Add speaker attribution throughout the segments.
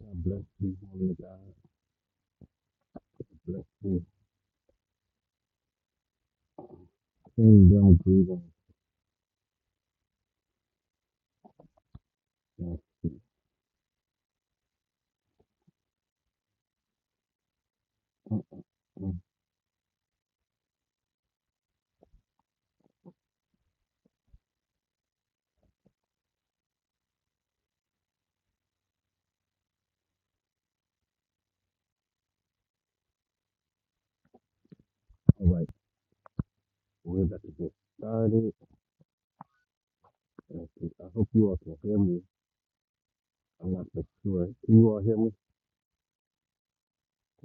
Speaker 1: God bless you, woman of God. Bless you. Kingdom greetings. Uh, uh, uh. All right, we're about to get started. Okay, I hope you all can hear me. I'm not for sure. Can you all hear me?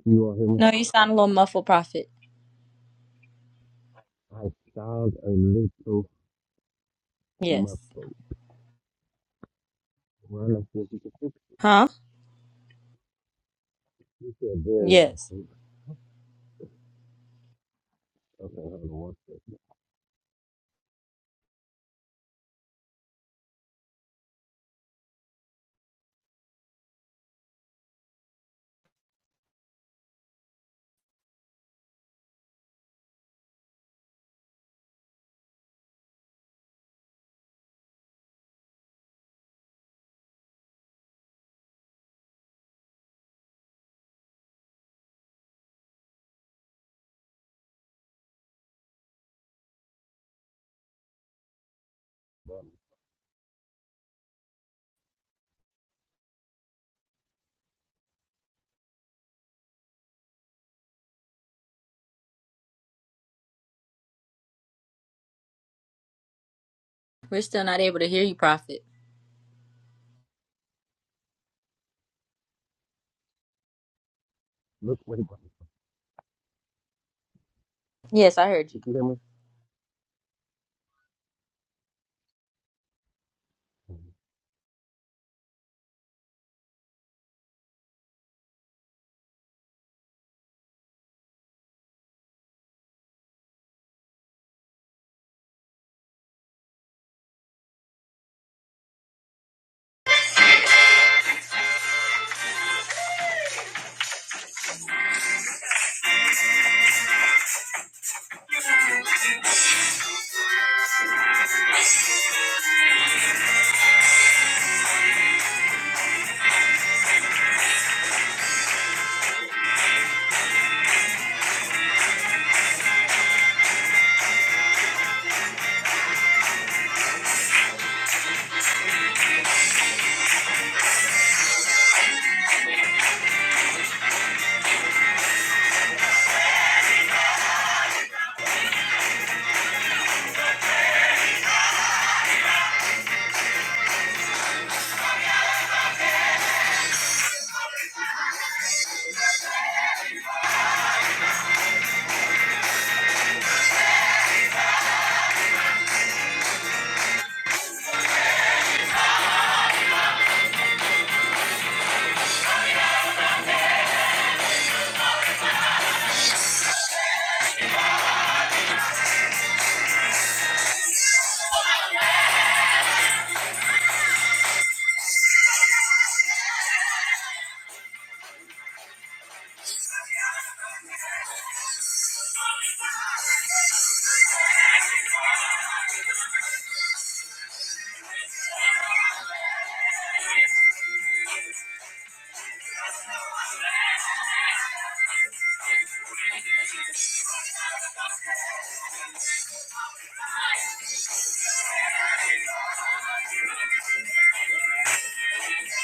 Speaker 1: Can you all hear me?
Speaker 2: No, you sound a little muffled, Prophet.
Speaker 1: I sound a little
Speaker 2: Yes.
Speaker 1: muffled. Run up if you can fix it.
Speaker 2: Huh?
Speaker 1: You said very
Speaker 2: Yes.
Speaker 1: muffled. Okay, hold on one second. Um,
Speaker 2: We're still not able to hear you, Prophet.
Speaker 1: Look, wait, wait. Can
Speaker 2: Yes, I heard you.
Speaker 1: you hear me?
Speaker 2: Yes,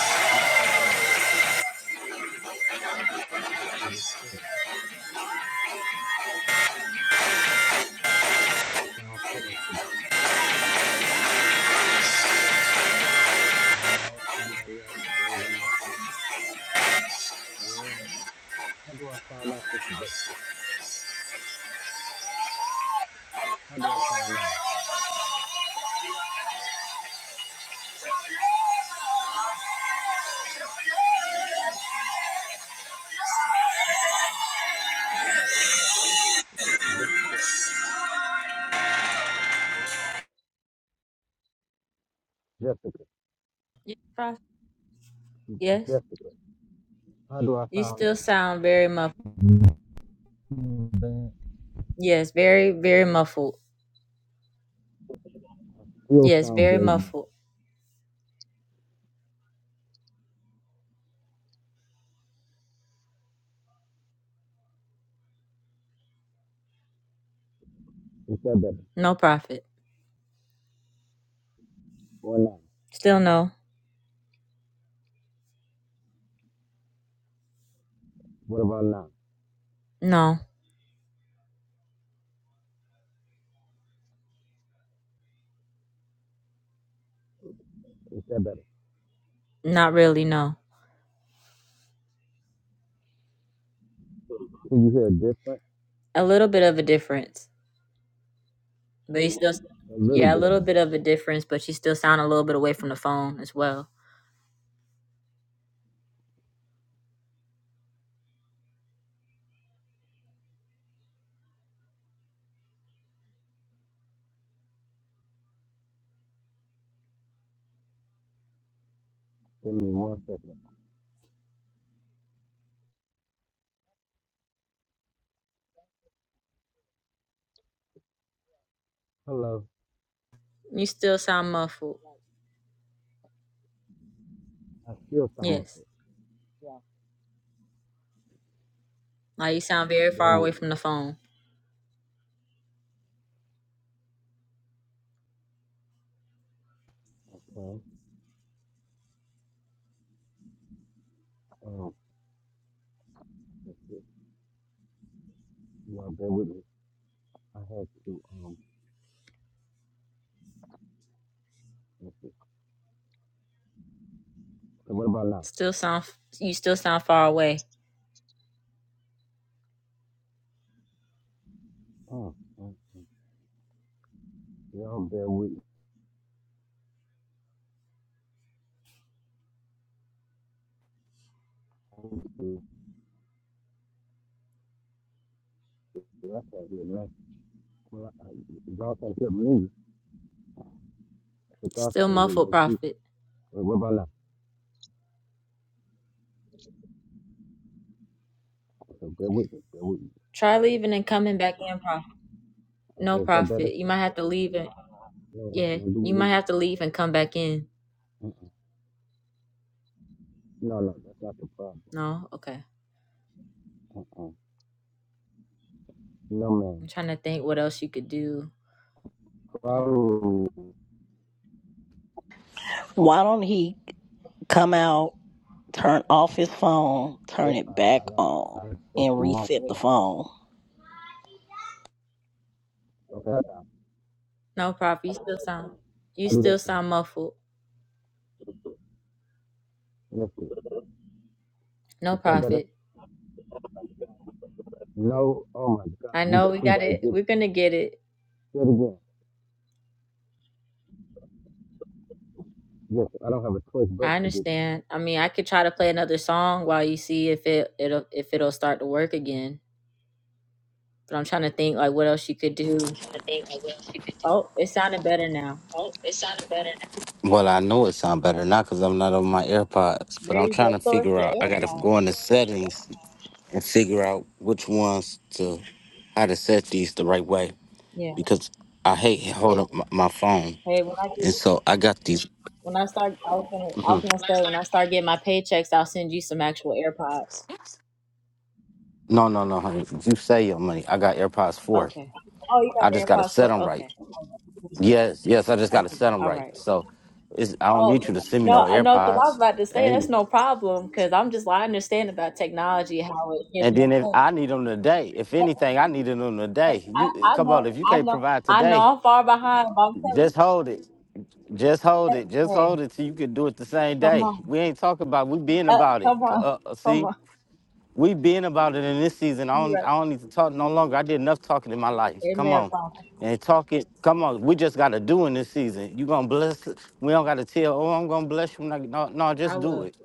Speaker 1: That's it, that's it, that's it. That's how you feel. That's how I feel today. Oh, somebody else raising my hand. How do I find out Sister Jessica? How do I find out? Jessica. Jessica.
Speaker 2: Yes,
Speaker 1: Jessica. How do I
Speaker 2: you
Speaker 1: sound?
Speaker 2: still sound very muff.
Speaker 1: Bad.
Speaker 2: Yes, very, very muffled.
Speaker 1: Still
Speaker 2: Yes,
Speaker 1: sound
Speaker 2: very
Speaker 1: great.
Speaker 2: muffled.
Speaker 1: Is that better?
Speaker 2: No profit.
Speaker 1: Or not?
Speaker 2: Still no.
Speaker 1: What about now?
Speaker 2: No.
Speaker 1: Is that better?
Speaker 2: Not really, no.
Speaker 1: Can you hear a difference?
Speaker 2: A little bit of a difference. But you still
Speaker 1: A little
Speaker 2: yeah, a
Speaker 1: bit of a
Speaker 2: little bit
Speaker 1: difference.
Speaker 2: of a difference, but you still sound a little bit away from the phone as well.
Speaker 1: Give me one second. Hello.
Speaker 2: You still sound muffled.
Speaker 1: I still sound
Speaker 2: Yes.
Speaker 1: muffled.
Speaker 2: Like you sound very
Speaker 1: Bear
Speaker 2: far away
Speaker 1: with me.
Speaker 2: from the phone.
Speaker 1: Okay. Um, that's it. You all bear with me. I had to, um, that's it. So what about now?
Speaker 2: Still sound you still sound far away.
Speaker 1: Oh, mm, mm. Y'all bear with me. That's right here Well, I- y'all can't hear me. I think y'all
Speaker 2: Still
Speaker 1: trying to lose
Speaker 2: muffled profit.
Speaker 1: what about now? So bear with me. Bear with me.
Speaker 2: Try leaving and coming back in profit.
Speaker 1: Okay,
Speaker 2: No
Speaker 1: is that better?
Speaker 2: profit. You might have to leave and
Speaker 1: No, that has
Speaker 2: yeah,
Speaker 1: nothing to do
Speaker 2: you
Speaker 1: with
Speaker 2: might
Speaker 1: losing your
Speaker 2: have to
Speaker 1: sleep.
Speaker 2: leave and come back in.
Speaker 1: Mm, No, no, that's not the problem.
Speaker 2: No? Okay.
Speaker 1: Uh-uh. No,
Speaker 2: I'm
Speaker 1: man.
Speaker 2: trying to think what else you could do.
Speaker 1: Problem
Speaker 3: Why don't he come out, turn off his phone,
Speaker 1: is,
Speaker 3: turn it
Speaker 1: uh,
Speaker 3: back
Speaker 1: I don't,
Speaker 3: on,
Speaker 1: I don't fix
Speaker 3: and
Speaker 1: your mom
Speaker 3: reset the
Speaker 1: better.
Speaker 3: phone?
Speaker 1: Okay, that's how.
Speaker 2: No profit. You still sound
Speaker 1: How
Speaker 2: you
Speaker 1: do that
Speaker 2: still
Speaker 1: sound?
Speaker 2: sound muffled.
Speaker 1: Let's see.
Speaker 2: No
Speaker 1: Is that better?
Speaker 2: profit.
Speaker 1: No. Oh my God.
Speaker 2: I
Speaker 1: We got,
Speaker 2: know we
Speaker 1: we
Speaker 2: got
Speaker 1: gotta
Speaker 2: it.
Speaker 1: get
Speaker 2: We're
Speaker 1: it.
Speaker 2: gonna get it.
Speaker 1: Say it again. Yes, I don't have a choice but
Speaker 2: I
Speaker 1: to do
Speaker 2: understand. I mean, I could try to play another song while you see if it it'll if it'll start to work again. But I'm trying to think like what else you could do.
Speaker 1: it. I think I will.
Speaker 2: Oh, it sounded better now.
Speaker 1: Oh, it sounded better now. Well, I know it sounds better now because I'm not on my AirPods, but
Speaker 2: There
Speaker 1: I'm
Speaker 2: you
Speaker 1: trying
Speaker 2: go.
Speaker 1: to
Speaker 2: So it's
Speaker 1: figure out.
Speaker 2: your
Speaker 1: I got to
Speaker 2: AirPods.
Speaker 1: go into settings and figure out which ones to how to set these the right way
Speaker 2: Yeah.
Speaker 1: because I hate holding my, my phone,
Speaker 2: Hey, when I
Speaker 1: and
Speaker 2: do,
Speaker 1: so I got these.
Speaker 2: when I start, I was gonna I was
Speaker 1: Mhm.
Speaker 2: gonna say when I start getting my paychecks, I'll send you some actual AirPods.
Speaker 1: No, no, no, honey. You say your money. I got AirPods four.
Speaker 2: Okay. Oh, you got
Speaker 1: I just
Speaker 2: the
Speaker 1: got to
Speaker 2: AirPods
Speaker 1: set
Speaker 2: for
Speaker 1: them right.
Speaker 2: okay.
Speaker 1: Yes, yes. I just got to
Speaker 2: Okay.
Speaker 1: set them
Speaker 2: All
Speaker 1: right.
Speaker 2: right.
Speaker 1: So, it's, I don't
Speaker 2: Oh
Speaker 1: need you to send me no
Speaker 2: no, I- no, because I was
Speaker 1: AirPods.
Speaker 2: about to say
Speaker 1: Hey,
Speaker 2: that's no problem because I'm just I understand about technology how it gets.
Speaker 1: And
Speaker 2: me
Speaker 1: then if I need them today, if
Speaker 2: But,
Speaker 1: anything, I needed them
Speaker 2: but
Speaker 1: today. You
Speaker 2: I, I
Speaker 1: come
Speaker 2: know,
Speaker 1: on, if you
Speaker 2: I
Speaker 1: can't
Speaker 2: know,
Speaker 1: provide
Speaker 2: I know
Speaker 1: today,
Speaker 2: I'm far behind, but I'm telling you,
Speaker 1: just hold it. Just hold it. Just
Speaker 2: hey,
Speaker 1: hold
Speaker 2: hey,
Speaker 1: it till you can do it the same
Speaker 2: come
Speaker 1: day.
Speaker 2: on,
Speaker 1: We ain't talking about we being
Speaker 2: uh,
Speaker 1: about it.
Speaker 2: come on,
Speaker 1: Uh, uh,
Speaker 2: come
Speaker 1: see,
Speaker 2: on.
Speaker 1: we being about it in this season. I
Speaker 2: You
Speaker 1: don't I
Speaker 2: right,
Speaker 1: don't need to talk no longer. I did enough talking in my life. Come
Speaker 2: amen,
Speaker 1: on.
Speaker 2: prophet.
Speaker 1: And talk it. Come on, we just gotta do in this season. You gonna bless We don't gotta tell, oh, I'm gonna bless you. No, no,
Speaker 2: I
Speaker 1: just do
Speaker 2: will.
Speaker 1: it.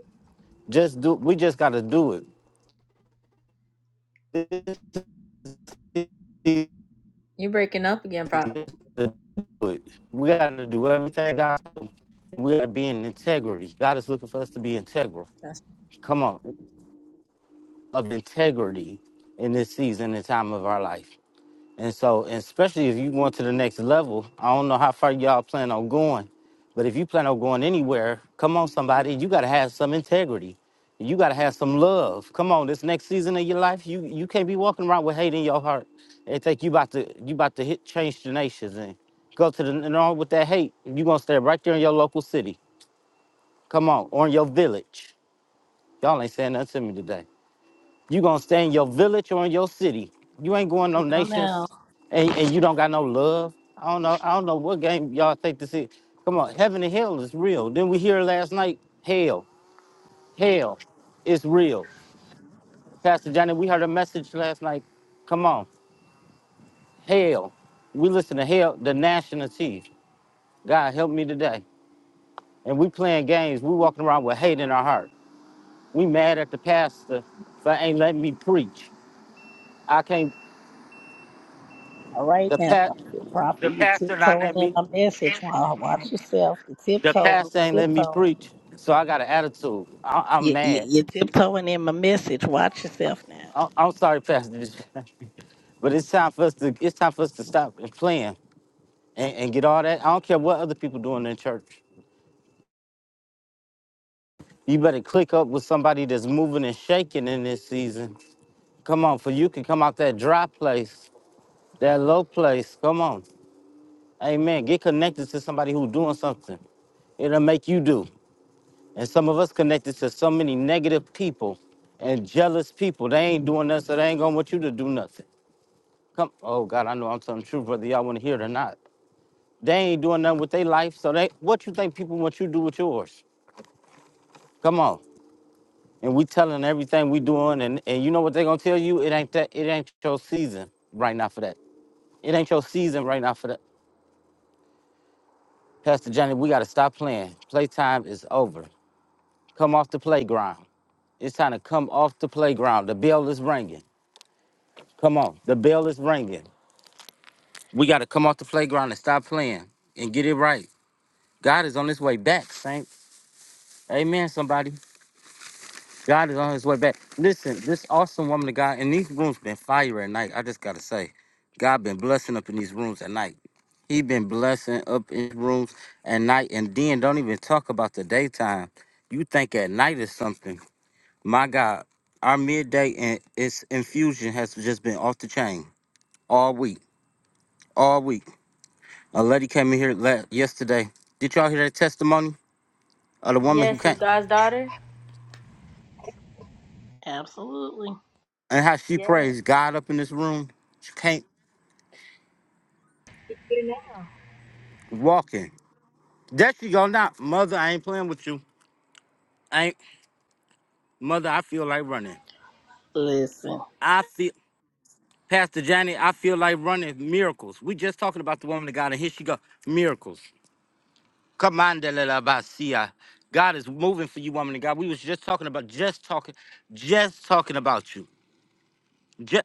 Speaker 1: Just do we just gotta do it. This
Speaker 2: You're breaking up again, prophet.
Speaker 1: We got to do everything, God. We got to be in integrity. God is looking for us to be integral.
Speaker 2: That's-
Speaker 1: Come on, of integrity in this season and time of our life. And so, and especially if you going to the next level, I don't know how far y'all plan on going, but if you plan on going anywhere, come on, somebody, you got to have some integrity. You got to have some love. Come on, this next season of your life, you you can't be walking around with hate in your heart and think you about to you about to hit change the nations and go to the and on with that hate. You gonna stay right there in your local city. Come on, or in your village. Y'all ain't saying nothing to me today. You gonna stay in your village or in your city. You ain't going no
Speaker 3: Well, now,
Speaker 1: nations, and, and you don't got no love. I don't know. I don't know what game y'all think this is. Come on, heaven and hell is real. Didn't we hear last night? Hell, hell, is real. Pastor Johnny, we heard a message last night. Come on, hell. We listen to hell, the national chief. God help me today. And we playing games. We walking around with hate in our heart. We mad at the pastor for ain't letting me preach. I can't.
Speaker 3: All right
Speaker 1: The
Speaker 3: now,
Speaker 1: pat
Speaker 3: Prophet. Prophet,
Speaker 1: the
Speaker 3: you're
Speaker 1: pastor not
Speaker 3: tiptoeing
Speaker 1: let me.
Speaker 3: in my message. While watch yourself. You're
Speaker 1: The
Speaker 3: tiptoeing.
Speaker 1: pastor ain't
Speaker 3: You're
Speaker 1: let me
Speaker 3: tiptoeing.
Speaker 1: preach, so I got an attitude. I, I'm
Speaker 3: You, you,
Speaker 1: mad.
Speaker 3: you're tiptoeing in my message. Watch yourself now.
Speaker 1: I, I'm sorry, Pastor, but it's time for us to it's time for us to stop and playing and, and get all that. I don't care what other people doing in church. You better click up with somebody that's moving and shaking in this season. Come on, for you can come out that dry place, that low place. Come on, Amen. Get connected to somebody who's doing something. It'll make you do. And some of us connected to so many negative people and jealous people. They ain't doing nothing, so they ain't gonna want you to do nothing. Come, oh God, I know I'm telling the truth, whether y'all want to hear it or not. They ain't doing nothing with their life, so they what you think people want you to do with yours? Come on. And we telling everything we doing, and, and you know what they gonna tell you? It ain't that it ain't your season right now for that. It ain't your season right now for that. Pastor Johnny, we gotta stop playing. Playtime is over. Come off the playground. It's time to come off the playground. The bell is ringing. Come on. The bell is ringing. We got to come off the playground and stop playing and get it right. God is on his way back, Saint. Amen, somebody. God is on his way back. Listen, this awesome woman of God, and these rooms been fire at night. I just got to say, God been blessing up in these rooms at night. He been blessing up in rooms at night. And then don't even talk about the daytime. You think at night is something. My God, our midday and its infusion has just been off the chain all week. All week. A lady came in here la yesterday. Did y'all hear that testimony of the woman who
Speaker 2: yes, of
Speaker 1: can't
Speaker 2: God's daughter.
Speaker 3: Absolutely.
Speaker 1: and how she
Speaker 2: Yes,
Speaker 1: praised God up in this room? She can't walk in. There she go now. Mother, I ain't playing with you. I ain't mother, I feel like running.
Speaker 3: Listen,
Speaker 1: I feel Pastor Johnny, I feel like running miracles. We just talking about the woman of God, and here she go. Miracles. Come on, Delabasia. God is moving for you, woman of God. We was just talking about just talking, just talking about you.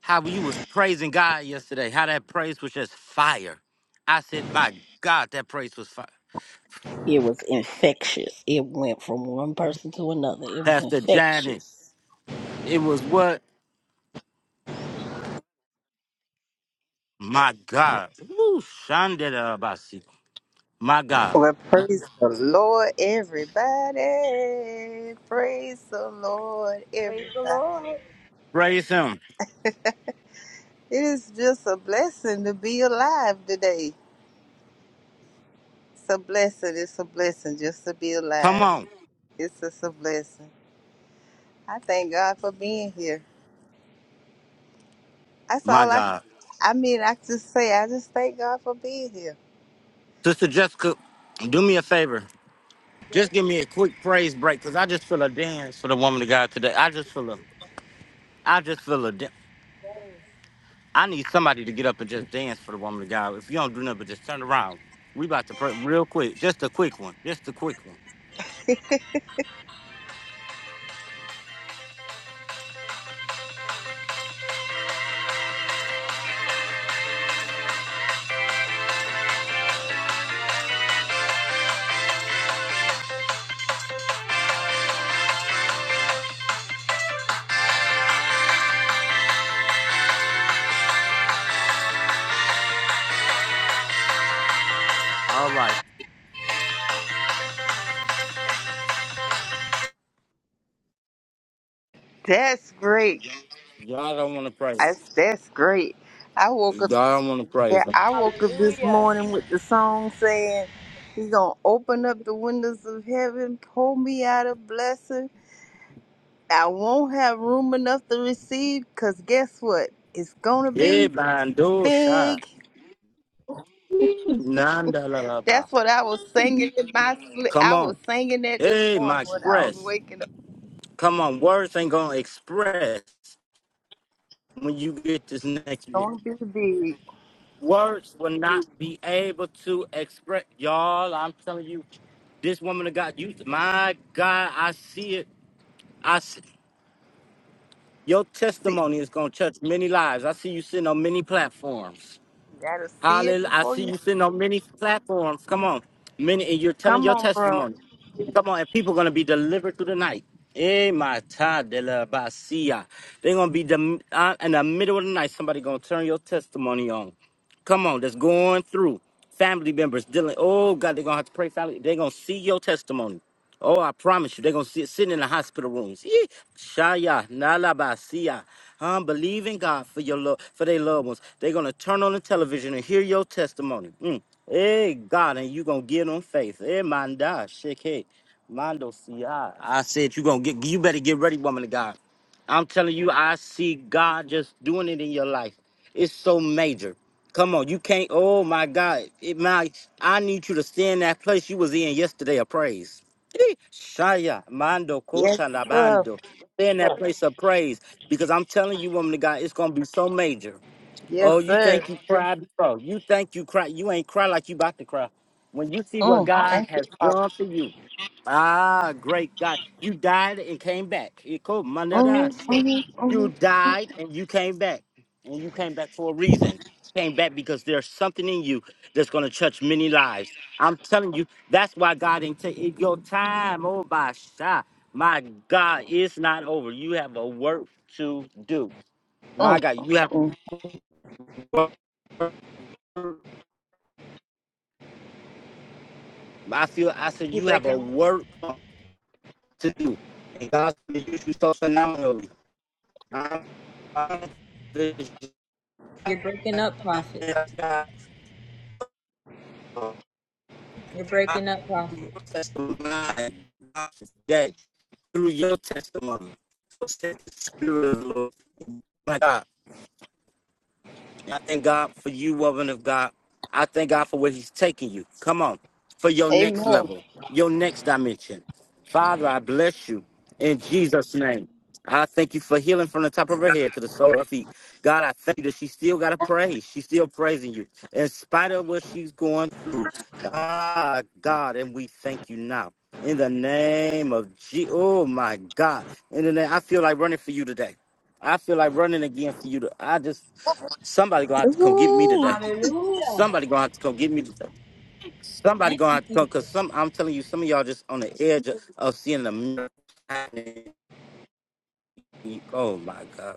Speaker 1: how you was praising God yesterday, how that praise was just fire. I said, my God, that praise was fire.
Speaker 3: it was infectious. It went from one person to another. It was
Speaker 1: Pastor Janet,
Speaker 3: infectious.
Speaker 1: it was what? My God. Woo, Shandela Abasi, My God.
Speaker 4: Well, praise the Lord, everybody. Praise the Lord,
Speaker 2: Praise the
Speaker 4: everybody.
Speaker 2: Lord.
Speaker 1: Praise him.
Speaker 4: It is just a blessing to be alive today. It's a blessing. It's a blessing just to be
Speaker 1: Come
Speaker 4: alive.
Speaker 1: on.
Speaker 4: It's just a blessing. I thank God for being here. That's
Speaker 1: My
Speaker 4: all I.
Speaker 1: God.
Speaker 4: I mean, I just say I just thank God for being here.
Speaker 1: Sister Jessica, do me a favor.
Speaker 2: Yes,
Speaker 1: Just give me a quick praise break because I just feel a dance for the woman of God today. I just feel a, I just feel a dance. I need somebody to get up and just dance for the woman of God. If you don't do nothing but just turn around, we about to pray real quick. Just a quick one. Just a quick one. All right.
Speaker 4: That's great.
Speaker 1: Y'all don't want to pray.
Speaker 4: That's that's great. I woke up.
Speaker 1: Y'all don't want to
Speaker 4: Yeah,
Speaker 1: praise him.
Speaker 4: I woke up this
Speaker 2: hallelujah.
Speaker 4: morning with the song saying, He gonna open up the windows of heaven, pour me out a blessing. I won't have room enough to receive, cause guess what? It's gonna
Speaker 1: Yeah,
Speaker 4: be
Speaker 1: man, do
Speaker 4: big.
Speaker 1: Nanda la la la.
Speaker 4: That's what I was singing in my sleep.
Speaker 1: Come
Speaker 4: I
Speaker 1: on.
Speaker 4: was singing that this
Speaker 1: Hey, my
Speaker 4: morning when I was
Speaker 1: express.
Speaker 4: waking up.
Speaker 1: Come on. Words ain't gonna express when you get this
Speaker 4: It's
Speaker 1: next bit.
Speaker 4: gonna be big.
Speaker 1: Words will not be able to express. Y'all, I'm telling you, this woman of God, you my God, I see it. I see. Your
Speaker 4: See,
Speaker 1: testimony is going to touch many lives. I see you sitting on many platforms.
Speaker 4: you gotta see it
Speaker 1: Hallelujah. I
Speaker 4: before
Speaker 1: see
Speaker 4: you.
Speaker 1: you sitting on many platforms. Come on. Many, and you're telling
Speaker 4: Come
Speaker 1: your
Speaker 4: on, bro.
Speaker 1: testimony. Come on, and people are going to be delivered through the night. Eh, my ta de la basia. They're going to be dem- uh, in the middle of the night. Somebody going to turn your testimony on. Come on, that's going through. Family members dealing. Oh, God, they're going to have to pray. Family. They're going to see your testimony. Oh, I promise you, they're gonna sit sitting in the hospital rooms. Yee. Shaya, Nalabasia. I'm believing God for your love for their loved ones. They're gonna turn on the television and hear your testimony. Mm. Hey God, and you gonna get on faith. Hey manda, shake. Mando siya. I said you gonna get you better get ready, woman of God. I'm telling you, I see God just doing it in your life. It's so major. Come on, you can't. Oh my God, it my. I need you to stay in that place you was in yesterday of praise. Shaya, Mando,
Speaker 4: Yes,
Speaker 1: Kota,
Speaker 4: sir.
Speaker 1: Labando. Stay in that place of praise because I'm telling you, woman of God, it's going to be so major.
Speaker 4: Yes,
Speaker 1: Oh, you
Speaker 4: sir.
Speaker 1: think you cried, bro? You think you cry? You ain't cry like you about to cry. When you see what
Speaker 4: Mm,
Speaker 1: God
Speaker 4: thank you.
Speaker 1: has done for you, ah, great God, you died and came back. You cool, man,
Speaker 4: Mm-hmm,
Speaker 1: that I said.
Speaker 4: mm-hmm,
Speaker 1: You
Speaker 4: mm mm,
Speaker 1: died and you came back, and you came back for a reason. Came back because there's something in you that's gonna touch many lives. I'm telling you, that's why God ain't take your time. Oh my shot, my God, it's not over. You have a work to do. My
Speaker 4: mm,
Speaker 1: God, you have
Speaker 4: mm.
Speaker 1: work I feel I said
Speaker 2: you're
Speaker 1: you have a
Speaker 2: breaking.
Speaker 1: work to do, and God's going to use you so phenomenally. I'm,
Speaker 2: You're breaking up, prophet. You're breaking up,
Speaker 1: your
Speaker 2: prophet.
Speaker 1: testimony today through your testimony. So set the spirit of the Lord. My God. I thank God for you, woman of God. I thank God for where He's taking you. Come on, for your
Speaker 4: Amen.
Speaker 1: next level, your next dimension. Father, I bless you in Jesus' name. I thank you for healing from the top of her head to the sole of her feet. God, I thank you that she still got to praise. She's still praising you in spite of what she's going through. Ah, God, and we thank you now. In the name of G. Oh, my God. In the name, I feel like running for you today. I feel like running again for you. To, I just Somebody gonna have to come get me
Speaker 4: Ooh.
Speaker 1: today.
Speaker 2: Hallelujah.
Speaker 1: Somebody gonna have to come get me today. Somebody
Speaker 2: Thank
Speaker 1: gonna
Speaker 2: you,
Speaker 1: have to come
Speaker 2: Jesus.
Speaker 1: because some I'm telling you, some of y'all just on the edge of, of seeing the miracle happening. You- Oh my God!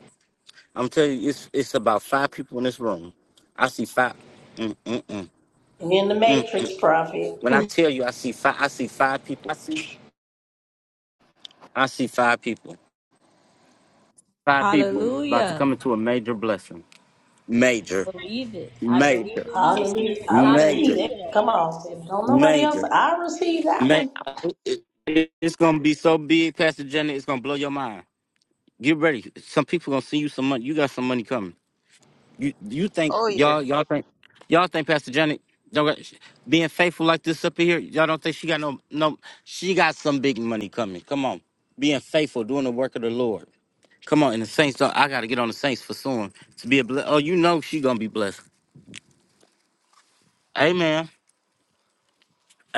Speaker 1: I'm telling you, it's it's about five people in this room. I see five. Mm, mm, mm,
Speaker 3: And in the
Speaker 1: mm.
Speaker 3: matrix, Prophet.
Speaker 1: When I tell you, I see five. I see five people. I see. I see five people. Five people about to
Speaker 2: Hallelujah.
Speaker 1: come into a major blessing. Major,
Speaker 2: Believe it. I believe
Speaker 1: major,
Speaker 2: it and I receive
Speaker 3: Hallelujah.
Speaker 2: it.
Speaker 3: I receive
Speaker 1: major,
Speaker 3: that.
Speaker 2: Hallelujah.
Speaker 3: Come on. If don't nobody else,
Speaker 1: major.
Speaker 3: I receive that
Speaker 1: Man,
Speaker 3: one.
Speaker 1: it- it's gonna be so big, Pastor Jenny. It's gonna blow your mind. Get ready. Some people gonna send you some money. You got some money coming. You you think
Speaker 4: Oh yes.
Speaker 1: y'all y'all think y'all think Pastor Janet don't got, being faithful like this up in here? Y'all don't think she got no no? She got some big money coming. Come on, being faithful, doing the work of the Lord. Come on, and the saints. Don't, I gotta get on the saints for soon to be a bless. Oh, you know she gonna be blessed. Amen.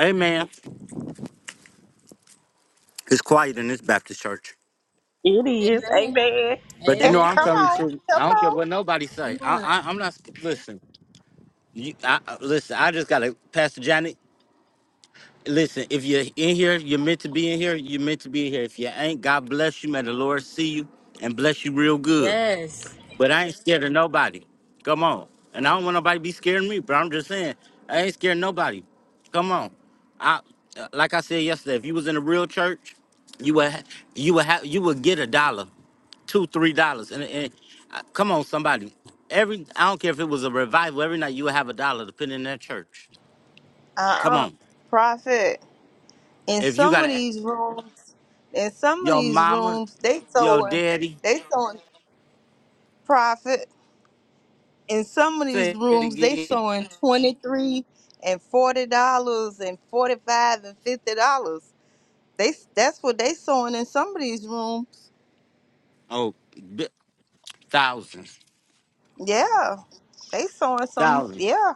Speaker 1: Amen. It's quiet in this Baptist church.
Speaker 3: It is.
Speaker 2: Amen.
Speaker 3: Amen.
Speaker 1: But you
Speaker 4: Eh,
Speaker 1: know,
Speaker 2: Amen.
Speaker 1: I'm
Speaker 4: come
Speaker 1: telling the
Speaker 4: on,
Speaker 1: truth. I
Speaker 4: come
Speaker 1: don't care
Speaker 4: on.
Speaker 1: what nobody say.
Speaker 2: Come
Speaker 1: I,
Speaker 2: on.
Speaker 1: I I'm not listen. You, I, I- listen. I just gotta, Pastor Janet. Listen, if you're in here, you're meant to be in here. You're meant to be in here. If you ain't, God bless you. May the Lord see you and bless you real good.
Speaker 2: Yes.
Speaker 1: But I ain't scared of nobody. Come on. And I don't want nobody to be scared of me, but I'm just saying, I ain't scared of nobody. Come on. I uh, like I said yesterday, if you was in a real church, you would ha- you would have you would get a dollar, two, three dollars. And, and uh, come on, somebody. Every I don't care if it was a revival, every night you would have a dollar to put in that church. Come
Speaker 4: Uh-uh.
Speaker 1: on.
Speaker 4: Prophet. In
Speaker 1: If you
Speaker 4: some of
Speaker 1: gotta ask
Speaker 4: these rooms, in some of
Speaker 1: your
Speaker 4: these
Speaker 1: mama,
Speaker 4: rooms, they
Speaker 1: your
Speaker 4: sewing,
Speaker 1: daddy,
Speaker 4: they sewing profit. In some of these
Speaker 1: say it
Speaker 4: rooms, they
Speaker 1: again.
Speaker 4: sewing twenty three and forty dollars and forty five and fifty dollars. They that's what they sewing in some of these rooms.
Speaker 1: Oh, bi- thousands.
Speaker 4: Yeah, they sewing some.
Speaker 1: Thousands.
Speaker 4: Yeah,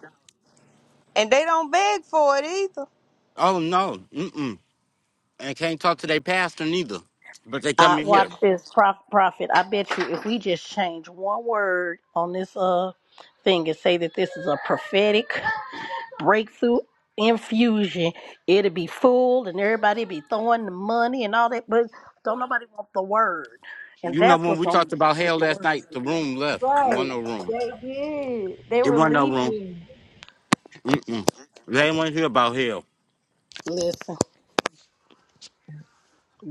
Speaker 4: and they don't beg for it either.
Speaker 1: Oh no. Mm-mm. and can't talk to their pastor neither. But they
Speaker 3: I
Speaker 1: come in here.
Speaker 3: watch this prof- prophet. I bet you if we just change one word on this uh thing and say that this is a prophetic breakthrough infusion, it'll be fooled and everybody be throwing the money and all that, but don't nobody want the word. And
Speaker 1: You know
Speaker 3: that's
Speaker 1: when
Speaker 3: what's
Speaker 1: we
Speaker 3: gonna
Speaker 1: talked
Speaker 3: keep
Speaker 1: about
Speaker 3: us is
Speaker 1: hell
Speaker 3: the
Speaker 1: last
Speaker 3: word.
Speaker 1: night, the room left. It
Speaker 2: Right.
Speaker 1: wasn't no room.
Speaker 2: They did. They
Speaker 1: It
Speaker 2: were
Speaker 1: wasn't no room.
Speaker 2: leaving.
Speaker 1: Mm-mm. They ain't want to hear about hell.
Speaker 3: Listen,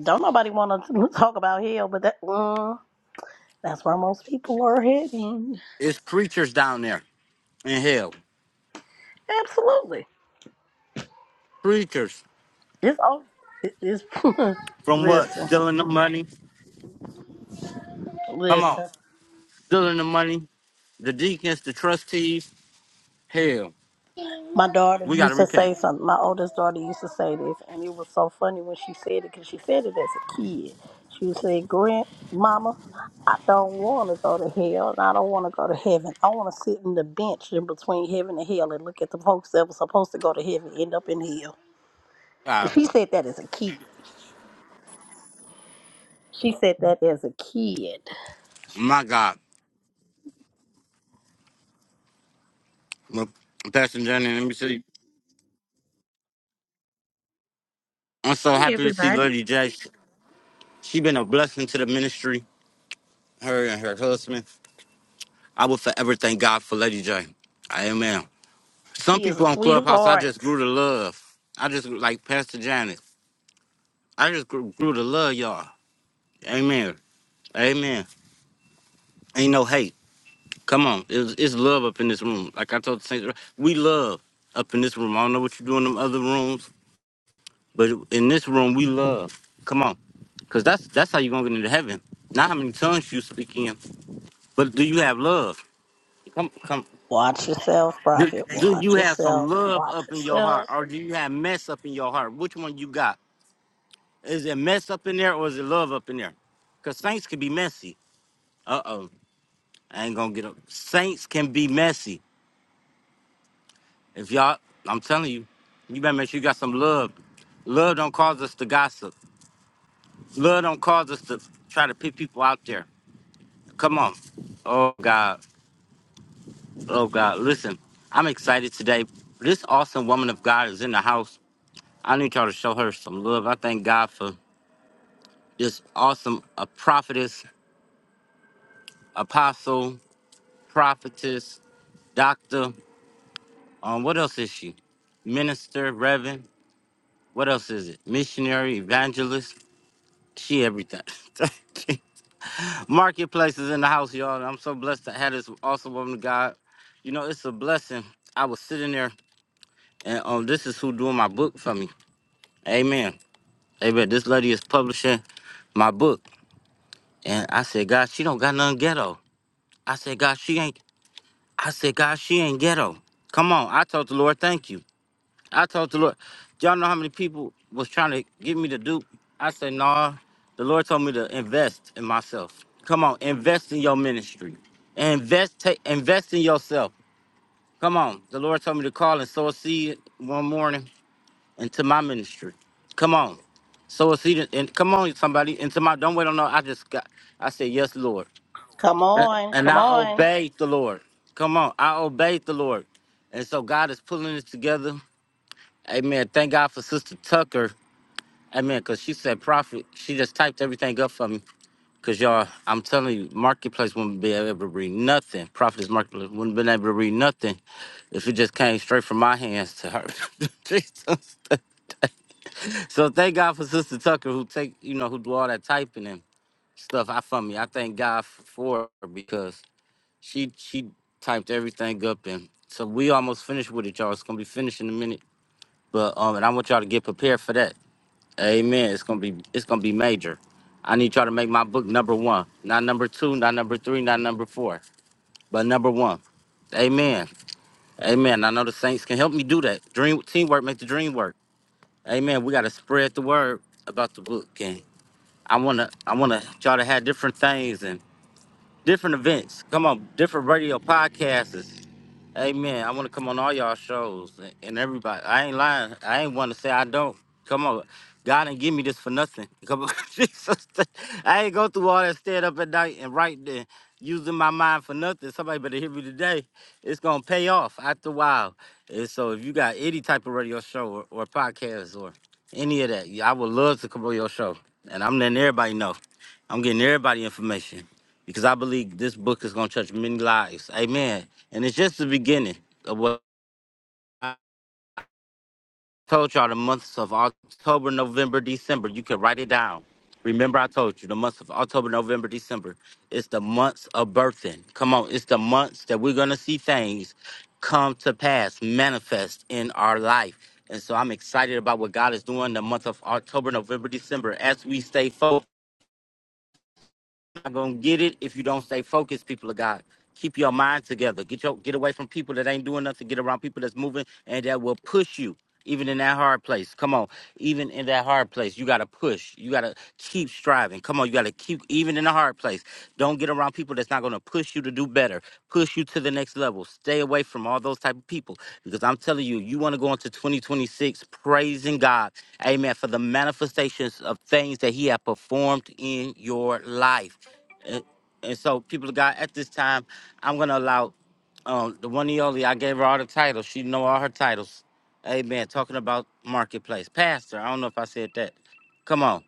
Speaker 3: don't nobody want to talk about hell, but that. mm, That's where most people are heading.
Speaker 1: It's preachers down there in hell.
Speaker 3: Absolutely.
Speaker 1: Preachers
Speaker 3: It's all. it- It's
Speaker 1: from what?
Speaker 3: listen,
Speaker 1: Stealing the money. Come on,
Speaker 3: listen.
Speaker 1: stealing the money. The deacons, the trustees. Hell,
Speaker 3: My daughter
Speaker 1: we gotta
Speaker 3: used to say
Speaker 1: repent.
Speaker 3: something. My oldest daughter used to say this, and it was so funny when she said it because she said it as a kid. She would say, "Grandmama, I don't want to go to hell, and I don't want to go to heaven. I want to sit in the bench in between heaven and hell and look at the folks that were supposed to go to heaven end up in hell." And
Speaker 1: God,
Speaker 3: she said that as a kid. She said that as a kid.
Speaker 1: my God, Look, Pastor Johnny, let me see. I'm so
Speaker 5: Hey
Speaker 1: happy to see
Speaker 5: everybody.
Speaker 1: Lady J. She been a blessing to the ministry. Her and her husband. I will forever thank God for Lady J. Amen. Some
Speaker 3: She is a
Speaker 1: people on Clubhouse, I
Speaker 3: sweetheart.
Speaker 1: just grew to love. I just like Pastor Janet. I just grew, grew to love y'all. Amen. Amen. Ain't no hate. Come on, it's, it's love up in this room. Like I told the saints, we love up in this room. I don't know what you do in them other rooms, but in this room, we love. Come on, cause that's that's how you are gonna get into heaven. Not how many tongues you speak in, but do you have love? Come, come.
Speaker 3: Watch yourself,
Speaker 1: Do,
Speaker 3: Prophet.
Speaker 1: do you
Speaker 3: Watch
Speaker 1: have some
Speaker 3: yourself.
Speaker 1: love
Speaker 3: Watch
Speaker 1: up in your heart,
Speaker 3: yourself.
Speaker 1: or do you have mess up in your heart? Which one you got? Is it mess up in there, or is it love up in there? Because saints can be messy. Uh oh, I ain't gonna get up. Saints can be messy. If y'all, I'm telling you, you better make sure you got some love. Love don't cause us to gossip. Love don't cause us to try to pick people out there. Come on. Oh God. Oh God. Listen, I'm excited today. This awesome woman of God is in the house. I need y'all to show her some love. I thank God for just awesome a prophetess, apostle, prophetess, doctor. Um, what else is she? Minister, reverend. What else is it? Missionary, evangelist. She everything. Marketplace is in the house, y'all. And I'm so blessed to have this awesome woman of God. You know, it's a blessing. I was sitting there, and um, this is who doing my book for me. Amen. Amen. This lady is publishing my book, and I said, God, she don't got nothing ghetto. I said, God, she ain't I said, God, she ain't ghetto. Come on. I told the Lord, thank you. I told the Lord, y'all know how many people was trying to get me to dupe? I said, nah. The Lord told me to invest in myself. Come on, invest in your ministry. Invest, take, invest in yourself. Come on. The Lord told me to call and sow a seed one morning into my ministry. Come on. Sow a seed and and come on, somebody, into my don't wait on no. I just got I said, Yes, Lord
Speaker 3: Come
Speaker 1: and
Speaker 3: on.
Speaker 1: and
Speaker 3: Come
Speaker 1: I
Speaker 3: on.
Speaker 1: obeyed the Lord. Come on, I obeyed the Lord. And so God is pulling this together. Amen. Thank God for Sister Tucker. Amen. Because she said prophet. She just typed everything up for me. Because y'all, I'm telling you, Marketplace wouldn't be able to read nothing. Prophetess Marketplace wouldn't been able to read nothing if it just came straight from my hands to her. Jesus. so thank God for Sister Tucker who take, you know, who do all that typing and stuff out for me. I thank God for her because She she typed everything up and so we almost finished with it, y'all. It's gonna be finished in a minute. But um and I want y'all to get prepared for that. Amen. It's gonna be it's gonna be major. I need y'all to make my book number one. Not number two, not number three, not number four, but number one. Amen. Amen. I know the saints can help me do that. Dream teamwork, make the dream work. Amen. We gotta spread the word about the book and I wanna I wanna y'all to have different things and different events. Come on, different radio podcasts Hey man, I want to come on all y'all shows and and everybody. I ain't lying. I ain't want to say I don't. Come on, God ain't give me this for nothing. Come on, Jesus. I ain't go through all that stand up at night and write, and using my mind for nothing. Somebody better hear me today. It's gonna pay off after a while. And so, if you got any type of radio show or, or podcast or any of that, yeah, I would love to come on your show. And I'm letting everybody know. I'm getting everybody information because I believe this book is going to touch many lives. Amen. And it's just the beginning of what I told y'all the months of October, November, December. You can write it down. Remember, I told you the months of October, November, December. It's the months of birthing. Come on, it's the months that we're going to see things come to pass, manifest in our life. And so I'm excited about what God is doing in the month of October, November, December as we stay focused not gonna get it if you don't stay focused, people of God. Keep your mind together. Get your get away from people that ain't doing nothing. Get around people that's moving and that will push you. Even in that hard place. Come on. Even in that hard place, you gotta push. You gotta keep striving. Come on, you gotta keep even in the hard place. Don't get around people that's not going to push you to do better, push you to the next level. Stay away from all those type of people because I'm telling you, you want to go into 2026 praising God, Amen, for the manifestations of things that He has performed in your life. And, and so, people of God, at this time, I'm going to allow um, the one and only. I gave her all the titles. She know all her titles. Amen. Talking about marketplace, Pastor. I don't know if I said that. Come on.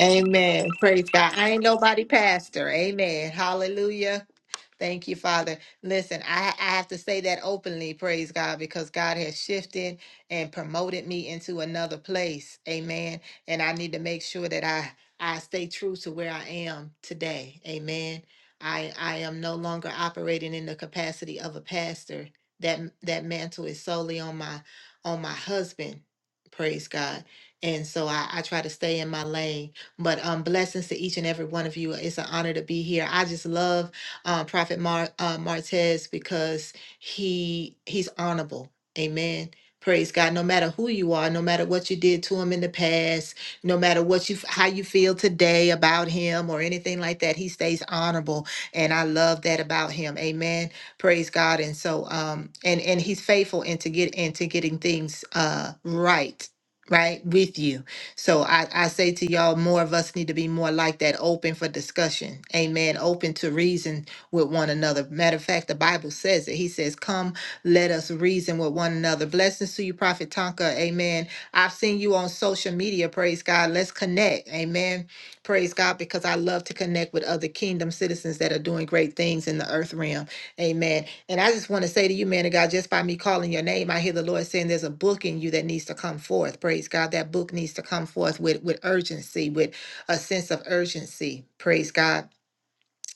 Speaker 6: Amen. Praise God. I ain't nobody pastor. Amen. Hallelujah. Thank you, Father. Listen, I, I have to say that openly, praise God, because God has shifted and promoted me into another place. Amen. And I need to make sure that I, I stay true to where I am today. Amen. I, I am no longer operating in the capacity of a pastor. That that mantle is solely on my on my husband. Praise God. And so I, I try to stay in my lane. But um blessings to each and every one of you. It's an honor to be here. I just love uh, Prophet Mar- uh, Martez because he he's honorable. Amen. Praise God. No matter who you are, no matter what you did to him in the past, no matter what you how you feel today about him or anything like that, he stays honorable, and I love that about him. Amen. Praise God. And so, um, and and he's faithful into get into getting things uh right, right with you. So I, I say to y'all, more of us need to be more like that, open for discussion. Amen. Open to reason with one another. Matter of fact, the Bible says it. He says, Come, let us reason with one another. Blessings to you, Prophet Tonka. Amen. I've seen you on social media. Praise God. Let's connect. Amen. Praise God, because I love to connect with other kingdom citizens that are doing great things in the earth realm. Amen. And I just want to say to you, man of God, just by me calling your name, I hear the Lord saying there's a book in you that needs to come forth. Praise God. That book needs to come forth with, with urgency, with a sense of urgency. Praise God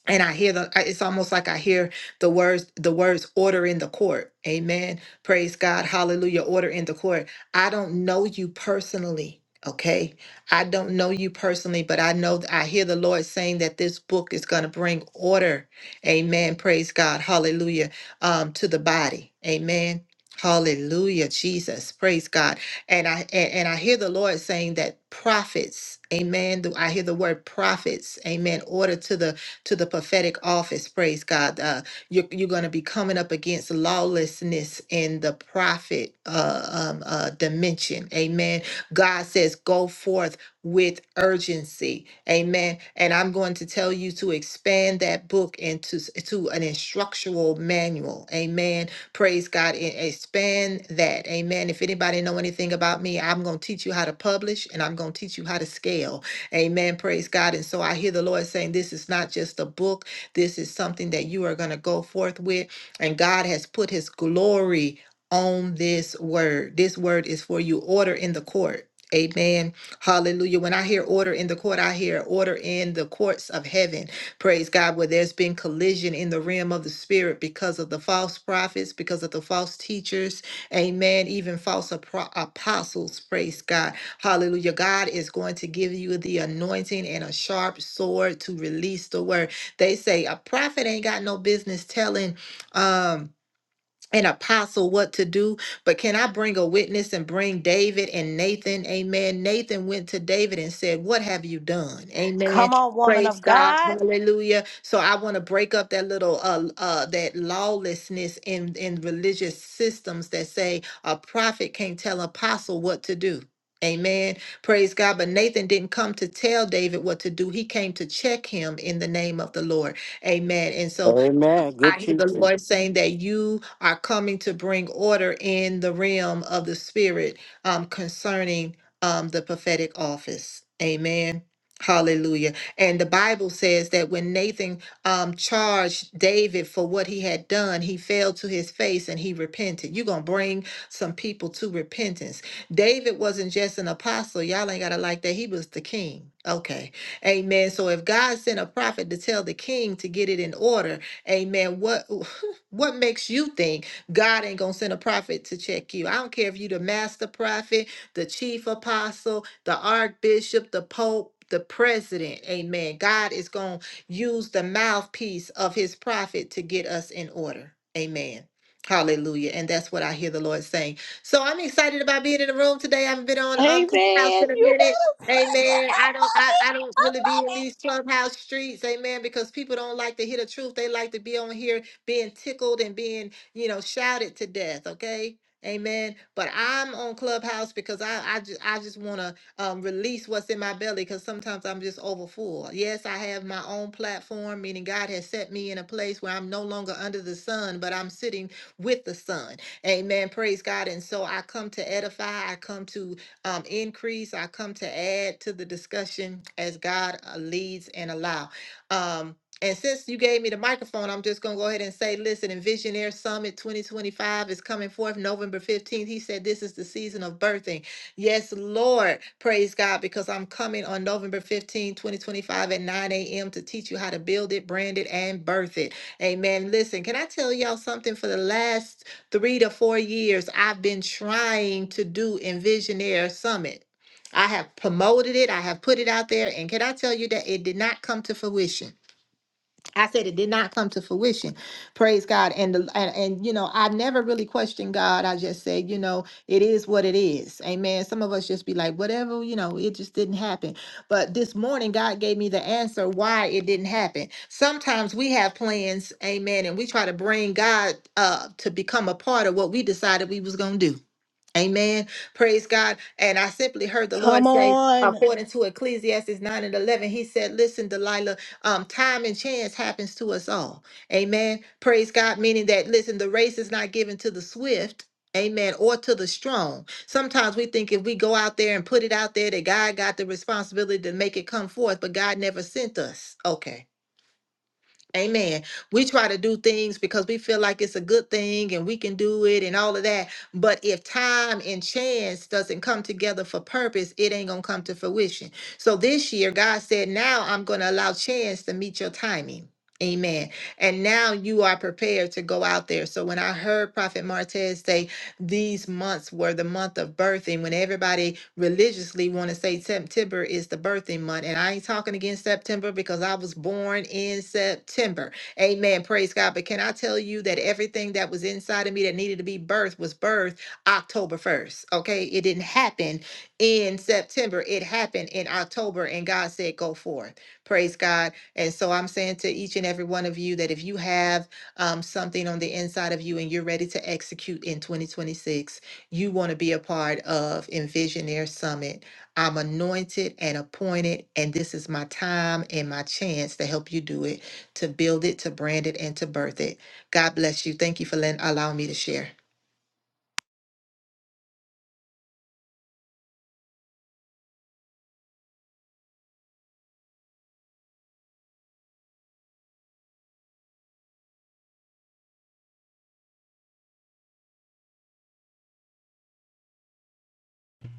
Speaker 6: and I hear the I- it's almost like I hear the words the words order in the court. Amen. Praise God. Hallelujah. Order in the court. I don't know you personally, okay? I don't know you personally, but I know I hear the Lord saying that this book is going to bring order. Amen. Praise God. Hallelujah. Um to the body. Amen. Hallelujah, Jesus. Praise God. And I and, and I hear the Lord saying that prophets, amen. I hear the word prophets, amen, order to the to the prophetic office. Praise God. Uh, you're you're going to be coming up against lawlessness in the prophet uh, um, uh, dimension. Amen. God says, go forth with urgency. Amen. And I'm going to tell you to expand that book into s- to an instructional manual. Amen. Praise God. and Expand that. Amen. If anybody know anything about me, I'm going to teach you how to publish and I'm going to teach you how to scale. Amen. Praise God. And so I hear the Lord saying, This is not just a book, this is something that you are going to go forth with. And God has put his glory on this word. This word is for you. Order in the court. Amen. Hallelujah. When I hear order in the court, I hear order in the courts of heaven. Praise God. Where there's been collision in the realm of the spirit because of the false prophets, because of the false teachers, Amen. Even false apro- apostles, praise God. Hallelujah. God is going to give you the anointing and a sharp sword to release the word. They say a prophet ain't got no business telling um an apostle what to do, but can I bring a witness and bring David and Nathan? Amen. Nathan went to David and said, What have you done? Amen.
Speaker 3: Come on, woman
Speaker 6: Praise
Speaker 3: of
Speaker 6: God.
Speaker 3: God.
Speaker 6: Hallelujah. So I want to break up that little uh uh that lawlessness in in religious systems that say a prophet can't tell apostle what to do. Amen. Praise God. But Nathan didn't come to tell David what to do. He came to check him in the name of the Lord. Amen. And so
Speaker 1: Amen.
Speaker 6: I
Speaker 1: Good
Speaker 6: hear the
Speaker 1: teaching.
Speaker 6: Lord saying that you are coming to bring order in the realm of the spirit um, concerning um, the prophetic office. Amen. Hallelujah. And the Bible says that when Nathan um, charged David for what he had done, he fell to his face and he repented. You're going to bring some people to repentance. David wasn't just an apostle. Y'all ain't got to like that. He was the king. Okay. Amen. So if God sent a prophet to tell the king to get it in order, Amen. What what makes you think God ain't gonna send a prophet to check you? I don't care if you the master prophet, the chief apostle, the archbishop, the pope. The president, amen. God is going to use the mouthpiece of his prophet to get us in order, amen. Hallelujah. And that's what I hear the Lord saying. So I'm excited about being in the room today. I haven't been on
Speaker 3: Amen.
Speaker 6: um Clubhouse in a
Speaker 3: You
Speaker 6: minute.
Speaker 3: better see it.
Speaker 6: Amen.
Speaker 3: I
Speaker 6: I don't
Speaker 3: love
Speaker 6: I, I
Speaker 3: it.
Speaker 6: don't really be in these clubhouse streets, amen, because people don't like to hear the truth. They like to be on here being tickled and being, you know, shouted to death, okay? Amen. But I'm on Clubhouse because I I just I just want to um, release what's in my belly because sometimes I'm just overfull. Yes, I have my own platform, meaning God has set me in a place where I'm no longer under the sun, but I'm sitting with the sun. Amen. Praise God. And so I come to edify, I come to um, increase, I come to add to the discussion as God uh, leads and allow. Um, and since you gave me the microphone, I'm just going to go ahead and say, listen, in Visionaire Summit 2025 is coming forth November 15th. He said, this is the season of birthing. Yes, Lord. Praise God, because I'm coming on November 15, 2025 at 9 a.m. to teach you how to build it, brand it, and birth it. Amen. Listen, can I tell y'all something for the last three to four years, I've been trying to do Envisionaire Summit. I have promoted it, I have put it out there, and can I tell you that it did not come to fruition? I said it did not come to fruition. Praise God. And the and, and you know, I never really questioned God. I just said, you know, it is what it is. Amen. Some of us just be like, whatever, you know, it just didn't happen. But this morning God gave me the answer why it didn't happen. Sometimes we have plans, amen, and we try to bring God uh to become a part of what we decided we was gonna do. Amen. Praise God. And I simply heard the Lord
Speaker 3: Come
Speaker 6: say,
Speaker 3: on.
Speaker 6: according to Ecclesiastes 9 and 11, he said, Listen, Delilah, um, time and chance happens to us all. Amen. Praise God, meaning that, listen, the race is not given to the swift. Amen. Or to the strong. Sometimes we think if we go out there and put it out there that God got the responsibility to make it come forth, but God never sent us. Okay. Amen. We try to do things because we feel like it's a good thing and we can do it and all of that. But if time and chance doesn't come together for purpose, it ain't going to come to fruition. So this year, God said, now I'm going to allow chance to meet your timing. Amen. And now you are prepared to go out there. So when I heard Prophet Martez say, these months were the month of birthing when everybody religiously want to say September is the birthing month. And I ain't talking against September because I was born in September. Amen. Praise God. But can I tell you that everything that was inside of me that needed to be birthed was birthed October 1st? Okay. It didn't happen in September. It happened in October. And God said, go forth. Praise God. And so I'm saying to each and every one of you that if you have um, something on the inside of you and you're ready to execute in 2026, you want to be a part of Envisionaire Summit. I'm anointed and appointed, and this is my time and my chance to help you do it, to build it, to brand it, and to birth it. God bless you. Thank you for letting, allowing me to share.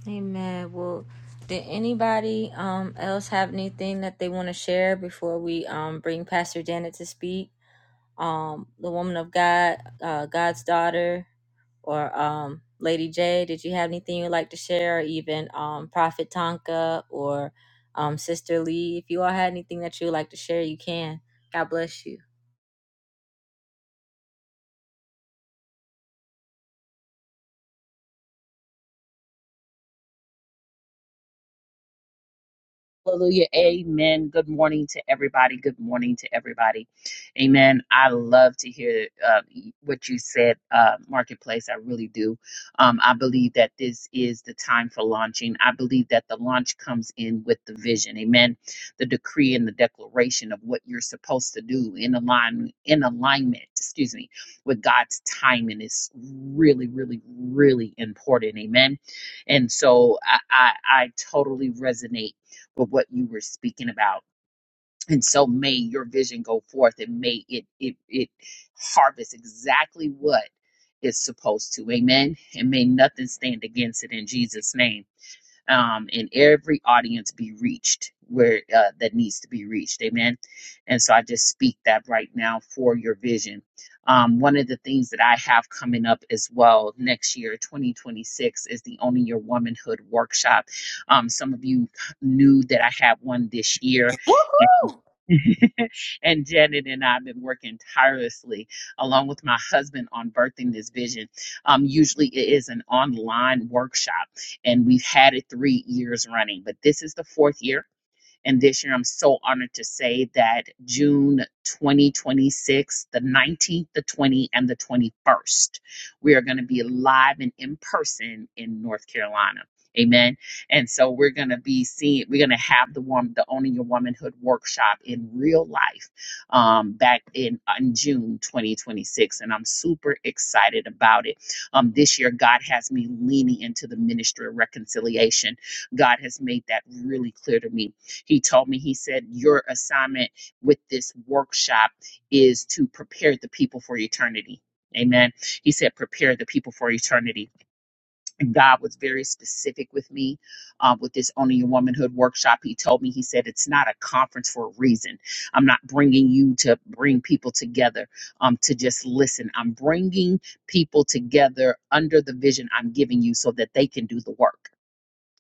Speaker 2: Amen. Well, did anybody um else have anything that they want to share before we um bring Pastor Janet to speak? Um, the woman of God, uh, God's daughter. or um, Lady J, did you have anything you'd like to share? Or even um, Prophet Tonka or um, Sister Lee, if you all had anything that you would like to share, you can. God bless you.
Speaker 5: Hallelujah. Amen. Good morning to everybody. Good morning to everybody. Amen. I love to hear uh, what you said, uh, Marketplace. I really do. Um, I believe that this is the time for launching. I believe that the launch comes in with the vision. Amen. The decree and the declaration of what you're supposed to do in align in alignment, excuse me, with God's timing is really, really, really important. Amen. And so I, I, I totally resonate but what you were speaking about. And so may your vision go forth and may it it it harvest exactly what it's supposed to. Amen. And may nothing stand against it in Jesus' name um, and every audience be reached where uh, that needs to be reached. Amen. And so I just speak that right now for your vision. Um, one of the things that I have coming up as well next year, 2026, is the Owning Your Womanhood workshop. Um, some of you knew that I had one this year,
Speaker 3: Woohoo.
Speaker 5: and Janet and I have been working tirelessly along with my husband on birthing this vision. Um, usually it is an online workshop, and we've had it three years running, but this is the fourth year and this year, I'm so honored to say that June 2026, the 19th, the 20th, and the 21st, we are going to be live and in person in North Carolina. Amen. And so we're going to be seeing, we're going to have the one, the Owning Your Womanhood workshop in real life um, back in, in June 2026. And I'm super excited about it. Um, this year, God has me leaning into the ministry of reconciliation. God has made that really clear to me he told me, he said, Your assignment with this workshop is to prepare the people for eternity. Amen. He said, prepare the people for eternity. And God was very specific with me uh, with this Owning Your Womanhood workshop. He told me, he said, it's not a conference for a reason. I'm not bringing you to bring people together um, to just listen. I'm bringing people together under the vision I'm giving you so that they can do the work.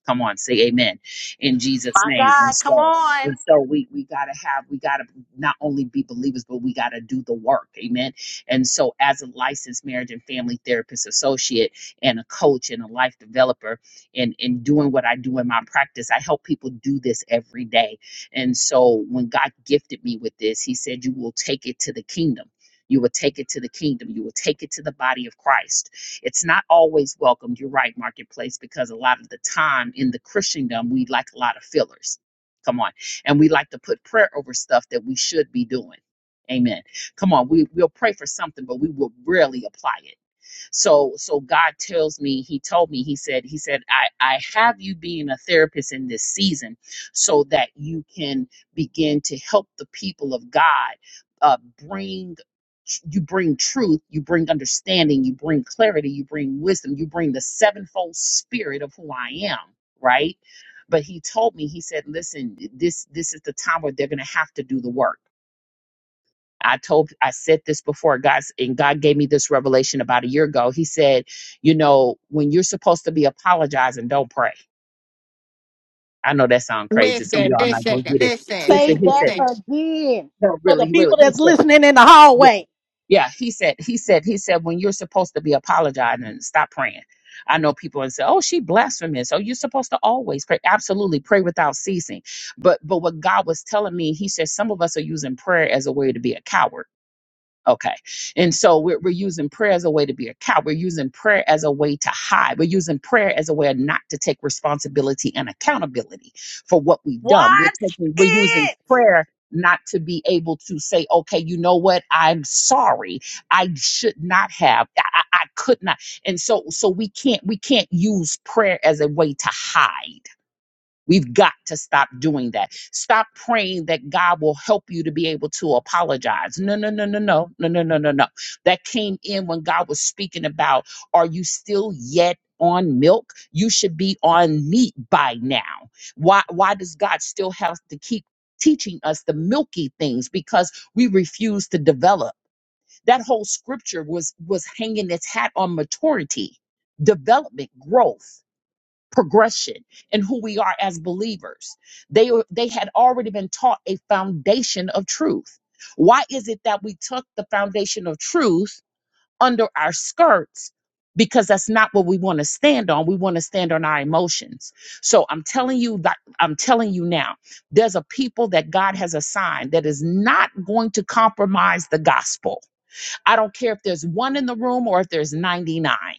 Speaker 5: Come on, say amen in Jesus'
Speaker 3: My
Speaker 5: name. And
Speaker 3: God. Come
Speaker 5: so and
Speaker 3: on.
Speaker 5: so we we gotta have we gotta not only be believers, but we gotta do the work. Amen. And so as a licensed marriage and family therapist associate and a coach and a life developer and in doing what I do in my practice, I help people do this every day. And so when God gifted me with this, he said you will take it to the kingdom. You will take it to the kingdom. You will take it to the body of Christ it's not always welcomed, you're right, marketplace, because a lot of the time in the Christendom, we like a lot of fillers. Come on. And we like to put prayer over stuff that we should be doing. Amen. Come on, we, we'll pray for something, but we will rarely apply it so so God tells me, He told me, He said, He said, I, I have you being a therapist in this season so that you can begin to help the people of God uh bring you bring truth, you bring understanding, you bring clarity, you bring wisdom, you bring the sevenfold spirit of who I am, right? But he told me, he said, listen, this this is the time where they're gonna have to do the work I told I said this before God's and God gave me this revelation about a year ago. He said, you know, when you're supposed to be apologizing, don't pray. I know that sounds crazy. Some of
Speaker 6: Listen,
Speaker 5: y'all are not
Speaker 6: listen,
Speaker 5: gonna get it. He
Speaker 6: Listen,
Speaker 5: said,
Speaker 3: Say
Speaker 5: he said,
Speaker 3: that
Speaker 6: listen.
Speaker 3: again
Speaker 5: no,
Speaker 3: for the
Speaker 5: really, really.
Speaker 3: people
Speaker 5: He
Speaker 3: that's
Speaker 5: said,
Speaker 3: listening in the
Speaker 5: yeah,
Speaker 3: hallway.
Speaker 5: yeah. He said, he said, he said, when you're supposed to be apologizing, stop praying. I know people and say, "Oh, she blasphemous." Oh, you're supposed to always pray. Absolutely, pray without ceasing. But but what God was telling me, He said, some of us are using prayer as a way to be a coward Okay. And so we're, we're using prayer as a way to be a cow. We're using prayer as a way to hide. We're using prayer as a way not to take responsibility and accountability for what we've done. We're
Speaker 3: Watch
Speaker 5: taking, we're using
Speaker 3: it.
Speaker 5: prayer not to be able to say, okay, you know what? I'm sorry. I should not have, I, I I could not. And so, so we can't, we can't use prayer as a way to hide. We've got to stop doing that. Stop praying that God will help you to be able to apologize. No, no, no, no, no, no, no, no, no, no. That came in when God was speaking about, are you still yet on milk? You should be on meat by now. Why why does God still have to keep teaching us the milky things? Because we refuse to develop. That whole scripture was was hanging its hat on maturity, development, growth progression and who we are as believers. They were- they had already been taught a foundation of truth. Why is it that we took the foundation of truth under our skirts? Because that's not what we want to stand on. We want to stand on our emotions. So I'm telling you that I'm telling you now, there's a people that God has assigned that is not going to compromise the gospel. I don't care if there's one in the room or if there's 99.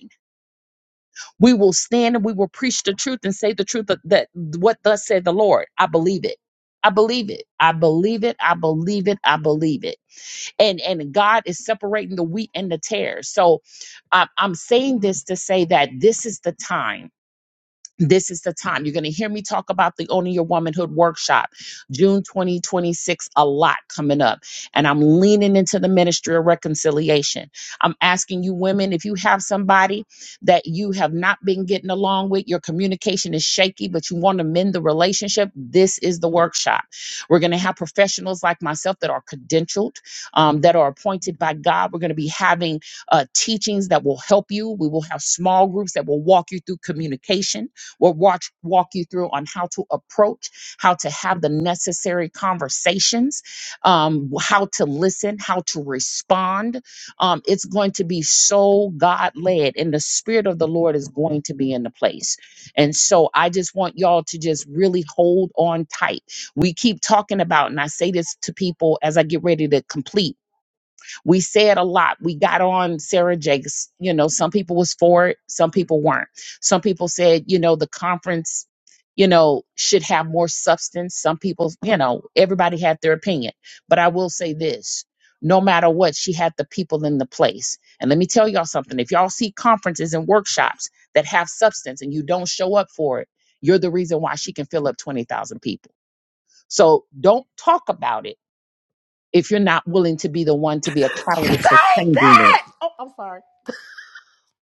Speaker 5: We will stand and we will preach the truth and say the truth that, that what thus said the Lord. I believe it. I believe it. I believe it. I believe it. I believe it. And and God is separating the wheat and the tares. So I'm, I'm saying this to say that this is the time this is the time. You're going to hear me talk about the Owning Your Womanhood workshop, June 2026, a lot coming up. And I'm leaning into the ministry of reconciliation. I'm asking you, women, if you have somebody that you have not been getting along with, your communication is shaky, but you want to mend the relationship, this is the workshop. We're going to have professionals like myself that are credentialed, um, that are appointed by God. We're going to be having uh, teachings that will help you. We will have small groups that will walk you through communication will watch, walk you through on how to approach, how to have the necessary conversations, um, how to listen, how to respond. Um, it's going to be so God led, and the Spirit of the Lord is going to be in the place. And so I just want y'all to just really hold on tight. We keep talking about, and I say this to people as I get ready to complete we said a lot we got on sarah jakes you know some people was for it some people weren't some people said you know the conference you know should have more substance some people you know everybody had their opinion but i will say this no matter what she had the people in the place and let me tell y'all something if y'all see conferences and workshops that have substance and you don't show up for it you're the reason why she can fill up 20,000 people so don't talk about it if you're not willing to be the one to be a
Speaker 3: Say
Speaker 5: catalyst for changing it.
Speaker 3: that. Oh, I'm sorry.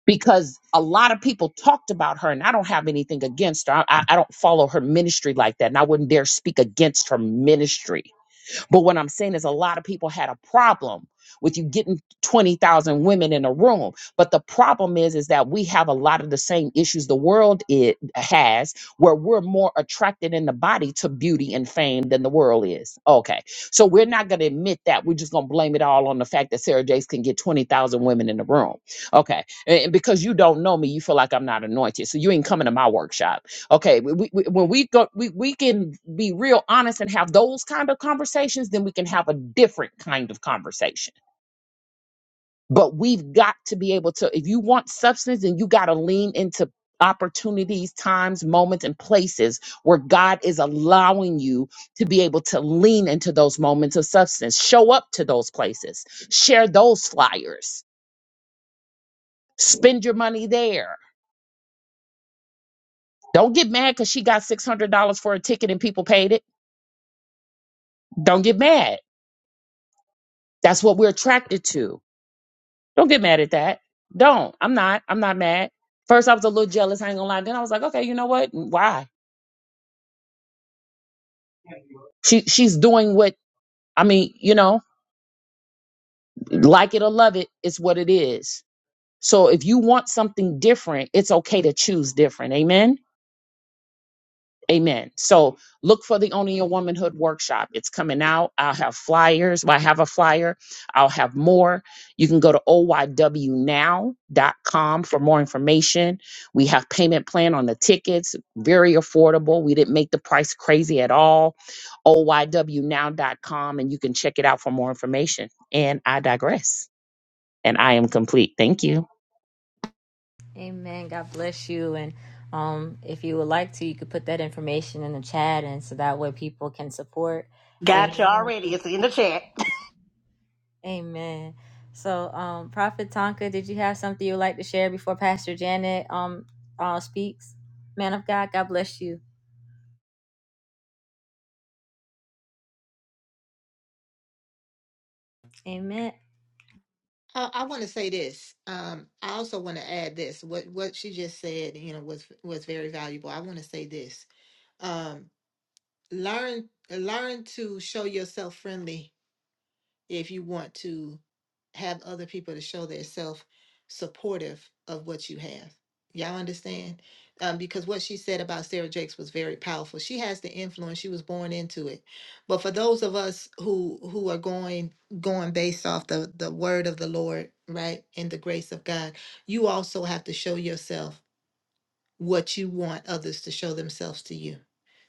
Speaker 5: Because a lot of people talked about her, and I don't have anything against her. I, I, I don't follow her ministry like that, and I wouldn't dare speak against her ministry but what I'm saying is a lot of people had a problem with you getting 20,000 women in a room. But the problem is is that we have a lot of the same issues the world it has where we're more attracted in the body to beauty and fame than the world is. Okay. So we're not going to admit that. We're just going to blame it all on the fact that Sarah Jakes can get 20,000 women in the room. Okay. And and because you don't know me, you feel like I'm not anointed. So you ain't coming to my workshop. Okay, we, we, we- when we go, we, we can be real honest and have those kind of conversations, then we can have a different kind of conversation. But we've got to be able to, if you want substance, then you got to lean into opportunities, times, moments, and places where God is allowing you to be able to lean into those moments of substance. Show up to those places, share those flyers, spend your money there. Don't get mad because she got $600 for a ticket and people paid it. Don't get mad That's what we're attracted to. Don't get mad at that. Don't. I'm not. I'm not mad. First, I was a little jealous. I ain't gonna lie. Then I was like, okay, you know what? Why? She she's doing what I mean. You know, like it or love it, it's what it is. So if you want something different, it's okay to choose different. Amen. Amen. So look for the Owning Your Womanhood workshop. It's coming out. I'll have flyers. Well, I have a flyer. I'll have more. You can go to o y w now dot com for more information. We have payment plan on the tickets, very affordable. We didn't make the price crazy at all. o y w now dot com, and you can check it out for more information. And I digress. And I am complete. Thank you.
Speaker 2: Amen. God bless you. And um, if you would like to, you could put that information in the chat, and so that way people can support.
Speaker 3: Got you
Speaker 2: Amen.
Speaker 3: already. It's in the chat.
Speaker 2: Amen. So, um, Prophet Tonka, did you have something you'd like to share before Pastor Janet um, uh, speaks? Man of God, God bless you. Amen.
Speaker 6: uh, I want to say this. Um, I also want to add this. What what she just said, you know, was was very valuable. I want to say this. Um, learn learn to show yourself friendly if you want to have other people to show themselves supportive of what you have y'all understand um, because what she said about sarah jakes was very powerful she has the influence she was born into it but for those of us who who are going going based off the the word of the lord right and the grace of god you also have to show yourself what you want others to show themselves to you.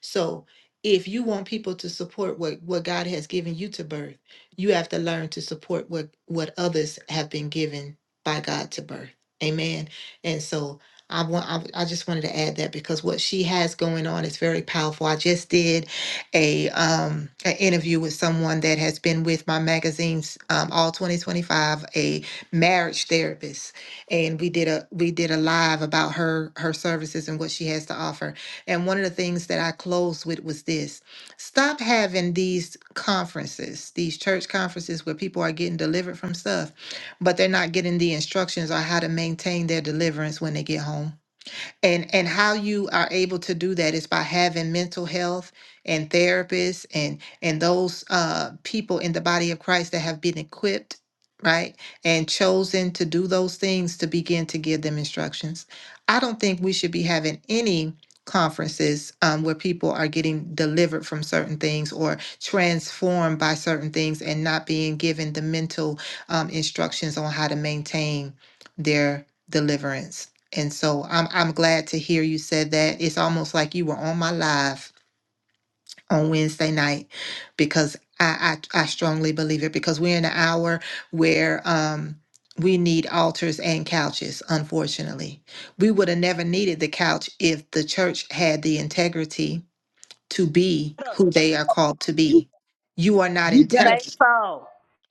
Speaker 6: So if you want people to support what, what God has given you to birth, you have to learn to support what, what others have been given by God to birth. Amen. And so I want I, I just wanted to add that because what she has going on is very powerful. I just did a um an interview with someone that has been with my magazines um, all 2025, a marriage therapist and we did a we did a live about her her services and what she has to offer. And one of the things that I closed with was this: stop having these conferences, these church conferences where people are getting delivered from stuff, but they're not getting the instructions on how to maintain their deliverance when they get home and and how you are able to do that is by having mental health and therapists and and those uh people in the body of Christ that have been equipped right and chosen to do those things to begin to give them instructions i don't think we should be having any conferences um, where people are getting delivered from certain things or transformed by certain things and not being given the mental um, instructions on how to maintain their deliverance and so I'm I'm glad to hear you said that. It's almost like you were on my live on Wednesday night because I I, I strongly believe it because we're in an hour where um we need altars and couches, unfortunately. We would have never needed the couch if the church had the integrity to be
Speaker 5: better-
Speaker 6: who they are called to
Speaker 5: You
Speaker 6: be. You are not
Speaker 5: you better
Speaker 3: Say
Speaker 6: integrity.
Speaker 3: so.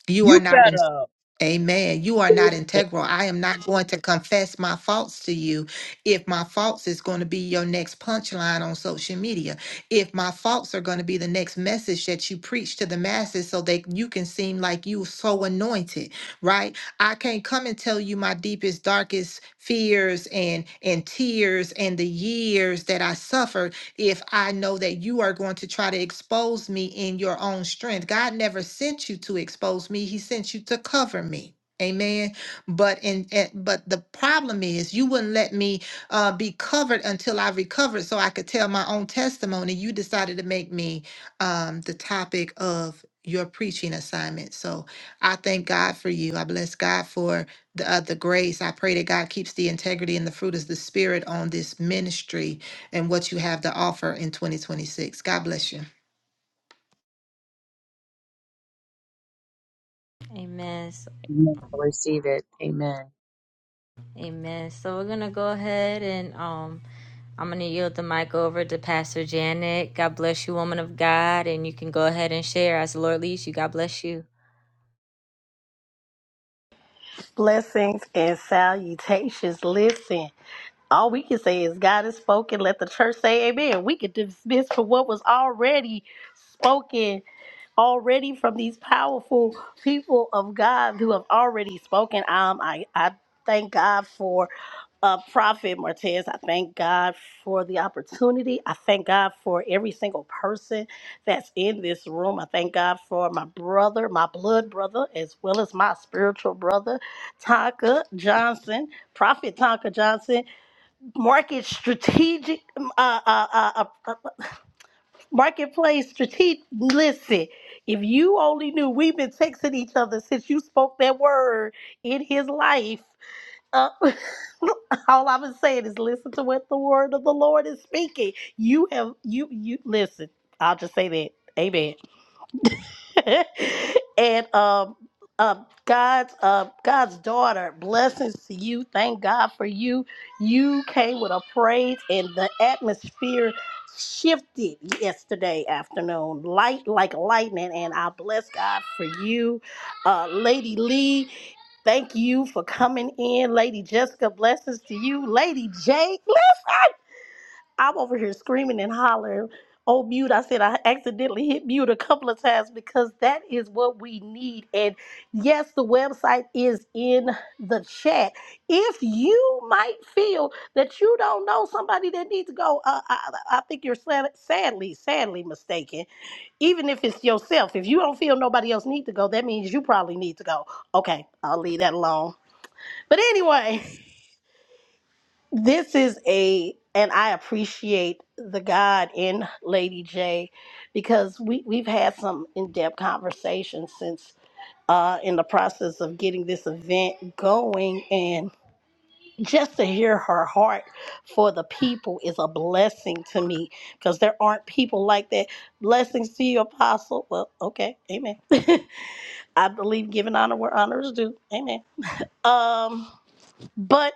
Speaker 6: You are
Speaker 5: you
Speaker 6: not in
Speaker 5: better
Speaker 6: Amen. You are not integral. I am not going to confess my faults to you if my faults is going to be your next punchline on social media. If my faults are going to be the next message that you preach to the masses so that you can seem like you so anointed, right? I can't come and tell you my deepest, darkest fears and and tears and the years that I suffered if I know that you are going to try to expose me in your own strength. God never sent you to expose me, He sent you to cover me. Amen. But in, eh, but the problem is you wouldn't let me uh, be covered until I recovered, so I could tell my own testimony. You decided to make me um, the topic of your preaching assignment. So I thank God for you. I bless God for the uh, the grace. I pray that God keeps the integrity and the fruit of the spirit on this ministry and what you have to offer in 2026. God bless you.
Speaker 2: Amen. So
Speaker 5: Receive it. Amen.
Speaker 2: Amen. So we're gonna go ahead and um I'm gonna yield the mic over to Pastor Janet. God bless you, woman of God, and you can go ahead and share as the Lord leads you. God bless you.
Speaker 3: Blessings and salutations. Listen. all we can say is God has spoken. Let the church say amen. We can dismiss for what was already spoken, already from these powerful people of God who have already spoken. Um, I, I thank God for uh, Prophet Martez. I thank God for the opportunity. I thank God for every single person that's in this room. I thank God for my brother, my blood brother, as well as my spiritual brother, Tonka Johnson, Prophet Tonka Johnson market strategic um, uh, uh, uh, uh, uh, marketplace strategic listen if you only knew we've been texting each other since you spoke that word in his life uh, all i've been saying is listen to what the word of the lord is speaking you have you you listen i'll just say that Amen. and um, um, God's uh, God's daughter, blessings to you. Thank God for you. You came with a praise, and the atmosphere shifted yesterday afternoon, light like lightning. And I bless God for you, uh, Lady Lee. Thank you for coming in, Lady Jessica. Blessings to you, Lady J. Bless. I'm over here screaming and hollering. Oh, mute. I said I accidentally hit mute a couple of times because that is what we need. And yes, the website is in the chat. If you might feel that you don't know somebody that needs to go, uh, I, I think you're sad, sadly, sadly mistaken. Even if it's yourself, if you don't feel nobody else need to go, that means you probably need to go. Okay, I'll leave that alone. But anyway this is a and i appreciate the god in lady j because we, we've had some in-depth conversations since uh, in the process of getting this event going and just to hear her heart for the people is a blessing to me because there aren't people like that blessings to you apostle well okay amen i believe giving honor where honor is due amen um but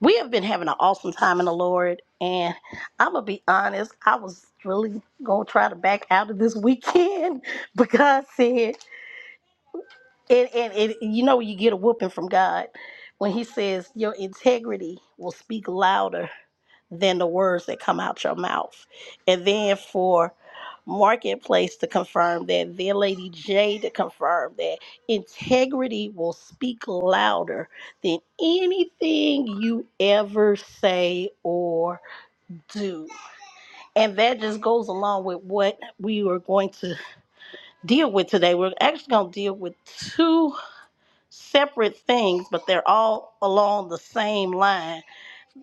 Speaker 3: we have been having an awesome time in the Lord. And I'm going to be honest, I was really going to try to back out of this weekend, but God said, and, and and you know you get a whooping from God when He says your integrity will speak louder than the words that come out your mouth. And then for Marketplace to confirm that, then Lady J to confirm that integrity will speak louder than anything you ever say or do. And that just goes along with what we were going to deal with today. We're actually going to deal with two separate things, but they're all along the same line.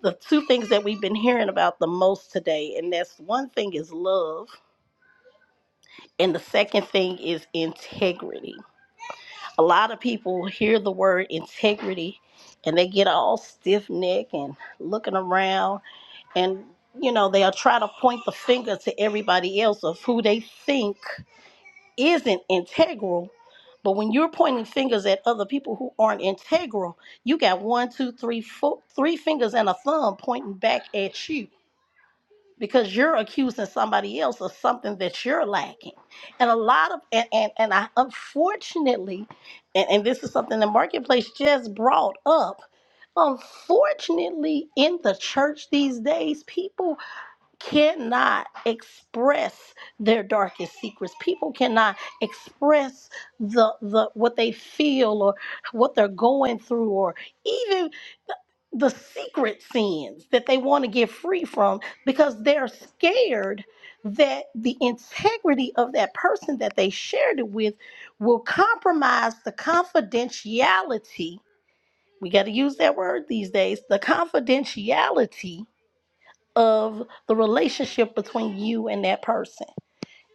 Speaker 3: The two things that we've been hearing about the most today, and that's one thing is love, and the second thing is integrity. A lot of people hear the word integrity and they get all stiff neck and looking around and you know they'll try to point the finger to everybody else of who they think isn't integral. But when you're pointing fingers at other people who aren't integral, you got one, two, three, four, three fingers and a thumb pointing back at you because you're accusing somebody else of something that you're lacking. And a lot of, and, and, and I unfortunately, and, and this is something the marketplace just brought up. Unfortunately, in the church these days, people cannot express their darkest secrets. People cannot express the the what they feel or what they're going through or even the secret sins that they want to get free from because they're scared that the integrity of that person that they shared it with will compromise the confidentiality. We got to use that word these days, the confidentiality of the relationship between you and that person.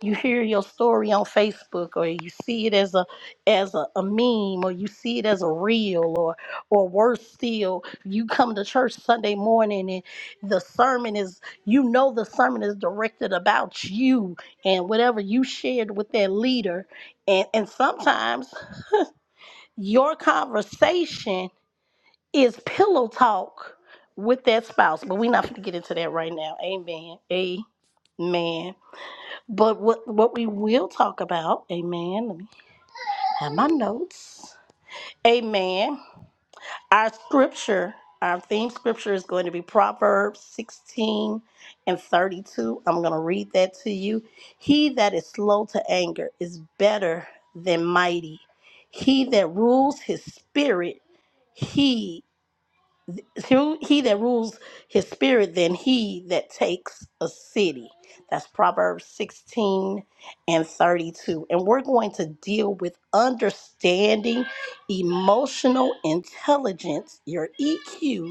Speaker 3: You hear your story on Facebook or you see it as a as a, a meme or you see it as a reel or or worse still, you come to church Sunday morning and the sermon is you know the sermon is directed about you and whatever you shared with that leader. And and sometimes your conversation is pillow talk with that spouse, but we're not going to get into that right now. Amen. Amen. But what what we will talk about, amen. Let me have my notes. Amen. Our scripture, our theme scripture is going to be Proverbs 16 and 32. I'm going to read that to you. He that is slow to anger is better than mighty. He that rules his spirit, he who he that rules his spirit than he that takes a city. That's Proverbs 16 and 32. And we're going to deal with understanding emotional intelligence, your EQ,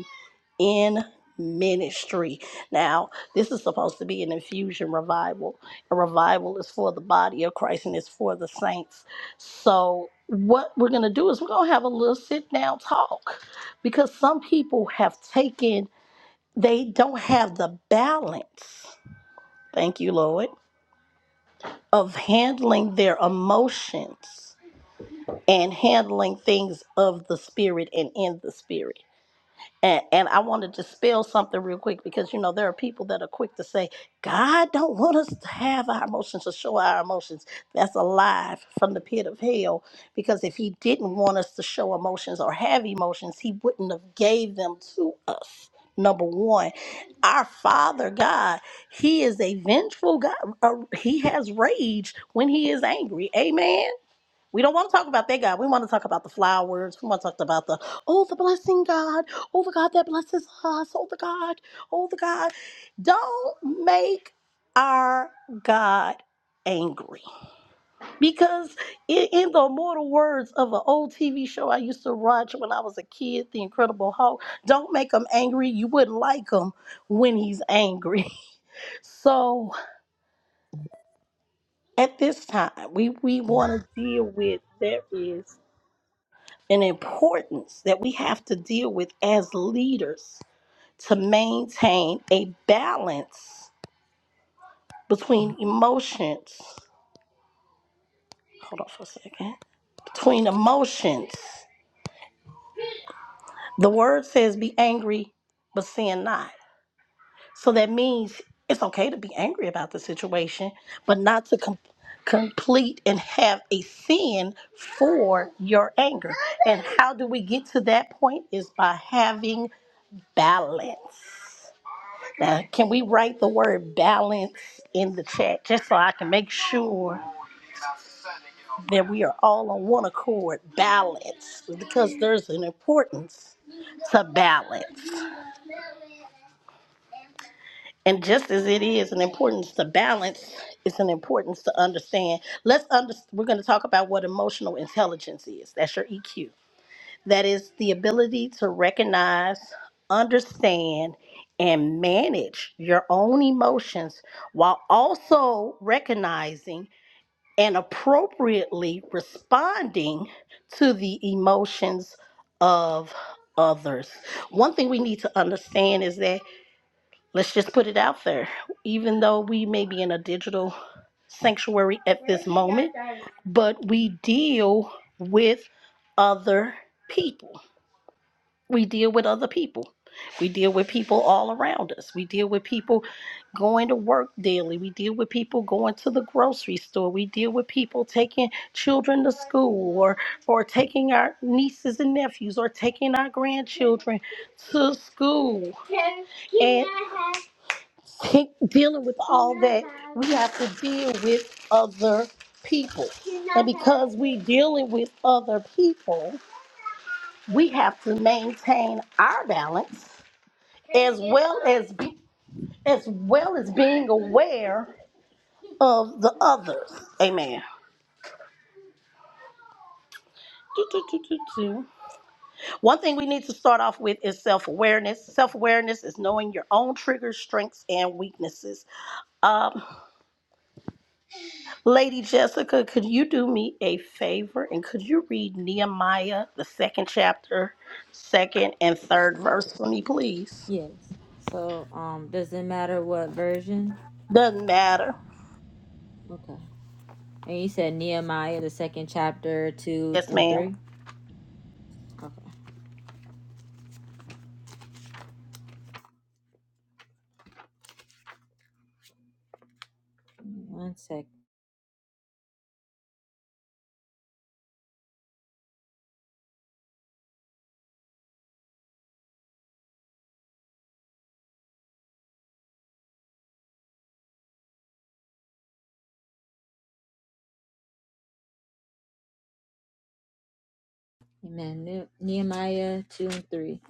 Speaker 3: in ministry. Now, this is supposed to be an infusion revival. A revival is for the body of Christ and it's for the saints. So, what we're going to do is we're going to have a little sit down talk because some people have taken, they don't have the balance. Thank you, Lord, of handling their emotions and handling things of the spirit and in the spirit. And, and I want to dispel something real quick because you know there are people that are quick to say God don't want us to have our emotions or show our emotions. That's a lie from the pit of hell because if He didn't want us to show emotions or have emotions, He wouldn't have gave them to us. Number one, our Father God, He is a vengeful God. Uh, he has rage when He is angry. Amen. We don't want to talk about that God. We want to talk about the flowers. We want to talk about the, oh, the blessing God. Oh, the God that blesses us. Oh, the God. Oh, the God. Don't make our God angry. Because in, in the immortal words of an old TV show I used to watch when I was a kid, The Incredible Hulk, don't make him angry. You wouldn't like him when he's angry. so at this time, we, we want to and importance that we have to deal with as leaders to maintain a balance between emotions. Hold on for a second. Between emotions. The word says be angry, but sin not. So that means it's okay to be angry about the situation, but not to com- complete and have a sin for your anger. And how do we get to that point? Is by having balance Now, can we write the word balance in the chat just so I can make sure that we are all on one accord? Balance, because there's an importance to balance. And just as it is an importance to balance, it's an importance to understand. Let's under, we're going to talk about what emotional intelligence is. That's your EQ. That is the ability to recognize, understand, and manage your own emotions while also recognizing and appropriately responding to the emotions of others. One thing we need to understand is that, let's just put it out there, even though we may be in a digital sanctuary at this moment, but we deal with other people we deal with other people. We deal with people all around us. We deal with people going to work daily. We deal with people going to the grocery store. We deal with people taking children to school or or taking our nieces and nephews or taking our grandchildren to school. And take- dealing with all that, we have to deal with other people. And because we dealing with other people, we have to maintain our balance as well as be, as well as being aware of the others. Amen. Do, do, do, do, do. One thing we need to start off with is self awareness. Self awareness is knowing your own triggers, strengths, and weaknesses. Um, Lady Jessica, could you do me a favor and could you read Nehemiah, the second chapter, second and third verse for me, please?
Speaker 2: Yes. So um does it matter what version?
Speaker 3: Doesn't matter.
Speaker 2: Okay. And you said Nehemiah the second chapter two
Speaker 3: Yes,
Speaker 2: and
Speaker 3: ma'am.
Speaker 2: three? Okay. One sec. Amen. Ne- Nehemiah two and three.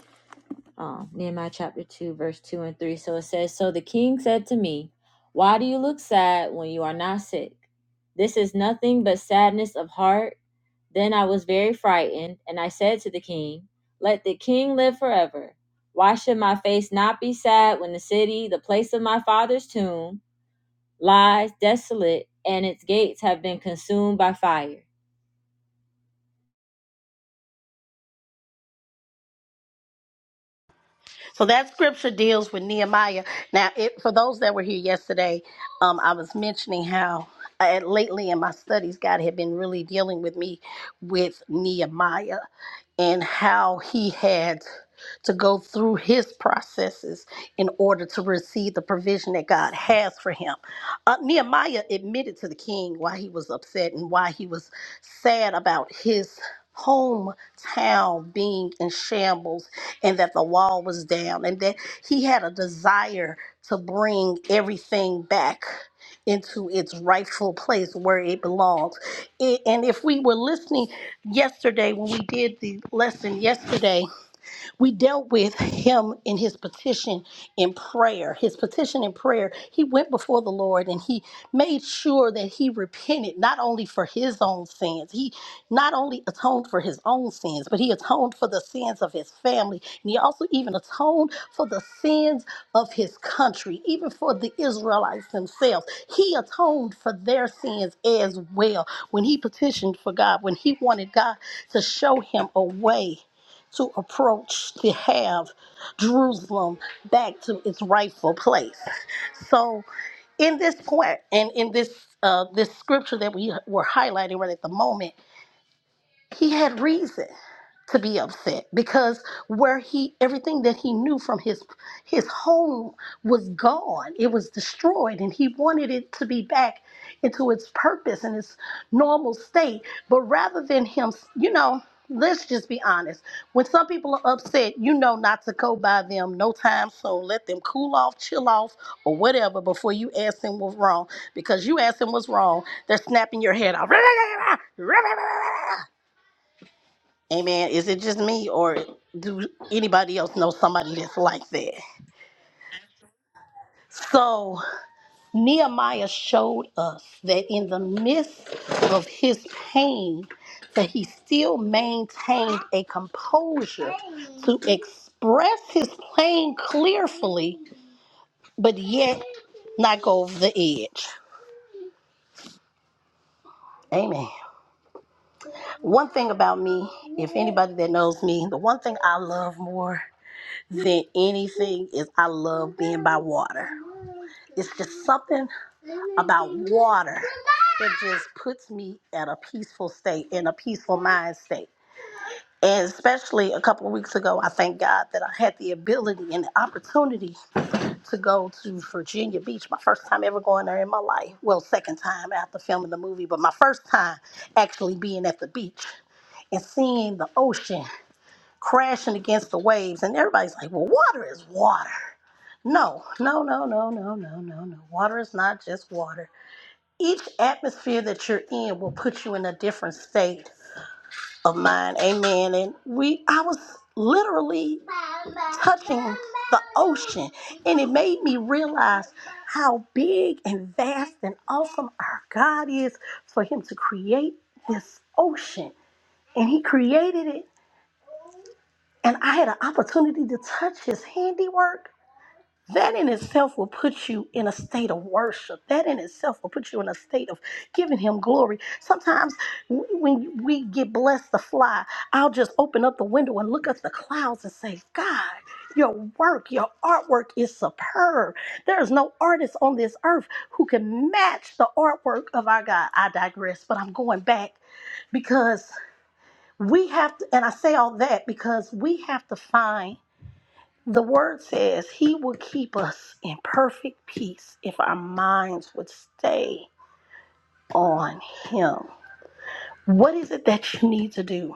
Speaker 2: um, Nehemiah chapter 2, verse 2 and 3. So it says, So the king said to me, Why do you look sad when you are not sick? This is nothing but sadness of heart. Then I was very frightened, and I said to the king, Let the king live forever. Why should my face not be sad when the city, the place of my father's tomb, lies desolate and its gates have been consumed by fire?
Speaker 3: So that scripture deals with Nehemiah. Now, it, for those that were here yesterday, um, I was mentioning how uh, lately in my studies, God had been really dealing with me with Nehemiah and how he had to go through his processes in order to receive the provision that God has for him. Uh, Nehemiah admitted to the king why he was upset and why he was sad about his hometown being in shambles and that the wall was down and that he had a desire to bring everything back into its rightful place where it belongs. I- And if we were listening yesterday when we did the lesson yesterday we dealt with him in his petition in prayer. His petition in prayer, he went before the Lord and he made sure that he repented not only for his own sins, he not only atoned for his own sins, but he atoned for the sins of his family. And he also even atoned for the sins of his country, even for the Israelites themselves. He atoned for their sins as well when he petitioned for God, when he wanted God to show him a way to approach to have Jerusalem back to its rightful place. So in this point and in this uh, this scripture that we were highlighting right at the moment, he had reason to be upset because where he everything that he knew from his his home was gone it was destroyed and he wanted it to be back into its purpose and its normal state but rather than him you know let's just be honest when some people are upset you know not to go by them no time so let them cool off chill off or whatever before you ask them what's wrong because you ask them what's wrong they're snapping your head off Amen. Is it just me or do anybody else know somebody that's like that? So Nehemiah showed us that in the midst of his pain, that he still maintained a composure to express his pain clearly, but yet not go over the edge. Amen. One thing about me, if anybody that knows me, the one thing I love more than anything is I love being by water. It's just something about water that just puts me at a peaceful state, in a peaceful mind state. And especially a couple of weeks ago, I thank God that I had the ability and the opportunity to go to Virginia Beach, my first time ever going there in my life. Well, second time after filming the movie, but my first time actually being at the beach and seeing the ocean crashing against the waves. And everybody's like, well, water is water. No, no, no, no, no, no, no, no. no. Water is not just water. Each atmosphere that you're in will put you in a different state of mind. Amen. And we, I was literally touching the ocean, and it made me realize how big and vast and awesome our God is for Him to create this ocean. And He created it and I had an opportunity to touch his handiwork, that in itself will put you in a state of worship. That in itself will put you in a state of giving him glory. Sometimes w- when we get blessed to fly, I'll just open up the window and look at the clouds and say, God, your work, your artwork is superb. There is no artist on this earth who can match the artwork of our God. I digress, but I'm going back because we have to, and I say all that because we have to find the word says he will keep us in perfect peace if our minds would stay on him. What is it that you need to do?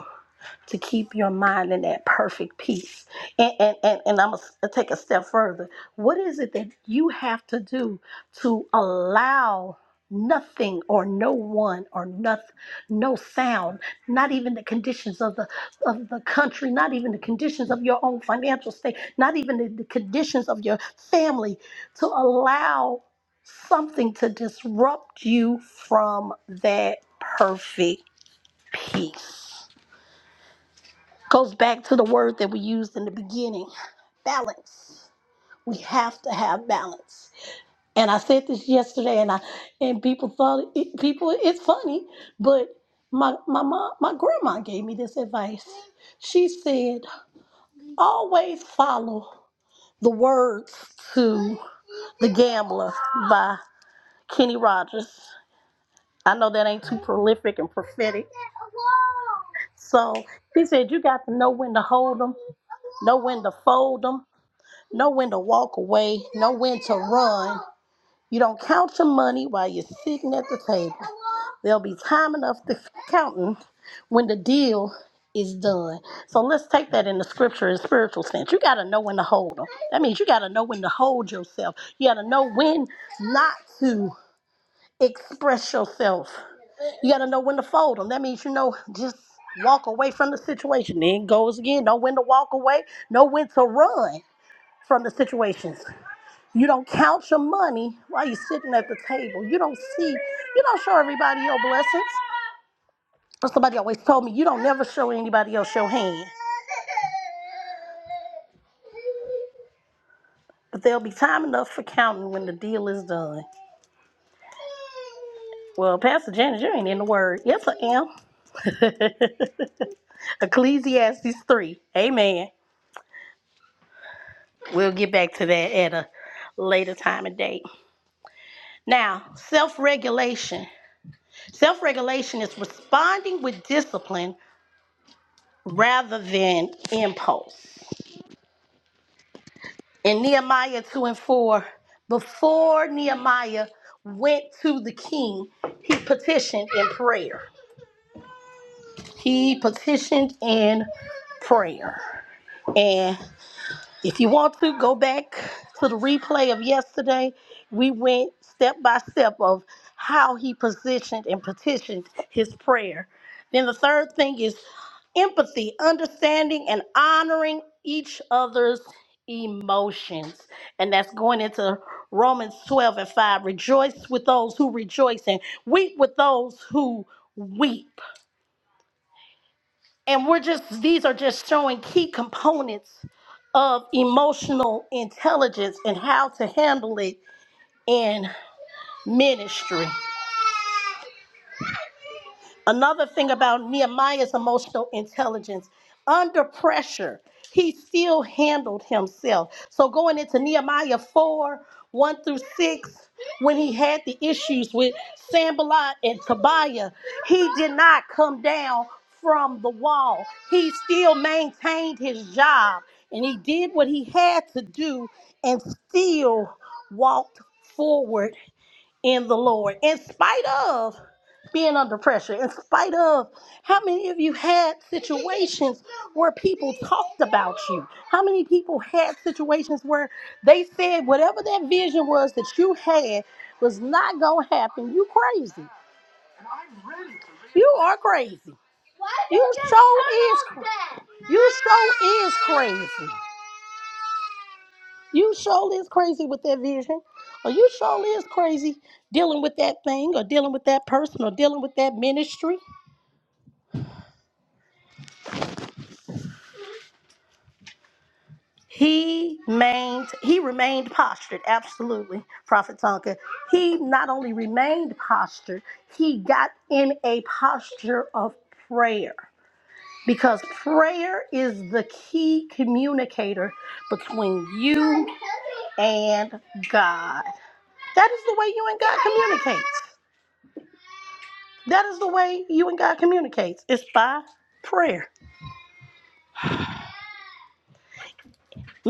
Speaker 3: to keep your mind in that perfect peace. And and and, and I'm gonna take a step further. What is it that you have to do to allow nothing or no one or nothing no sound not even the conditions of the of the country not even the conditions of your own financial state not even the, the conditions of your family to allow something to disrupt you from that perfect peace Goes back to the word that we used in the beginning balance. We have to have balance. And I said this yesterday, and I and people thought it, people it's funny, but my my mom my grandma gave me this advice. She said always follow the words to the gambler by Kenny Rogers. I know that ain't too prolific and prophetic. So he said you got to know when to hold them, know when to fold them." know when to walk away, know when to run. You don't count your money while you're sitting at the table. There'll be time enough to counting when the deal is done. So let's take that in the scripture and spiritual sense. You got to know when to hold them. That means you got to know when to hold yourself. You got to know when not to express yourself. You got to know when to fold them. That means you know just walk away from the situation. Then it goes again. Know when to walk away. Know when to run from the situations. You don't count your money while you're sitting at the table. You don't see, you don't show everybody your blessings. But somebody always told me, you don't never show anybody else your hand. But there'll be time enough for counting when the deal is done. Well, Pastor Janet, you ain't in the word. Yes, I am. Ecclesiastes 3. Amen. We'll get back to that at a later time and date. Now, self regulation. Self regulation is responding with discipline rather than impulse. In Nehemiah 2 and 4, before Nehemiah went to the king, he petitioned in prayer. He petitioned in prayer. and. If you want to go back to the replay of yesterday, we went step by step of how he positioned and petitioned his prayer. Then the third thing is empathy, understanding, and honoring each other's emotions. And that's going into Romans 12 and 5. Rejoice with those who rejoice and weep with those who weep and we're just these are just showing key components of emotional intelligence and how to handle it ministry. Another thing about Nehemiah's emotional intelligence, under pressure, he still handled himself. So going into Nehemiah 4 1 through 6, when he had the issues with Sambalot and Tobiah, he did not come down from the wall. He still maintained his job and he did what he had to do and still walked forward in the Lord, in spite of being under pressure, in spite of how many of you had situations where people talked about you? How many people had situations where they said whatever that vision was that you had was not gonna happen? You crazy. You are crazy. You show is cra- you show is crazy. You surely is crazy with that vision, or you surely is crazy dealing with that thing, or dealing with that person, or dealing with that ministry. He remained, he remained postured, absolutely, Prophet Tonka. He not only remained postured, he got in a posture of prayer because prayer is the key communicator between you and God. That is the way you and God communicate. That is the way you and God communicates. It's by prayer.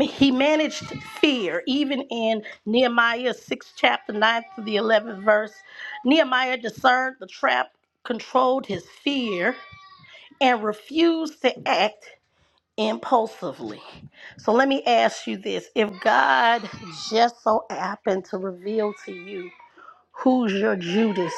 Speaker 3: He managed fear, even in Nehemiah 6, chapter 9 to the 11th verse. Nehemiah discerned the trap, controlled his fear, and refused to act impulsively. So let me ask you this if God just so happened to reveal to you, Who's your Judas?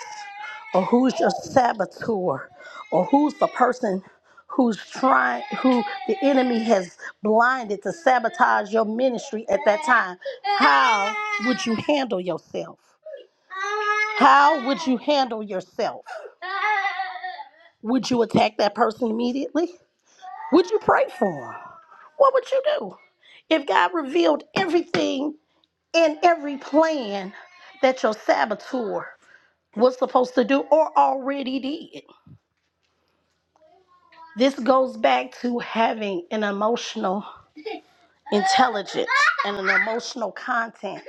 Speaker 3: Or who's your saboteur? Or who's the person who's trying, who the enemy has blinded to sabotage your ministry at that time? How would you handle yourself? How would you handle yourself? Would you attack that person immediately? Would you pray for him? What would you do? If God revealed everything and every plan that your saboteur was supposed to do or already did. This goes back to having an emotional intelligence and an emotional content.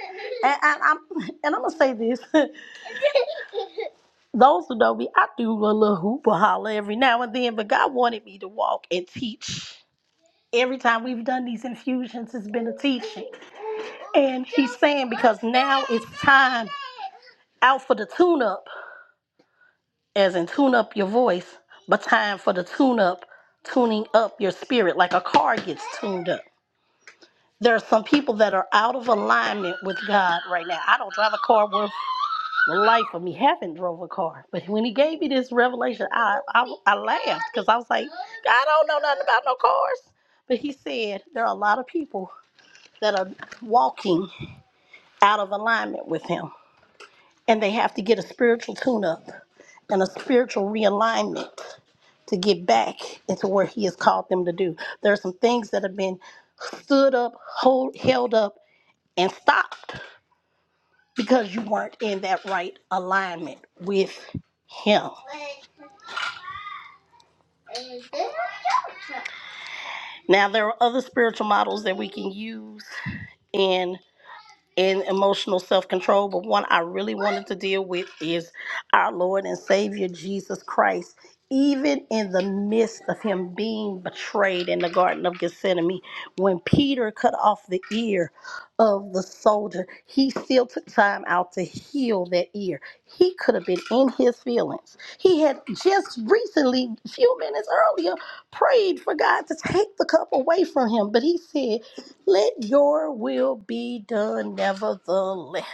Speaker 3: And, and I'm and I'm gonna say this. Those who know me, I do a little hoop or holler every now and then, but God wanted me to walk and teach. Every time we've done these infusions, it's been a teaching. And he's saying because now it's time out for the tune up. as in tune up your voice, but time for the tune up, tuning up your spirit like a car gets tuned up. There are some people that are out of alignment with God right now. I don't drive a car worth the life of me. Haven't drove a car, but when He gave me this revelation, I I, I laughed because I was like, I don't know nothing about no cars. But He said there are a lot of people that are walking out of alignment with Him and they have to get a spiritual tune up and a spiritual realignment to get back into where he has called them to do. There are some things that have been stood up, hold, held up, and stopped because you weren't in that right alignment with him. Now, there are other spiritual models that we can use and and emotional self control, but one I really wanted to deal with is our Lord and Savior Jesus Christ. Even in the midst of him being betrayed in the Garden of Gethsemane, when Peter cut off the ear of the soldier, he still took time out to heal that ear. He could have been in his feelings. He had just recently, a few minutes earlier, prayed for God to take the cup away from him, but he said, let your will be done, nevertheless.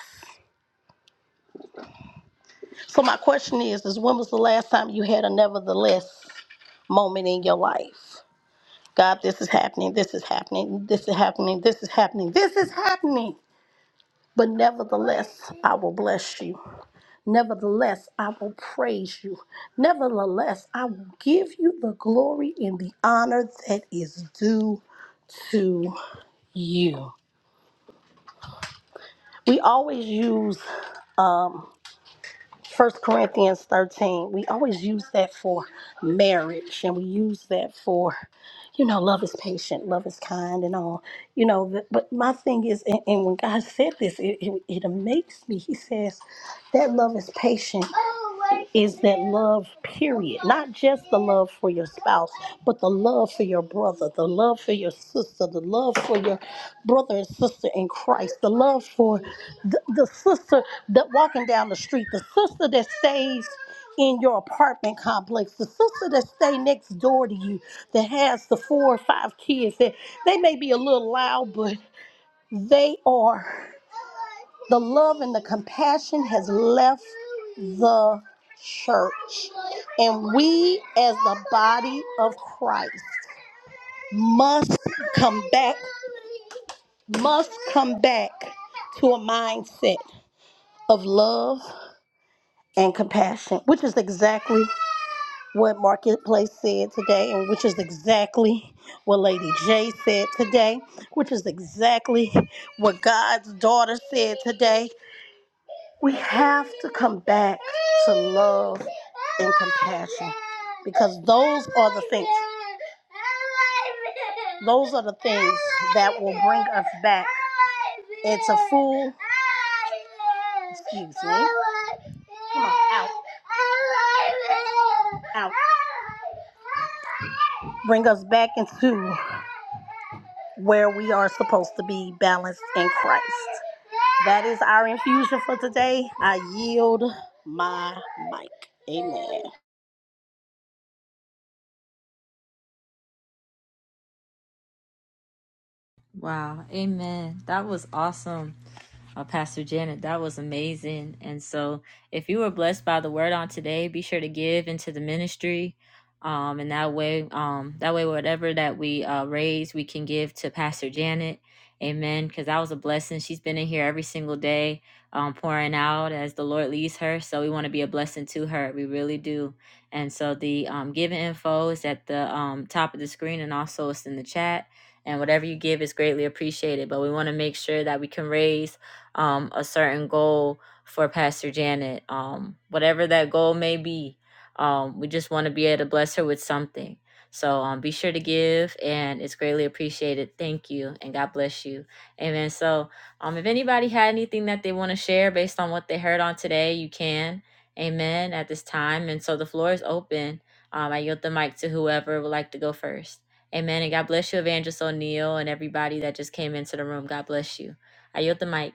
Speaker 3: So my question is, is when was the last time you had a nevertheless moment in your life? God, this is happening, this is happening, this is happening, this is happening, this is happening. But nevertheless, I will bless you. Nevertheless, I will praise you. Nevertheless, I will give you the glory and the honor that is due to you. We always use um, First Corinthians 13, we always use that for marriage and we use that for, you know, love is patient, love is kind and all, you know, th- but my thing is, and, and when God said this, it, it, it amazed me. He says that love is patient is that love, period. Not just the love for your spouse, but the love for your brother, the love for your sister, the love for your brother and sister in Christ, the love for the, the sister that walking down the street, the sister that stays in your apartment complex, the sister that stay next door to you, that has the four or five kids, that they may be a little loud, but they are the love and the compassion has left the church. And we as the body of Christ must come back, must come back to a mindset of love and compassion, which is exactly what Marketplace said today, and which is exactly what Lady J said today, which is exactly what God's daughter said today. We have to come back to love and compassion because those are the things. Those are the things that will bring us back. It's a fool. Excuse me. Come on, out. Out. Bring us back into where we are supposed to be balanced in Christ. That is our infusion for today. I yield my mic. Amen.
Speaker 2: Wow, amen. That was awesome uh, Pastor Janet. That was amazing. And so, if you were blessed by the word on today, be sure to give into the ministry. Um, and that way, um, that way, whatever that we uh, raise, we can give to Pastor Janet. Amen. Because that was a blessing. She's been in here every single day, um, pouring out as the Lord leads her. So we want to be a blessing to her. We really do. And so the um, giving info is at the um, top of the screen, and also it's in the chat and whatever you give is greatly appreciated. But we want to make sure that we can raise um, a certain goal for Pastor Janet, um, whatever that goal may be. Um, we just want to be able to bless her with something. So um, be sure to give, and it's greatly appreciated. Thank you, and God bless you. Amen. So um, if anybody had anything that they want to share based on what they heard on today, you can. Amen. At this time, and so the floor is open. Um, I yield the mic to whoever would like to go first. Amen. And God bless you, Evangelist O'Neill, and everybody that just came into the room. God bless you. I yield the mic.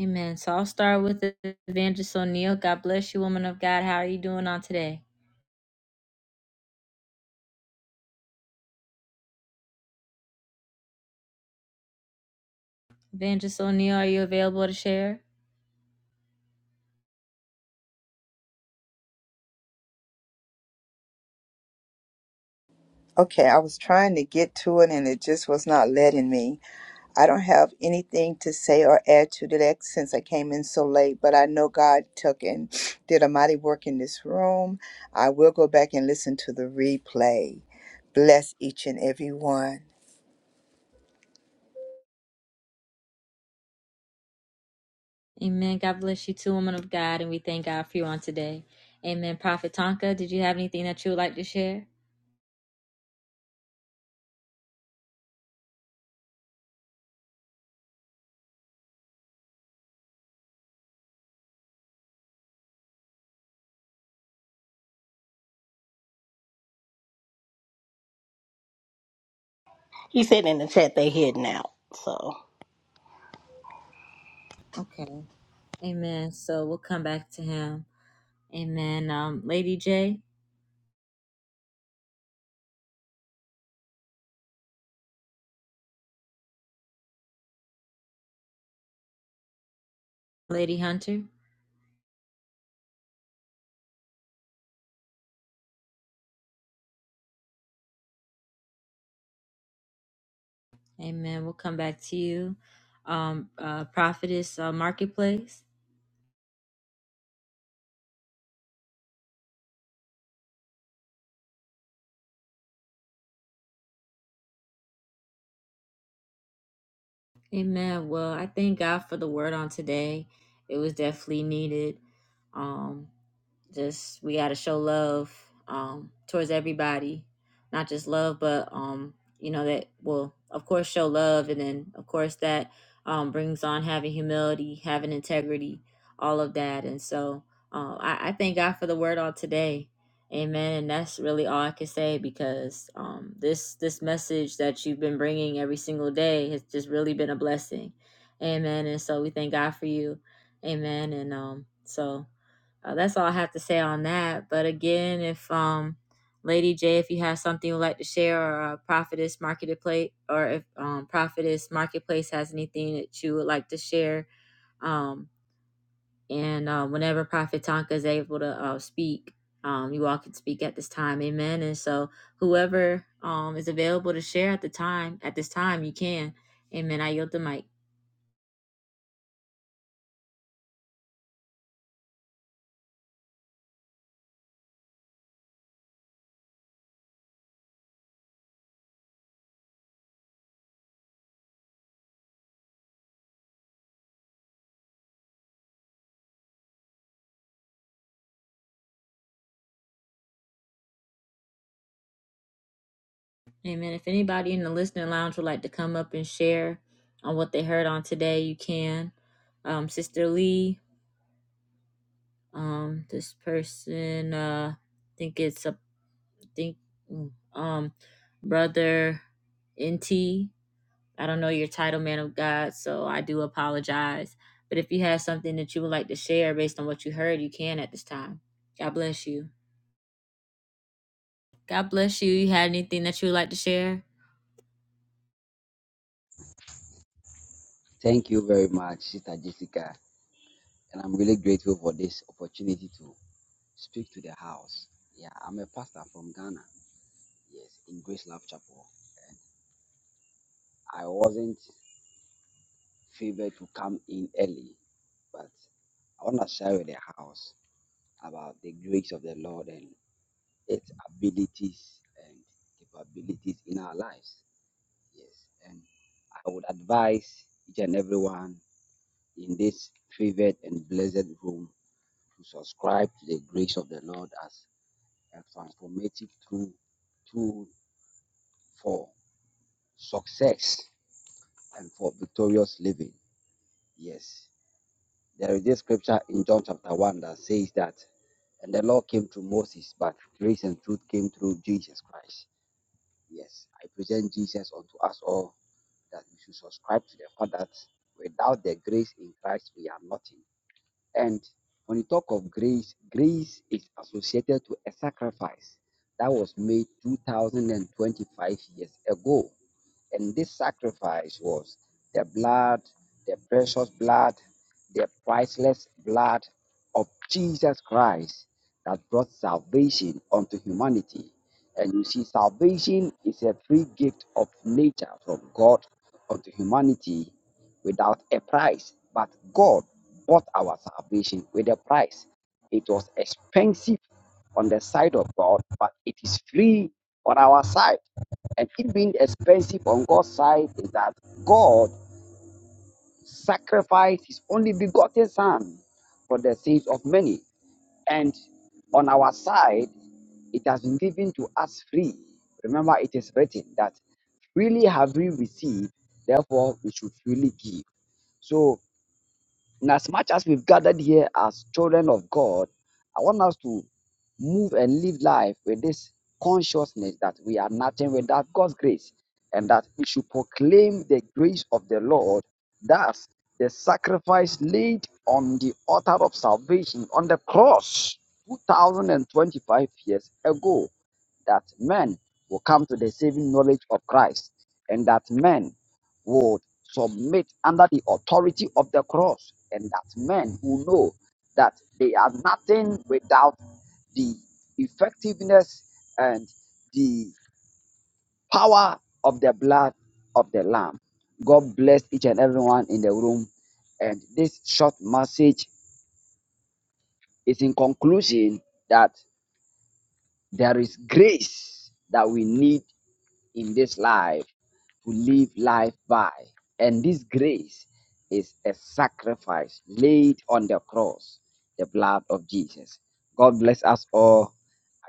Speaker 2: Amen. So I'll start with Evangelist O'Neill. God bless you, woman of God. How are you doing on today? Evangelist O'Neill, are you available to share?
Speaker 7: Okay, I was trying to get to it and it just was not letting me. I don't have anything to say or add to that since I came in so late, but I know God took and did a mighty work in this room. I will go back and listen to the replay. Bless each and every one.
Speaker 2: Amen. God bless you too, woman of God, and we thank God for you on today. Amen. Prophet Tonka, did you have anything that you would like to share?
Speaker 3: He said in the chat they heading out. So
Speaker 2: Okay. Amen. So we'll come back to him. Amen. Um, Lady J, Lady Hunter. Amen. We'll come back to you. Um, uh, Prophetess uh, Marketplace. Amen. Well, I thank God for the word on today. It was definitely needed. Um, just we gotta show love um, towards everybody, not just love, but um, you know that will of course show love, and then of course that um, brings on having humility, having integrity, all of that. And so uh, I, I thank God for the word on today. Amen. And that's really all I can say because um, this this message that you've been bringing every single day has just really been a blessing. Amen. And so we thank God for you. Amen. And um, so uh, that's all I have to say on that. But again, if um, Lady J, if you have something you'd like to share, or uh, Prophetess Marketplace, or if um, Prophetess Marketplace has anything that you would like to share, um, and uh, whenever Prophet Tonka is able to uh, speak, um, you all can speak at this time. Amen. And so, whoever um, is available to share at the time, at this time, you can. Amen. I yield the mic. Amen. If anybody in the listening lounge would like to come up and share on what they heard on today, you can. Um, Sister Lee, um, this person, uh, I think it's a I think, mm, um, brother NT. I don't know your title, man of God, so I do apologize. But if you have something that you would like to share based on what you heard, you can at this time. God bless you. God bless you. You had anything that you would like to share?
Speaker 8: Thank you very much, Sister Jessica. And I'm really grateful for this opportunity to speak to the house. Yeah, I'm a pastor from Ghana, yes, in Grace Love Chapel. And I wasn't favored to come in early, but I want to share with the house about the grace of the Lord and its abilities and capabilities in our lives. Yes, and I would advise each and everyone in this favored and blessed room to subscribe to the grace of the Lord as a transformative tool, tool for success and for victorious living. Yes. There is this scripture in John chapter 1 that says that, and the law came through Moses, but grace and truth came through Jesus Christ. Yes. I present Jesus unto us all that we should subscribe to the fact that without the grace in Christ, we are nothing. And when you talk of grace, grace is associated to a sacrifice that was made 2025 years ago. And this sacrifice was the blood, the precious blood, the priceless blood of Jesus Christ that brought salvation unto humanity. And you see, salvation is a free gift of nature from God unto humanity without a price, but God bought our salvation with a price. It was expensive on the side of God, but it is free on our side. And it being expensive on God's side is that God sacrificed his only begotten Son for the sins of many. And on our side, it has been given to us free. Remember, it is written that freely have we received, therefore we should freely give. So and as much as we've gathered here as children of God, I want us to move and live life with this consciousness that we are nothing without God's grace and that we should proclaim the grace of the Lord. Thus, the sacrifice laid on the altar of salvation on the cross 2025 years ago, that men will come to the saving knowledge of Christ and that men would submit under the authority of the cross, and that men who know that they are nothing without the effectiveness and the power of the blood of the Lamb. God bless each and everyone in the room. And this short message is in conclusion that there is grace that we need in this life to live life by. And this grace is a sacrifice laid on the cross, the blood of Jesus. God bless us all.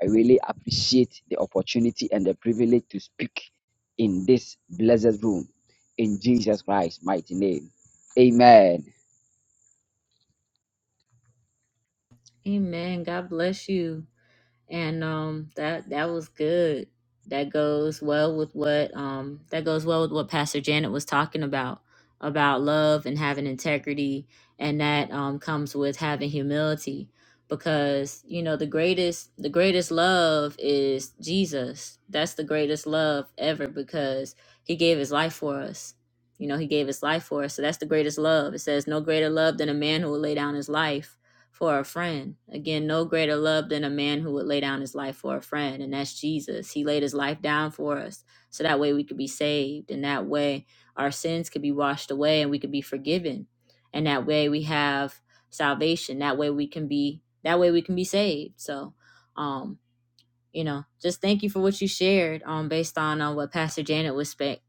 Speaker 8: I really appreciate the opportunity and the privilege to speak in this blessed room in Jesus Christ's mighty name. Amen.
Speaker 2: Amen. God bless you. and um that that was good that goes well with what um that goes well with what pastor janet was talking about about love and having integrity and that um comes with having humility because you know the greatest the greatest love is jesus that's the greatest love ever because he gave his life for us you know he gave his life for us so that's the greatest love it says no greater love than a man who will lay down his life for a friend. Again, no greater love than a man who would lay down his life for a friend, and that's Jesus. He laid his life down for us so that way we could be saved, and that way our sins could be washed away and we could be forgiven. And that way we have salvation. That way we can be that way we can be saved. So, um you know, just thank you for what you shared um, based on uh, what Pastor Janet was spec.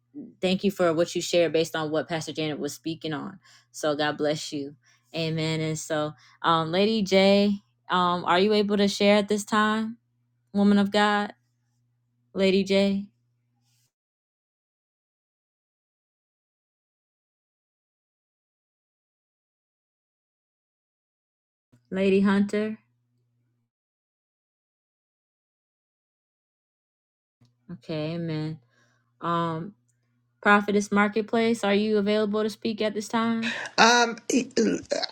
Speaker 2: Thank you for what you shared based on what Pastor Janet was speaking on. So God bless you. Amen. And so, um, Lady J, um, are you able to share at this time, woman of God? Lady J, Lady Hunter? Okay, amen. Um, Prophetess Marketplace, are you available to speak at this time?
Speaker 6: Um, e,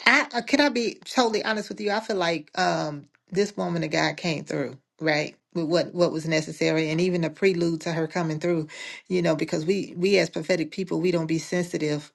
Speaker 6: I, can I be totally honest with you? I feel like um this woman of God came through, right? With what what was necessary, and even the prelude to her coming through, you know, because we we as prophetic people, we don't be sensitive,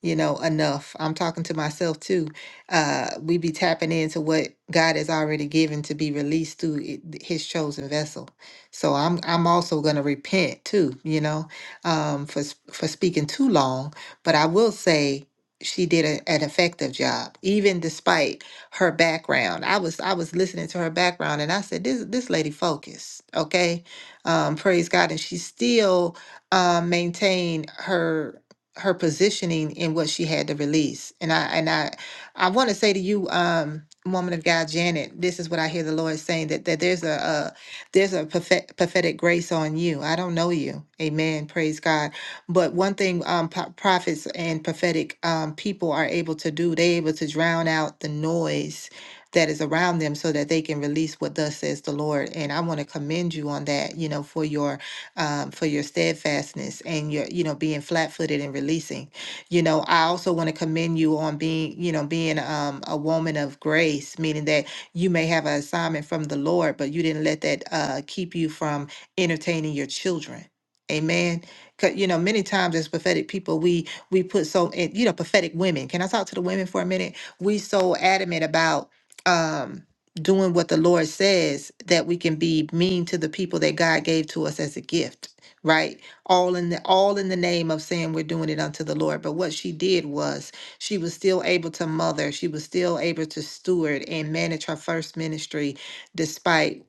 Speaker 6: you know, enough. I'm talking to myself too. Uh, we be tapping into what God has already given to be released through it, His chosen vessel. So I'm I'm also gonna repent too, you know, um, for s- for speaking too long. But I will say she did a, an effective job, even despite her background. I was I was listening to her background, and I said, "This this lady focused, okay, um, praise God." And she still um, maintained her her positioning in what she had to release. And I and I I want to say to you, um, woman of God, Janet, this is what I hear the Lord saying that that there's a, a there's a prophet, prophetic grace on you. I don't know you, Amen. Praise God but one thing um, po- prophets and prophetic um, people are able to do, they're able to drown out the noise that is around them so that they can release what thus says the Lord. And I want to commend you on that, you know, for your um, for your steadfastness and your, you know, being flat footed and releasing. You know, I also want to commend you on being, you know, being um, a woman of grace, meaning that you may have an assignment from the Lord, but you didn't let that uh, keep you from entertaining your children. Amen 'Cause, you know, many times as prophetic people, we we put so and, you know, prophetic women. Can I talk to the women for a minute? We so adamant about um doing what the Lord says that we can be mean to the people that God gave to us as a gift, right? All in the all in the name of saying we're doing it unto the Lord. But what she did was she was still able to mother, she was still able to steward and manage her first ministry despite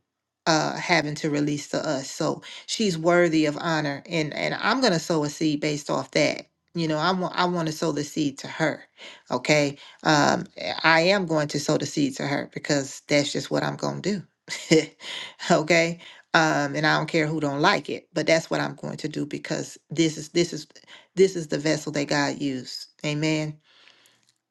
Speaker 6: uh having to release to us. So she's worthy of honor and and i'm going to sow a seed based off that you know i want i want to sow the seed to her okay um i am going to sow the seed to her because that's just what i'm going to do okay um and i don't care who don't like it but that's what i'm going to do because this is this is this is the vessel that god used amen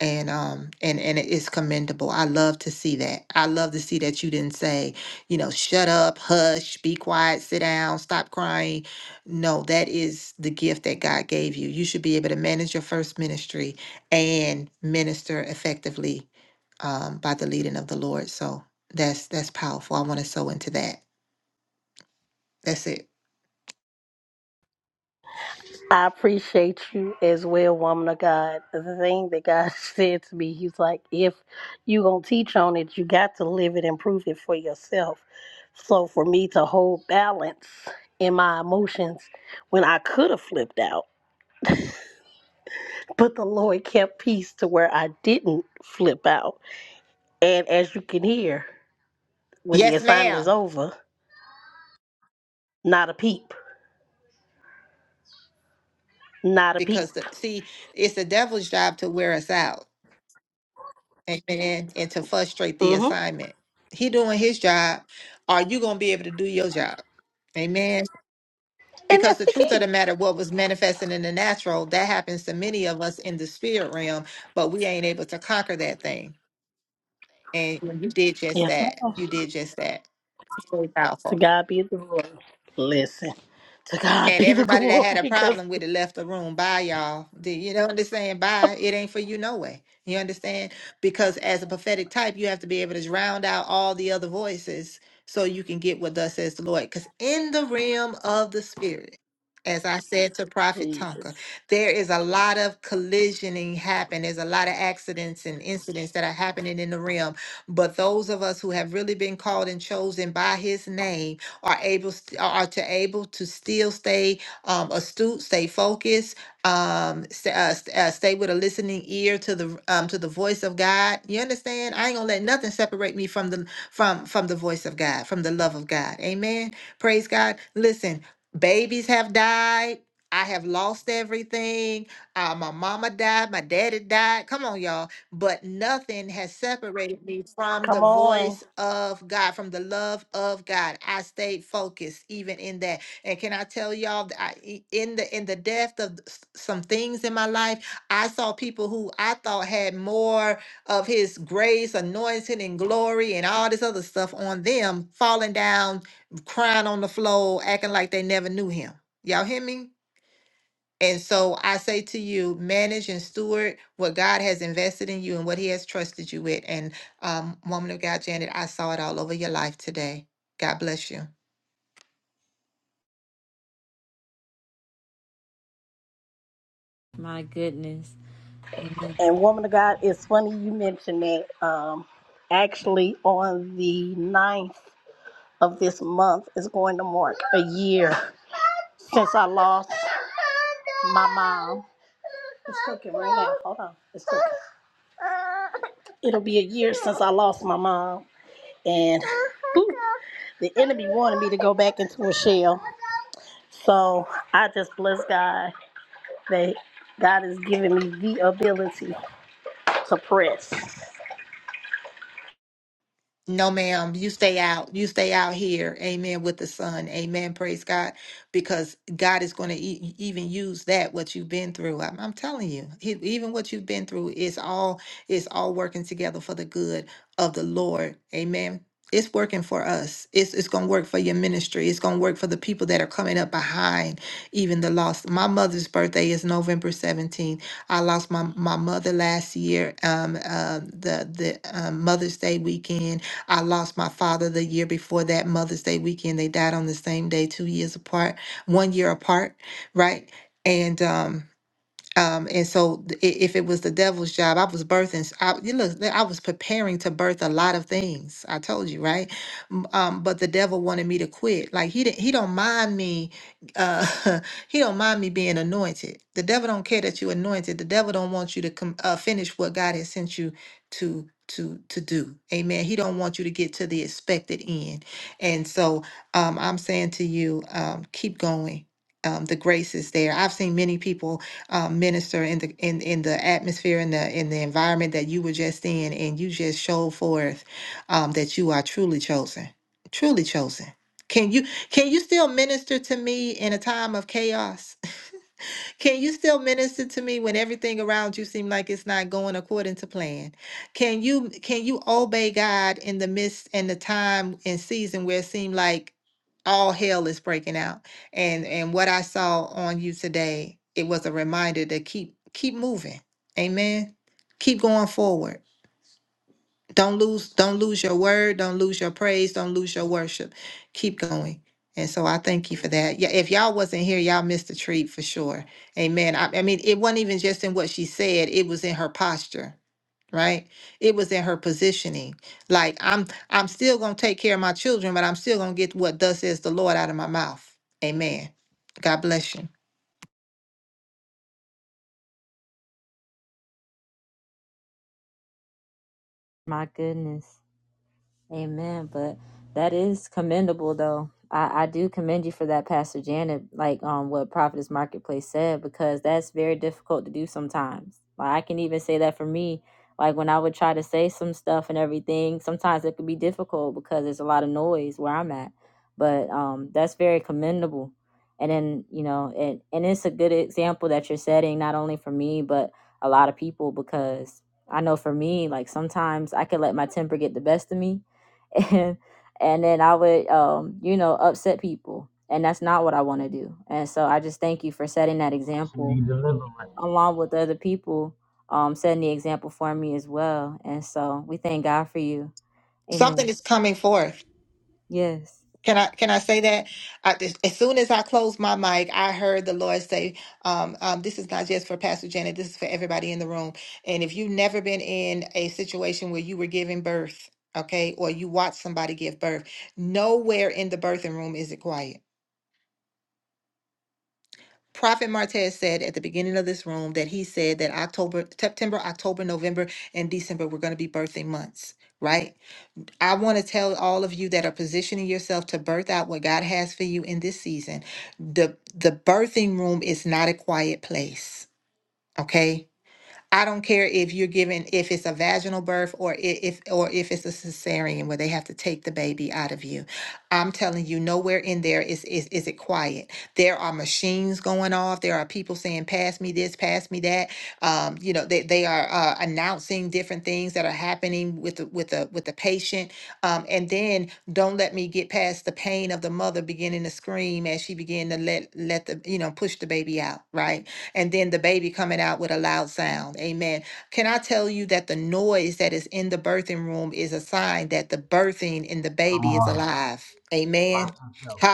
Speaker 6: and um and and it is commendable i love to see that i love to see that you didn't say you know shut up hush be quiet sit down stop crying no that is the gift that god gave you you should be able to manage your first ministry and minister effectively um, by the leading of the lord so that's that's powerful i want to sow into that that's it
Speaker 3: I appreciate you as well, woman of God. The thing that God said to me, He's like, if you gonna teach on it, you got to live it and prove it for yourself. So for me to hold balance in my emotions when I could have flipped out. But the Lord kept peace to where I didn't flip out. And as you can hear, when the
Speaker 6: yes
Speaker 3: assignment is
Speaker 6: ma'am
Speaker 3: over, not a peep, not a peep.
Speaker 6: because the, see it's the devil's job to wear us out Amen. And to frustrate the
Speaker 3: hmm
Speaker 6: assignment. He doing his job. Are you going to be able to do your job? Amen.
Speaker 3: And
Speaker 6: Because
Speaker 3: that's
Speaker 6: the
Speaker 3: the
Speaker 6: truth of
Speaker 3: key.
Speaker 6: the matter, what was manifesting in the natural, that happens to many of us in the spirit realm, but we ain't able to conquer that thing. And you did just
Speaker 3: Yes,
Speaker 6: that.
Speaker 3: ma'am.
Speaker 6: You did just that. It's very powerful.
Speaker 3: To God be the glory. Listen, to God
Speaker 6: And
Speaker 3: be the
Speaker 6: everybody that had
Speaker 3: glory
Speaker 6: a
Speaker 3: because
Speaker 6: problem with it left the room. Bye, y'all. Do you know what I'm saying? Bye. It ain't for you no way. You understand? Because as a prophetic type, you have to be able to round out all the other voices so you can get what thus says the Lord. Because in the realm of the spirit, as I said to Prophet Tonka,
Speaker 3: Jesus.
Speaker 6: there is a lot of collisioning happen. There's a lot of accidents and incidents that are happening in the realm. But those of us who have really been called and chosen by his name are able st- are to able to still stay um, astute, stay focused, um, stay, uh, st- uh, stay with a listening ear to the um, to the voice of God. You understand? I ain't gonna let nothing separate me from the from from the voice of God, from the love of God. Amen. Praise God. Listen, babies have died. I have lost everything. Uh, my mama died. My daddy died. Come on, y'all but nothing has separated me from the
Speaker 3: Come on.
Speaker 6: voice of God, from the love of God. I stayed focused even in that. And can I tell y'all that I, e- in the in the depth of s- some things in my life, I saw people who I thought had more of his grace, anointing, and glory and all this other stuff on them falling down, crying on the floor, acting like they never knew him. Y'all hear me? And so I say to you, manage and steward what God has invested in you and what He has trusted you with. And um, woman of God, Janet, I saw it all over your life today. God bless you.
Speaker 2: My goodness. Amen.
Speaker 3: And woman of God, it's funny you mentioned that. Um, actually, on the ninth of this month is going to mark a year since I lost my mom. It's cooking right now. Hold on. It's cooking. It'll be a year since I lost my mom. And whew, the enemy wanted me to go back into a shell. So I just bless God that God has given me the ability to press.
Speaker 6: No, ma'am, you stay out. You stay out here. Amen. With the sun. Amen. Praise God. Because God is going to e- even use that, what you've been through. I'm, I'm telling you, he, even what you've been through is all, is all working together for the good of the Lord. Amen. It's working for us. It's, it's going to work for your ministry. It's going to work for the people that are coming up behind, even the lost. My mother's birthday is November 17th. I lost my, my mother last year, um, uh, the, the um, Mother's Day weekend I lost my father the year before that Mother's Day weekend. They died on the same day, two years apart, one year apart, right? And um um, and so th- i- if it was the devil's job, I was birthing, s- I, you look, I was preparing to birth a lot of things. I told you, right? M- Um, but the devil wanted me to quit. Like he didn't, he don't mind me, uh, he don't mind me being anointed. The devil don't care that you anointed. The devil don't want you to com- uh, finish what God has sent you to, to, to do. Amen. He don't want you to get to the expected end. And so, um, I'm saying to you, um, keep going. Um, the grace is there. I've seen many people uh, minister in the in in the atmosphere in the in the environment that you were just in, and you just showed forth um, that you are truly chosen, truly chosen. Can you can you still minister to me in a time of chaos? Can you still minister to me when everything around you seems like it's not going according to plan? Can you can you obey God in the midst and the time and season where it seemed like all hell is breaking out? And and what I saw on you today, it was a reminder to keep keep moving. Amen. Keep going forward don't lose, don't lose your word, don't lose your praise, don't lose your worship. Keep going. And so I thank you for that. Yeah, if y'all wasn't here, y'all missed a treat for sure. Amen. I, I mean, it wasn't even just in what she said, it was in her posture, right? It was in her positioning. Like I'm I'm still gonna take care of my children, but I'm still gonna get what thus says the Lord out of my mouth. Amen. God bless you.
Speaker 2: My goodness. Amen. But that is commendable though. I, I do commend you for that, Pastor Janet, like um what Prophetess Marketplace said, because that's very difficult to do sometimes. Like I can even say that for me. Like when I would try to say some stuff and everything, sometimes it could be difficult because there's a lot of noise where I'm at. But um that's very commendable. And then, you know, and, and it's a good example that you're setting, not only for me, but a lot of people because I know for me, like sometimes I could let my temper get the best of me and and then I would um you know upset people and that's not what I want to do and so I just thank you for setting that example along with other people um setting the example for me as well and so we thank God for you
Speaker 6: Something
Speaker 2: amen
Speaker 6: is coming forth.
Speaker 2: yes
Speaker 6: Can I can I say that? I, as as soon as I closed my mic, I heard the Lord say, um, um, "This is not just for Pastor Janet. This is for everybody in the room. And if you've never been in a situation where you were giving birth, okay, or you watched somebody give birth, nowhere in the birthing room is it quiet." Prophet Martez said at the beginning of this room that he said that October, September, October, November, and December were going to be birthing months, right? I want to tell all of you that are positioning yourself to birth out what God has for you in this season. The the birthing room is not a quiet place. Okay? I don't care if you're given if it's a vaginal birth or i- if or if it's a cesarean where they have to take the baby out of you. I'm telling you, nowhere in there is is is it quiet. There are machines going off. There are people saying, "Pass me this, pass me that." Um, you know, they they are uh, announcing different things that are happening with the with the with the patient. Um, and then don't let me get past the pain of the mother beginning to scream as she began to let let the you know push the baby out. Right and then the baby coming out with a loud sound. Amen. Can I tell you that the noise that is in the birthing room is a sign that the birthing in the baby is alive? Amen.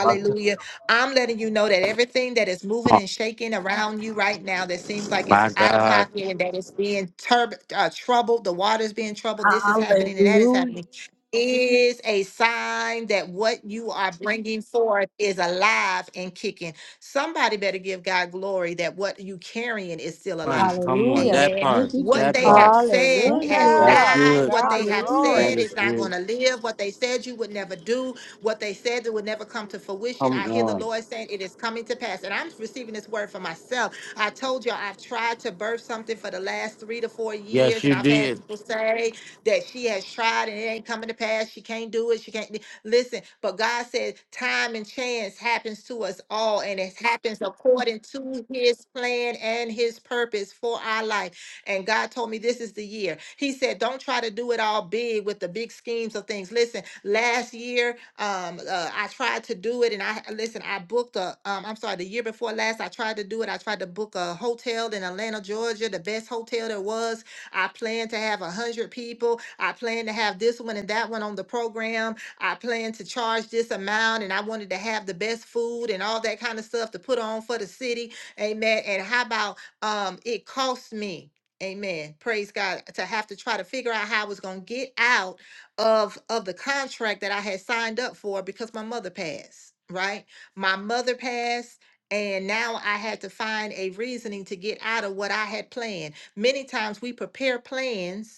Speaker 1: Watch it.
Speaker 6: I'm letting you know that everything that is moving and shaking around you right now that seems like it's
Speaker 1: My
Speaker 6: out of
Speaker 1: God.
Speaker 6: pocket and that it's being turb- uh, troubled, the water's being troubled, this is happening and that is
Speaker 3: Hallelujah.
Speaker 6: happening, is a sign that what you are bringing forth is alive and kicking. Somebody better give God glory that what you carrying is still
Speaker 1: Come on,
Speaker 6: alive.
Speaker 1: come on.
Speaker 2: hallelujah
Speaker 1: That
Speaker 6: Amen.
Speaker 2: thank
Speaker 1: part.
Speaker 2: you
Speaker 6: What
Speaker 1: That
Speaker 6: they
Speaker 2: Jesus
Speaker 1: part.
Speaker 6: have said
Speaker 2: thank you
Speaker 6: has
Speaker 1: That's
Speaker 2: Lord
Speaker 7: Hallelujah.
Speaker 6: died.
Speaker 1: good.
Speaker 6: What
Speaker 7: God be
Speaker 6: they
Speaker 7: the
Speaker 6: have
Speaker 2: hallelujah
Speaker 7: glory.
Speaker 1: That
Speaker 6: said
Speaker 1: is
Speaker 6: is not going
Speaker 1: good.
Speaker 6: to live. What they said you would never do. What they said that would never come to fruition.
Speaker 1: Come
Speaker 6: I hear the
Speaker 1: on.
Speaker 6: Lord saying it is coming to pass. And I'm receiving this word for myself. I told you I've tried to birth something for the last three to four
Speaker 1: Yes,
Speaker 6: years. And
Speaker 1: you
Speaker 6: I've had
Speaker 1: did.
Speaker 6: people say, that she has tried and it ain't coming to pass. She can't do it. She can't. Listen, but God said time and chance happens to us all, and it happens according to his plan and his purpose for our life. And God told me this is the year. He said, Don't try to do it all big with the big schemes of things. Listen, last year, um, uh, I tried to do it and I listen, I booked a um, I'm sorry, the year before last, I tried to do it. I tried to book a hotel in Atlanta, Georgia, the best hotel there was. I planned to have a hundred people. I planned to have this one and that one on the program I planned to charge this amount and I wanted to have the best food and all that kind of stuff to put on for the city. Amen. And how about um it cost me, amen. Praise God to have to try to figure out how I was gonna get out of of the contract that I had signed up for because my mother passed, right? My mother passed. And now I had to find a reasoning to get out of what I had planned. Many times we prepare plans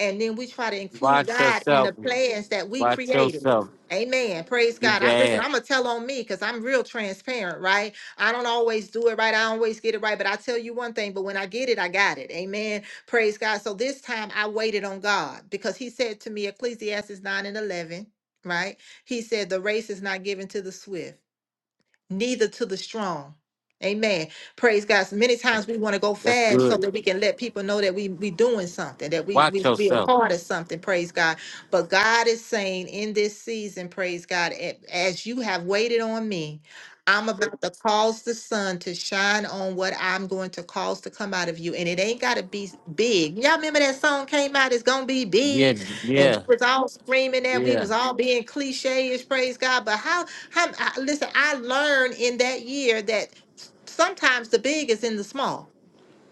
Speaker 6: and then we try to include
Speaker 1: Watch
Speaker 6: God in
Speaker 1: yourself.
Speaker 6: the plans that we
Speaker 1: Watch
Speaker 6: created.
Speaker 1: yourself.
Speaker 6: Amen. Praise
Speaker 1: You
Speaker 6: God. I, listen,
Speaker 1: bad.
Speaker 6: I'm gonna tell on me because I'm real transparent, right? I don't always do it right. I don't always get it right, but I tell you one thing. But when I get it, I got it. Amen. Praise God. So this time I waited on God because He said to me, Ecclesiastes nine and eleven, right? He said the race is not given to the swift neither to the strong. Amen. Praise God. So many times we want to go
Speaker 1: That's
Speaker 6: fast so
Speaker 1: good.
Speaker 6: that we can let people know that we we doing something, that we we
Speaker 1: Watch
Speaker 6: we a
Speaker 1: yourself.
Speaker 6: part of something. Praise God. But God is saying in this season, praise God, a- as you have waited on me, I'm about to cause the sun to shine on what I'm going to cause to come out of you, and it ain't gotta be s- big. Y'all remember that song came out? It's gonna be
Speaker 1: Yeah,
Speaker 6: big, and
Speaker 1: yeah,
Speaker 6: we was all screaming that we
Speaker 1: yeah.
Speaker 6: was all being cliche-ish. Praise God. But how? How, I, listen, I learned in that year that sometimes the big is in the small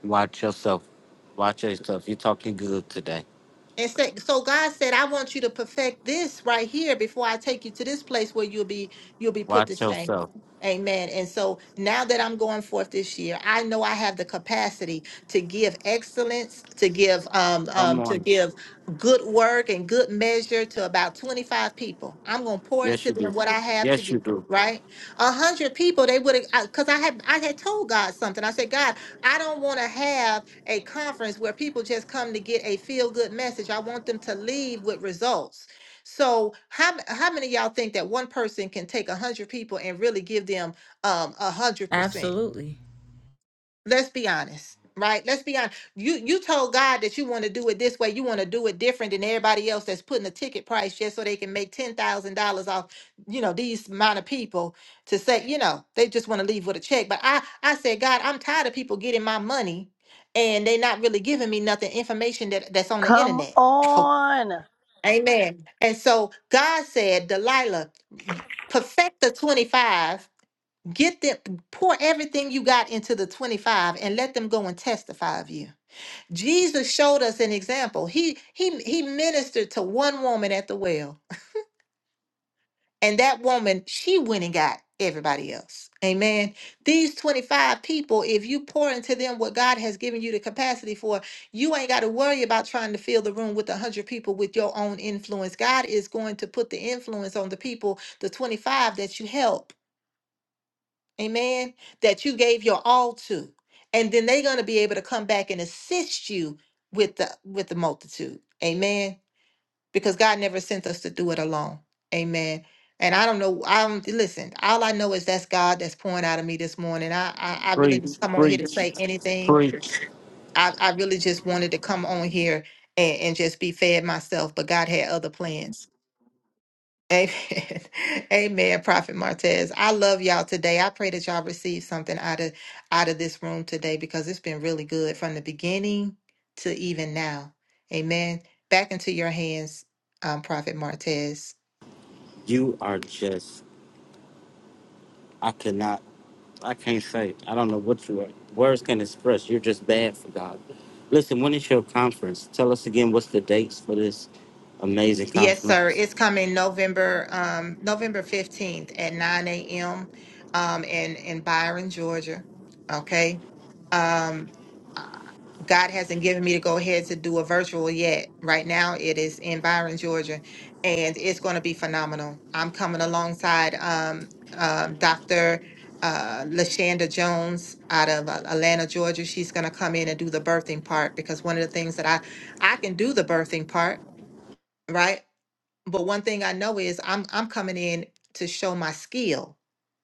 Speaker 1: Watch yourself. Watch yourself. You're talking good today.
Speaker 6: And say, so God said, I want you to perfect this right here before I take you to this place where you'll be you'll be put to
Speaker 1: Watch
Speaker 6: shame.
Speaker 1: yourself.
Speaker 6: Amen. And so now that I'm going forth this year, I know I have the capacity to give excellence, to give um,
Speaker 1: Come
Speaker 6: um to
Speaker 1: on.
Speaker 6: give good work and good measure to about 25 people. I'm gonna pour
Speaker 1: Yes,
Speaker 6: into
Speaker 1: you
Speaker 6: them
Speaker 1: do.
Speaker 6: what I have to
Speaker 1: Yes, you
Speaker 6: give,
Speaker 1: do.
Speaker 6: right? A hundred people, they would have because I, 'cause I had I had told God something. I said, God, I don't want to have a conference where people just come to get a feel good message. I want them to leave with results. So, how how many of y'all think that one person can take a hundred people and really give them um a hundred percent?
Speaker 2: absolutely
Speaker 6: let's be honest right let's be honest you you told god that you want to do it this way you want to do it different than everybody else that's putting a ticket price just so they can make $10000 off you know these amount of people to say you know they just want to leave with a check but i i said god i'm tired of people getting my money and they not really giving me nothing information that that's on the
Speaker 3: Come
Speaker 6: internet
Speaker 3: on.
Speaker 6: amen and so god said delilah perfect the 25 Get them. pour everything you got into the 25 and let them go and testify of you. Jesus showed us an example. He he he ministered to one woman at the well, and that woman, she went and got everybody else. Amen. These 25 people, if you pour into them what God has given you the capacity for, you ain't got to worry about trying to fill the room with 100 people with your own influence. God is going to put the influence on the people, the 25 that you help. amen, that you gave your all to. And then they're going to be able to come back and assist you with the with the multitude. Amen. Because God never sent us to do it alone. Amen. And I don't know. I don't listen. All I know is that's God that's pouring out of me this morning. I I, I really
Speaker 1: Preach,
Speaker 6: didn't come on here to
Speaker 1: preach,
Speaker 6: say anything.
Speaker 1: preach.
Speaker 6: I, I really just wanted to come on here and, and just be fed myself. But God had other plans. Amen. Amen, Prophet Martez. I love y'all today. I pray that y'all receive something out of out of this room today because it's been really good from the beginning to even now. Amen. Back into your hands, um, Prophet Martez.
Speaker 1: You are just I could not. I can't say. I don't know what you are. Words can express. You're just bad for God. Listen, when is your conference? Tell us again what's the dates for this amazing
Speaker 6: Yes, sir.
Speaker 1: conference.
Speaker 6: It's coming November, um, November 15th at 9 a.m. Um, in, in Byron, Georgia. Okay. Um, uh, God hasn't given me to go ahead to do a virtual yet. Right now, it is in Byron, Georgia, and it's going to be phenomenal. I'm coming alongside um, um, Dr. Uh, Lashanda Jones out of uh, Atlanta, Georgia. She's going to come in and do the birthing part because one of the things that I I can do the birthing part, right? But one thing I know is I'm I'm coming in to show my skill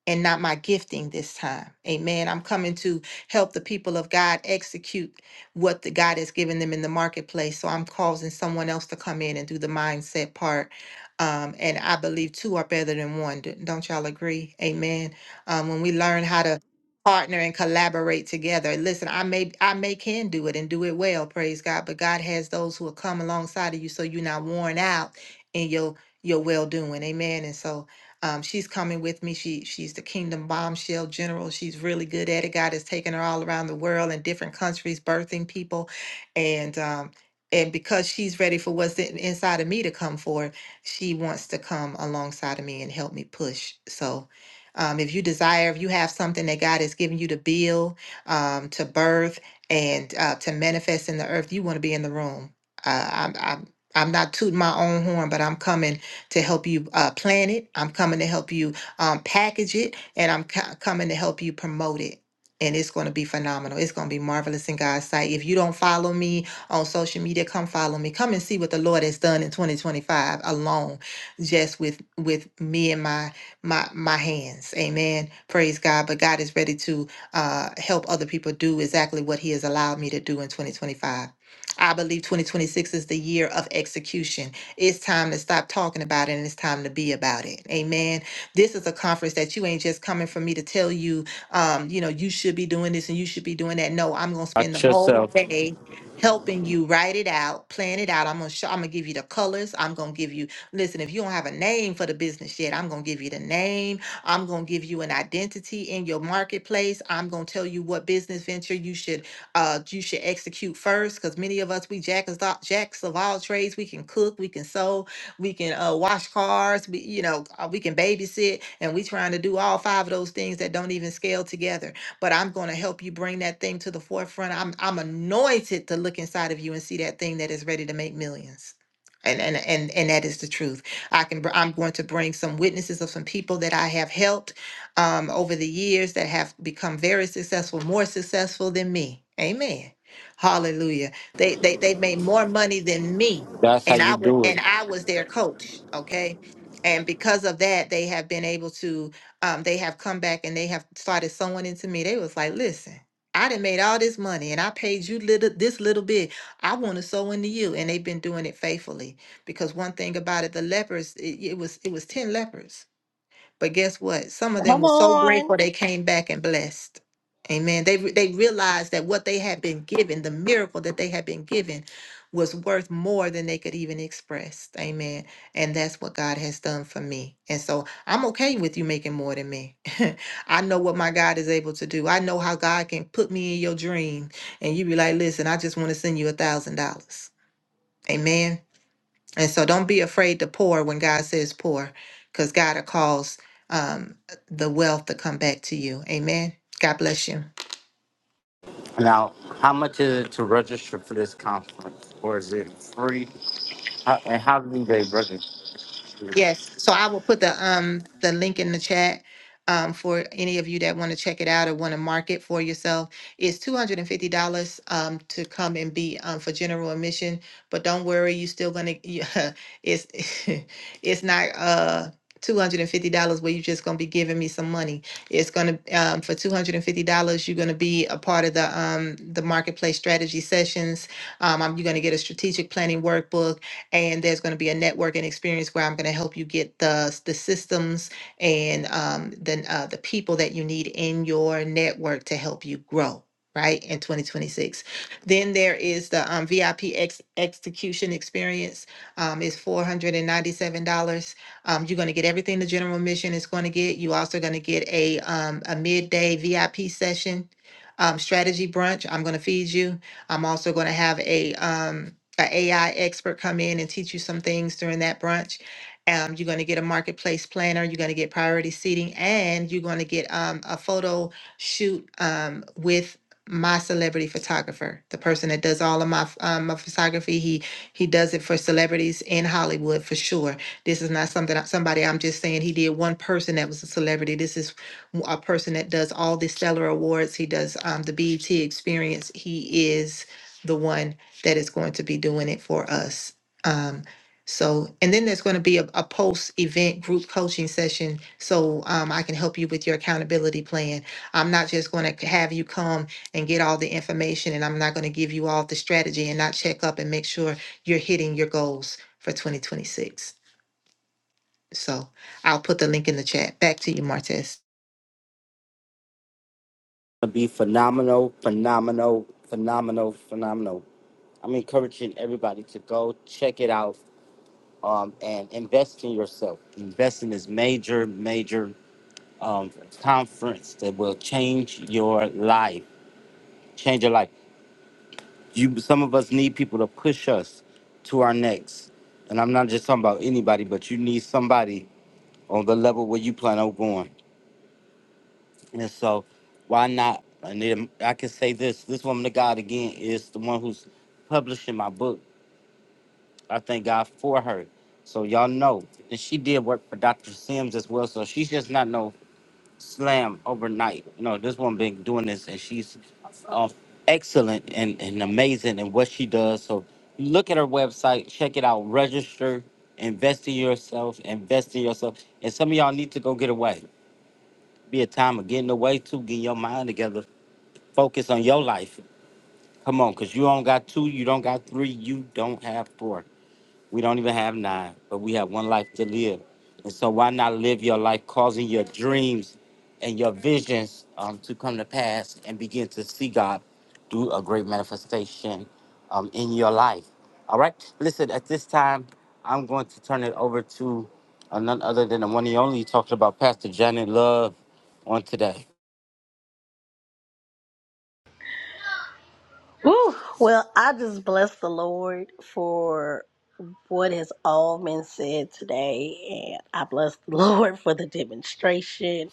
Speaker 6: and not my gifting this time. Amen. I'm coming to help the people of God execute what the God has given them in the marketplace. So I'm causing someone else to come in and do the mindset part. Um, and I believe two are better than one. D- Don't y'all agree? Amen. Um, when we learn how to partner and collaborate together. Listen, I may I may can do it and do it well, praise God, but God has those who will come alongside of you so you're not worn out in your your well doing. Amen. And so um, she's coming with me. She she's the Kingdom Bombshell General. She's really good at it. God has taken her all around the world in different countries, birthing people, and um, and because she's ready for what's in, inside of me to come forward, she wants to come alongside of me and help me push. So. Um, if you desire, if you have something that God has given you to build, um, to birth, and uh, to manifest in the earth, you want to be in the room. Uh, I'm, I'm I'm not tooting my own horn, but I'm coming to help you uh, plan it. I'm coming to help you um, package it, and I'm co- coming to help you promote it. And it's going to be phenomenal. It's going to be marvelous in God's sight. If you don't follow me on social media, come follow me. Come and see what the Lord has done in 2025 alone, just with with me and my my my hands. Amen. Praise God. But God is ready to uh, help other people do exactly what He has allowed me to do in 2025. I believe 2026 is the year of execution. It's time to stop talking about it and it's time to be about it. Amen. This is a conference that you ain't just coming for me to tell you, um, you know, you should be doing this and you should be doing that. No, I'm gonna spend the
Speaker 1: Watch
Speaker 6: whole
Speaker 1: yourself.
Speaker 6: day helping you write it out, plan it out. I'm gonna show, I'm gonna give you the colors. I'm gonna give you listen, if you don't have a name for the business yet, I'm gonna give you the name. I'm gonna give you an identity in your marketplace. I'm gonna tell you what business venture you should uh, you should execute first because many of us, we jack is all, jacks of all trades. We can cook, we can sew, we can uh, wash cars, we, you know, uh, we can babysit, and we trying to do all five of those things that don't even scale together. But I'm going to help you bring that thing to the forefront. I'm, I'm anointed to look inside of you and see that thing that is ready to make millions. And, and and and that is the truth. I can br- I'm going to bring some witnesses of some people that I have helped um, over the years that have become very successful, more successful than me. Amen. Hallelujah. They they they've made more money than me,
Speaker 1: That's how
Speaker 6: and I
Speaker 1: you
Speaker 6: was
Speaker 1: do
Speaker 6: and
Speaker 1: it.
Speaker 6: I was their coach. Okay. And because of that, they have been able to, um, they have come back and they have started sowing into me. They was like, listen, I done made all this money and I paid you little this little bit. I want to sow into you. And they've been doing it faithfully. Because one thing about it, the lepers, it, it was it was 10 lepers but guess what? Some of them
Speaker 3: Come
Speaker 6: were so
Speaker 3: on.
Speaker 6: grateful they came back and blessed. Amen. They re- they realized that what they had been given, the miracle that they had been given, was worth more than they could even express. Amen. And that's what God has done for me. And so I'm okay with you making more than me. I know what my God is able to do. I know how God can put me in your dream, and you be like, "Listen, I just want to send you a thousand dollars." Amen. And so don't be afraid to pour when God says pour, because God will cause um, the wealth to come back to you. Amen. God bless you.
Speaker 1: Now, how much is it to register for this conference? Or is it free? How, and how do they register? It'll
Speaker 6: Yes, so I will put the um the link in the chat um for any of you that want to check it out or want to mark it for yourself. It's two hundred and fifty dollars um to come and be um for general admission, but don't worry, you still gonna you, it's it's not uh. Two hundred and fifty dollars, where you're just gonna be giving me some money. It's gonna um, for two hundred and fifty dollars, you're gonna be a part of the um, the marketplace strategy sessions. Um, I'm- you're gonna get a strategic planning workbook and there's going to be a networking experience where I'm going to help you get the the systems and um, then uh, the people that you need in your network to help you grow. Right in 2026, then there is the um, VIP ex- execution experience. Um, it's four hundred and ninety-seven dollars. Um, you're going to get everything the general mission is going to get. You also going to get a um, a midday VIP session, um, strategy brunch. I'm going to feed you. I'm also going to have a um, an AI expert come in and teach you some things during that brunch. Um, you're going to get a marketplace planner. You're going to get priority seating, and you're going to get um, a photo shoot um, with my celebrity photographer, the person that does all of my f- um, my photography. He he does it for celebrities in Hollywood for sure. This is not something I- somebody I'm just saying he did one person that was a celebrity. This is w- a person that does all the Stellar Awards. He does um, the BET Experience. He is the one that is going to be doing it for us. Um, so, and then there's going to be a, a post event group coaching session so um, I can help you with your accountability plan. I'm not just going to have you come and get all the information and I'm not going to give you all the strategy and not check up and make sure you're hitting your goals for 2026. So, I'll put the link in the chat. Back to you, Martez.
Speaker 1: be phenomenal, phenomenal, phenomenal, phenomenal. I'm encouraging everybody to go check it out. um, and invest in yourself. Invest in this major, major um, conference that will change your life. Change your life. You, some of us need people to push us to our next. And I'm not just talking about anybody, but you need somebody on the level where you plan on going. And so, why not? And then I can say this: this woman of God again is the one who's publishing my book. I thank God for her. So y'all know, and she did work for Dr. Sims as well. So she's just not no slam overnight. You know, this woman been doing this and she's uh, excellent and, and amazing in what she does. So look at her website, check it out, register, invest in yourself, invest in yourself. And some of y'all need to go get away. Be a time of getting away too, getting your mind together. Focus on your life. Come on, because you don't got two, you don't got three, you don't have four. We don't even have nine, but we have one life to live. And so why not live your life causing your dreams and your visions um, to come to pass and begin to see God do a great manifestation um, in your life? All right. Listen, at this time, I'm going to turn it over to uh, none other than the one and only talking about Pastor Janet Love on today.
Speaker 3: Whew. Well, I just bless the Lord for what has all been said today, and I bless the Lord for the demonstration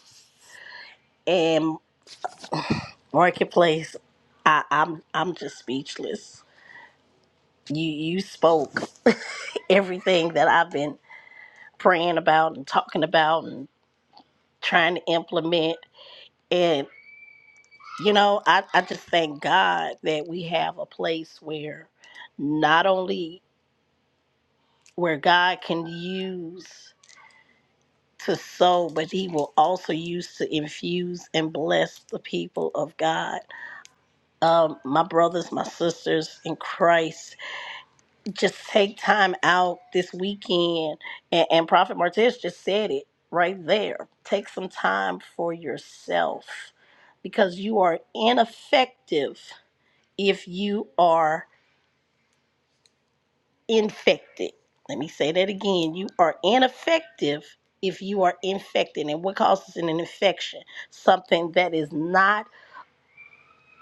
Speaker 3: and marketplace. I, I'm I'm just speechless. You you spoke everything that I've been praying about and talking about and trying to implement. And you know, I, I just thank God that we have a place where not only where God can use to sow, but he will also use to infuse and bless the people of God. Um, my brothers, my sisters in Christ, just take time out this weekend. And, and Prophet Martez just said it right there. Take some time for yourself because you are ineffective if you are. infected. Let me say that again. You are ineffective if you are infected. And what causes an infection? Something that is not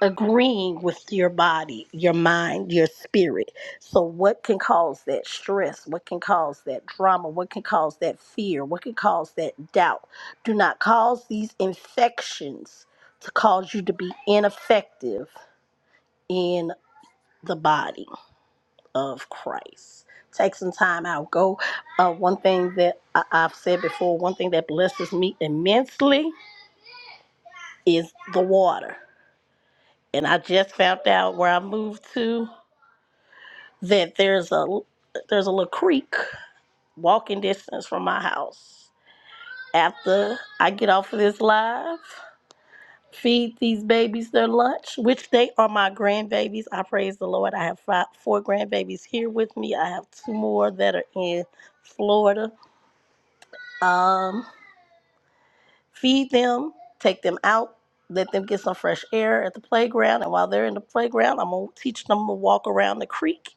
Speaker 3: agreeing with your body, your mind, your spirit. So, what can cause that stress? What can cause that drama? What can cause that fear? What can cause that doubt? Do not cause these infections to cause you to be ineffective in the body of Christ. Take some time out. Go. Uh, one thing that I- I've said before, one thing that blesses me immensely is the water. And I just found out where I moved to that there's a there's a little creek walking distance from my house. After I get off of this live, feed these babies their lunch, which they are my grandbabies. I praise the Lord. I have five, four grandbabies here with me. I have two more that are in Florida. Um, feed them, take them out, let them get some fresh air at the playground. And while they're in the playground, I'm going to teach them to walk around the creek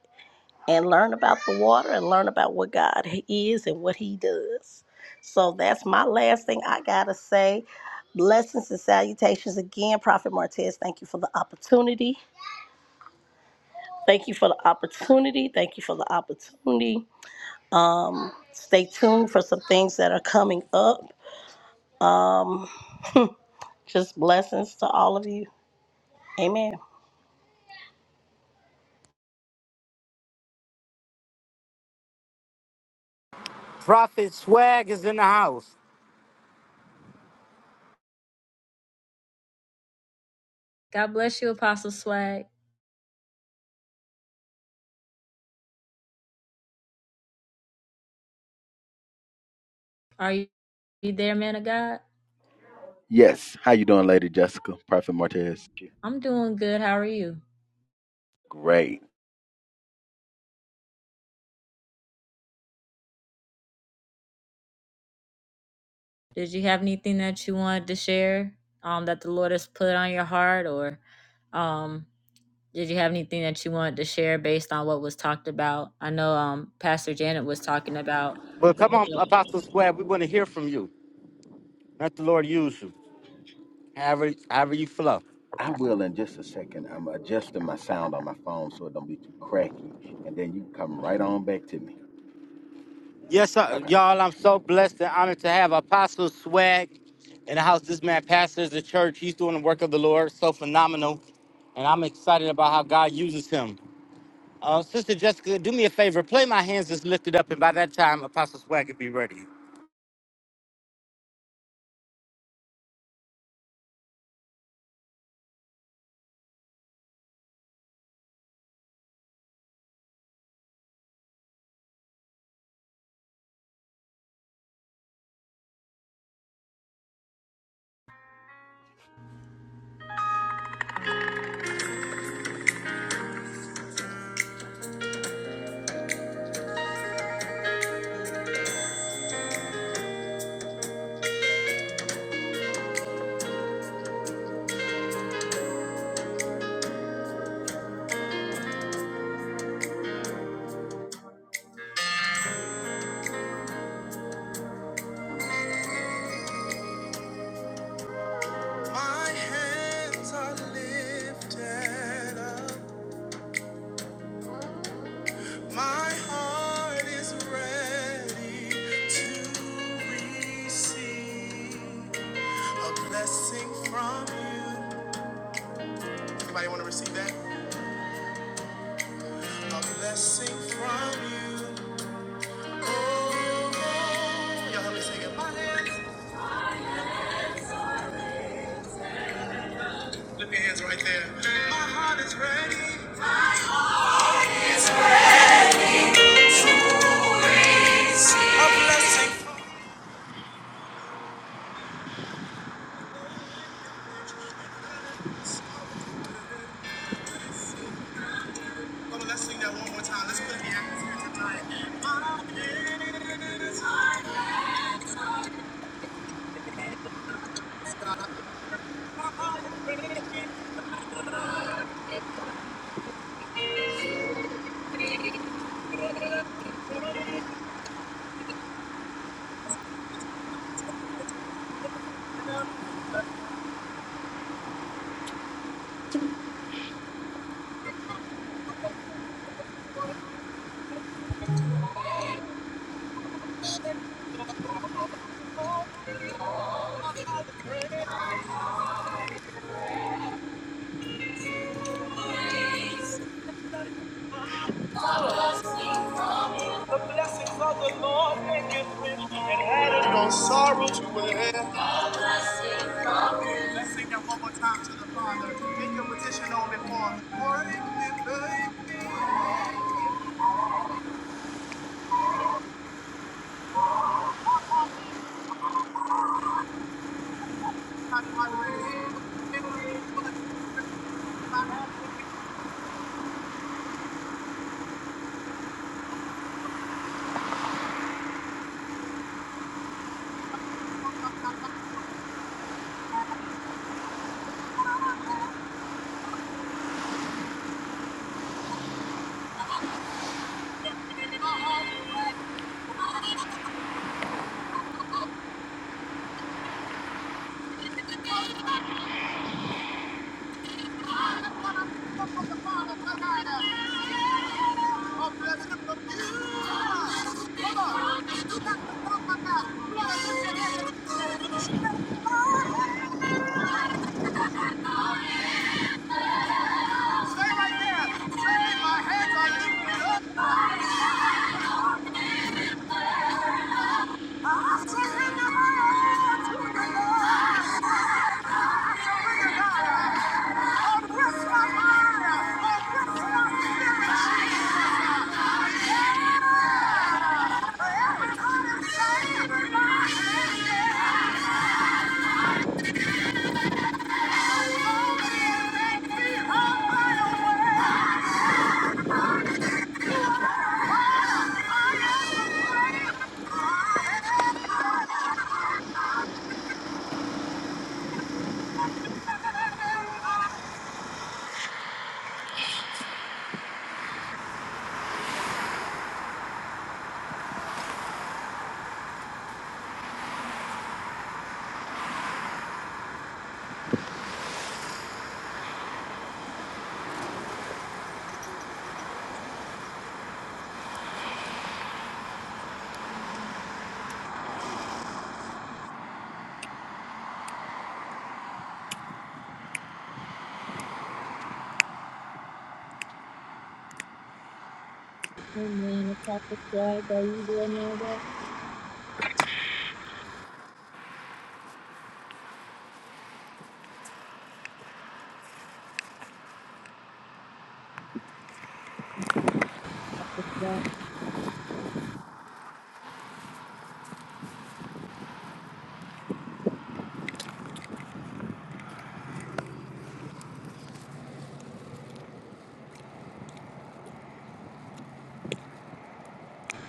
Speaker 3: and learn about the water and learn about what God is and what He does. So that's my last thing I got to say. Blessings and salutations again, Prophet Martez. Thank you for the opportunity. Thank you for the opportunity. Thank you for the opportunity. Um, stay tuned for some things that are coming up. Um, Just blessings to all of you. Amen.
Speaker 1: Prophet Swag is in the house.
Speaker 2: God bless you Apostle Swag are you, you there man of God
Speaker 9: Yes. How you doing, Lady Jessica? Prophet Martez.
Speaker 2: I'm doing good how are you
Speaker 9: Great.
Speaker 2: Did you have anything that you wanted to share um, that the Lord has put on your heart, or um, did you have anything that you wanted to share based on what was talked about? I know um, Pastor Janet was talking about
Speaker 1: Well,
Speaker 2: the
Speaker 1: come
Speaker 2: book
Speaker 1: on, Apostle Swag. We want to hear from you. Let the Lord use you. However, however you flow.
Speaker 9: I will in just a second. I'm adjusting my sound on my phone so it don't be too cracky, and then you come right on back to me.
Speaker 1: Yes, sir.
Speaker 9: Okay.
Speaker 1: y'all. I'm so blessed and honored to have Apostle Swag in the house. This man pastors the church. He's doing the work of the Lord. So phenomenal, and I'm excited about how God uses him. Uh, Sister Jessica, do me a favor. Play my hands is lifted up, and by that time, Apostle Swag will be ready.
Speaker 2: of The blessings of the Lord maketh rich and addeth. right there. Stay right Yeah! Amen. Squad, are you there, Mary?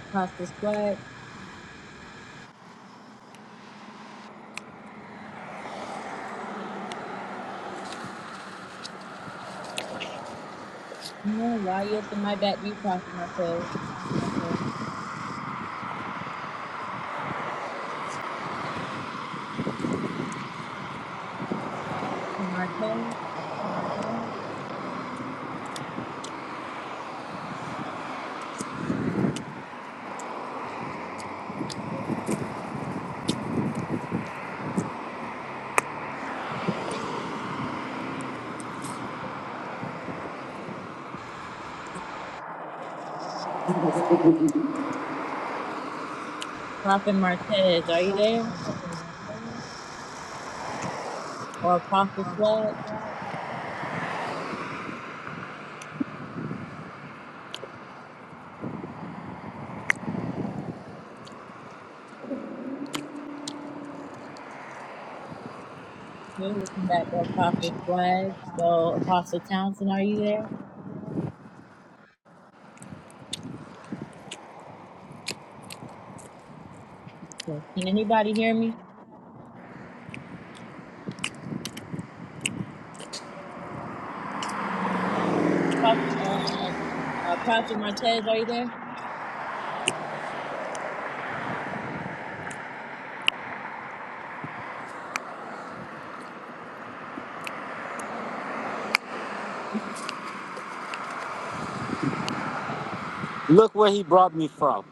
Speaker 2: Apostle Squad, no, why you up in my back? You, Prophet Martez, Prophet Martez, are you there? Or Apostle Squad? Okay, we back to Apostle Flag. So, Apostle Townsend, are you there? Okay. Can anybody hear me? Apostle, uh, uh, uh, Prophet Martez, are you there?
Speaker 1: Look where he brought me from.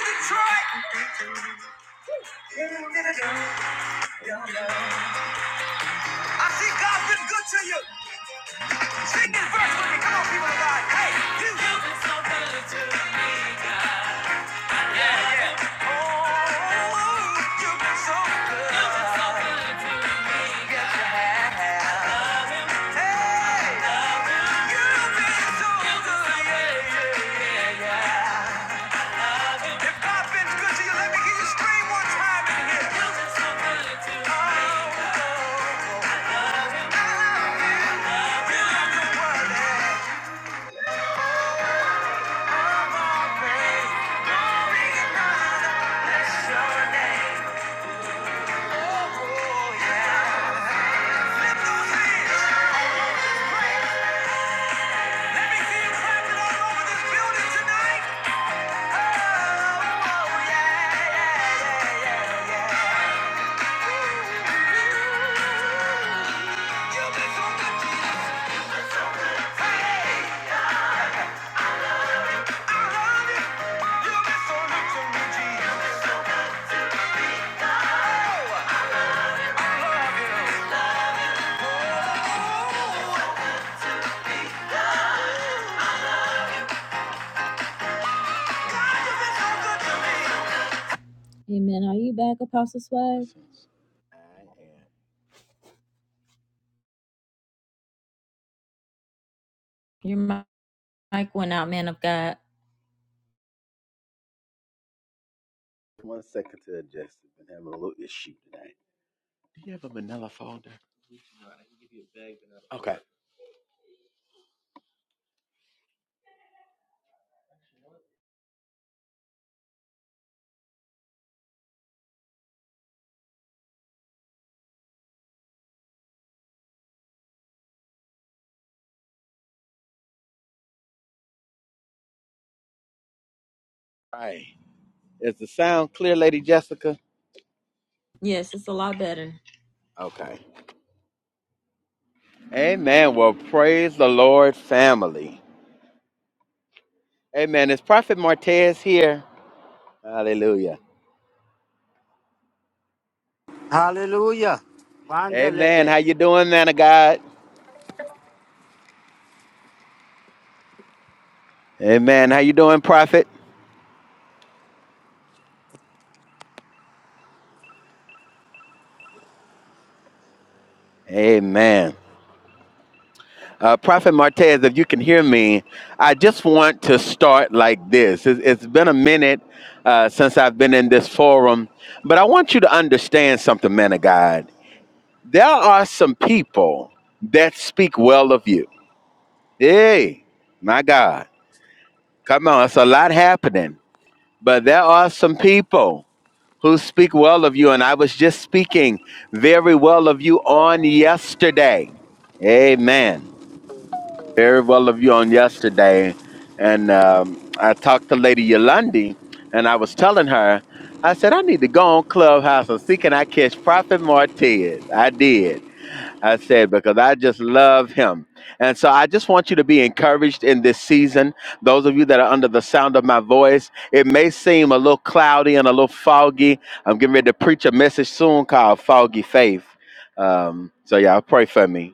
Speaker 2: Detroit! I see God's been good to you. Sing this verse with me. Come on, people of God. Hey, you. Oh, you've been so good. You've been so good. Yes, you have. Hey, you've been so good. Yeah, yeah. If God's been good to you, let me hear you scream one time in here. Amen. Are you back, Apostle Swag?
Speaker 9: Lessons. I am
Speaker 2: Your mic went out, man of God.
Speaker 9: one second to adjust. I've been having a little issue today. Do you have a Manila folder? Okay. All right. Is the sound clear, Lady Jessica?
Speaker 2: Yes, it's a lot better.
Speaker 9: Okay. Amen. Well, praise the Lord, family. Amen. Is Prophet Martez here? Hallelujah.
Speaker 1: Hallelujah.
Speaker 9: Amen. How you doing, man of God? Amen. How you doing, prophet? Amen. Uh, prophet Martez, if you can hear me, I just want to start like this. It's, it's been a minute uh, since I've been in this forum, but I want you to understand something, man of God. There are some people that speak well of you. Hey, my God. Come on, it's a lot happening, but there are some people who speak well of you. And I was just speaking very well of you on yesterday. Amen. Very well of you on yesterday. And um, I talked to Lady Yolandi and I was telling her, I said, I need to go on Clubhouse and see can I catch Prophet Martez. I did. I said, because I just love him. And so I just want you to be encouraged in this season. Those of you that are under the sound of my voice, it may seem a little cloudy and a little foggy. I'm getting ready to preach a message soon called Foggy Faith. Um, so, yeah, pray for me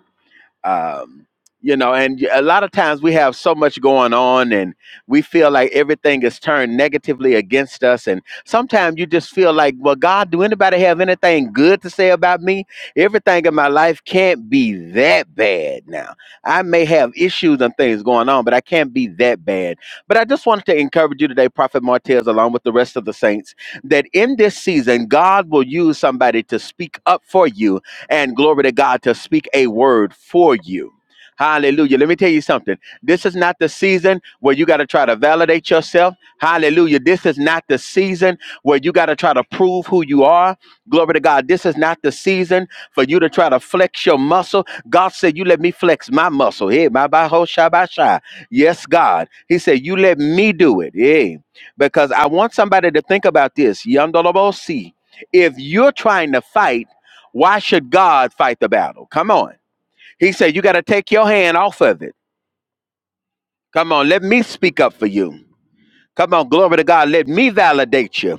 Speaker 9: um, you know and a lot of times we have so much going on and we feel like everything is turned negatively against us and sometimes you just feel like well god do anybody have anything good to say about me everything in my life can't be that bad now i may have issues and things going on but i can't be that bad but i just wanted to encourage you today prophet martez along with the rest of the saints that in this season god will use somebody to speak up for you and glory to God to speak a word for you. Hallelujah. Let me tell you something. This is not the season where you got to try to validate yourself. Hallelujah. This is not the season where you got to try to prove who you are. Glory to God. This is not the season for you to try to flex your muscle. God said, You let me flex my muscle. Hey, my baho shabasha. Yes, God. He said, You let me do it. Hey, because I want somebody to think about this. Yandolobosi. If you're trying to fight, why should God fight the battle? Come on. He said, You got to take your hand off of it. Come on, let me speak up for you. Come on, glory to God. Let me validate you.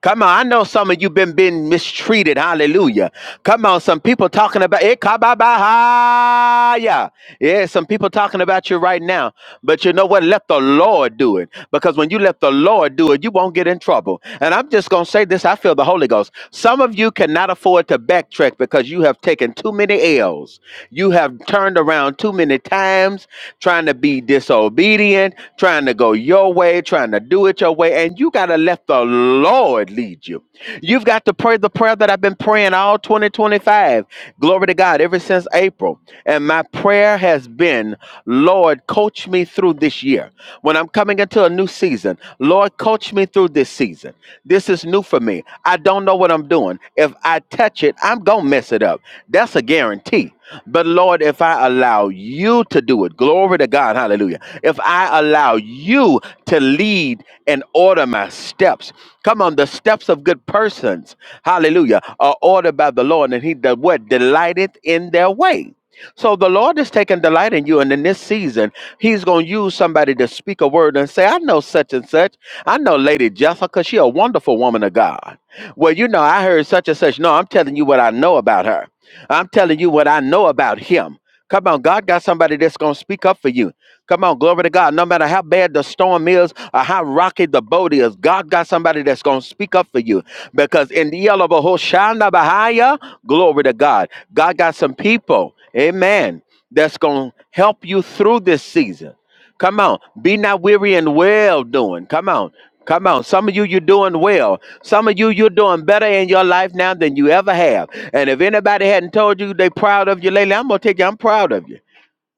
Speaker 9: Come on, I know some of you been being mistreated. Hallelujah. Come on, some people talking about it. kababahaya. Yeah, some people talking about you right now. But you know what? Let the Lord do it. Because when you let the Lord do it, you won't get in trouble. And I'm just gonna say this. I feel the Holy Ghost. Some of you cannot afford to backtrack because you have taken too many L's. You have turned around too many times, trying to be disobedient, trying to go your way, trying to do it your way way, and you got to let the Lord lead you. You've got to pray the prayer that I've been praying all 2025. Glory to God, ever since April. And my prayer has been, Lord, coach me through this year. When I'm coming into a new season, Lord, coach me through this season. This is new for me. I don't know what I'm doing. If I touch it, I'm going to mess it up. That's a guarantee. But Lord, if I allow you to do it, glory to God, hallelujah. If I allow you to lead and order my steps, come on, the steps of good persons, hallelujah, are ordered by the Lord, and he that what delighteth in their way. So the Lord is taking delight in you, and in this season, He's going to use somebody to speak a word and say, "I know such and such. I know Lady Jessica. She a wonderful woman of God. Well, you know, I heard such and such. No, I'm telling you what I know about her. I'm telling you what I know about him. Come on, God got somebody that's going to speak up for you. Come on, glory to God. No matter how bad the storm is or how rocky the boat is, God got somebody that's going to speak up for you. Because in the yellow of a Hoshana Bahaya, glory to God. God got some people, amen, that's going to help you through this season. Come on. Be not weary and well doing. Come on. Come on. Some of you, you're doing well. Some of you, you're doing better in your life now than you ever have. And if anybody hadn't told you they proud of you lately, I'm going to tell you, I'm proud of you.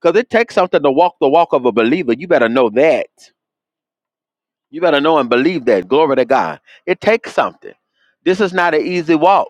Speaker 9: Because it takes something to walk the walk of a believer. You better know that. You better know and believe that. Glory to God. It takes something. This is not an easy walk.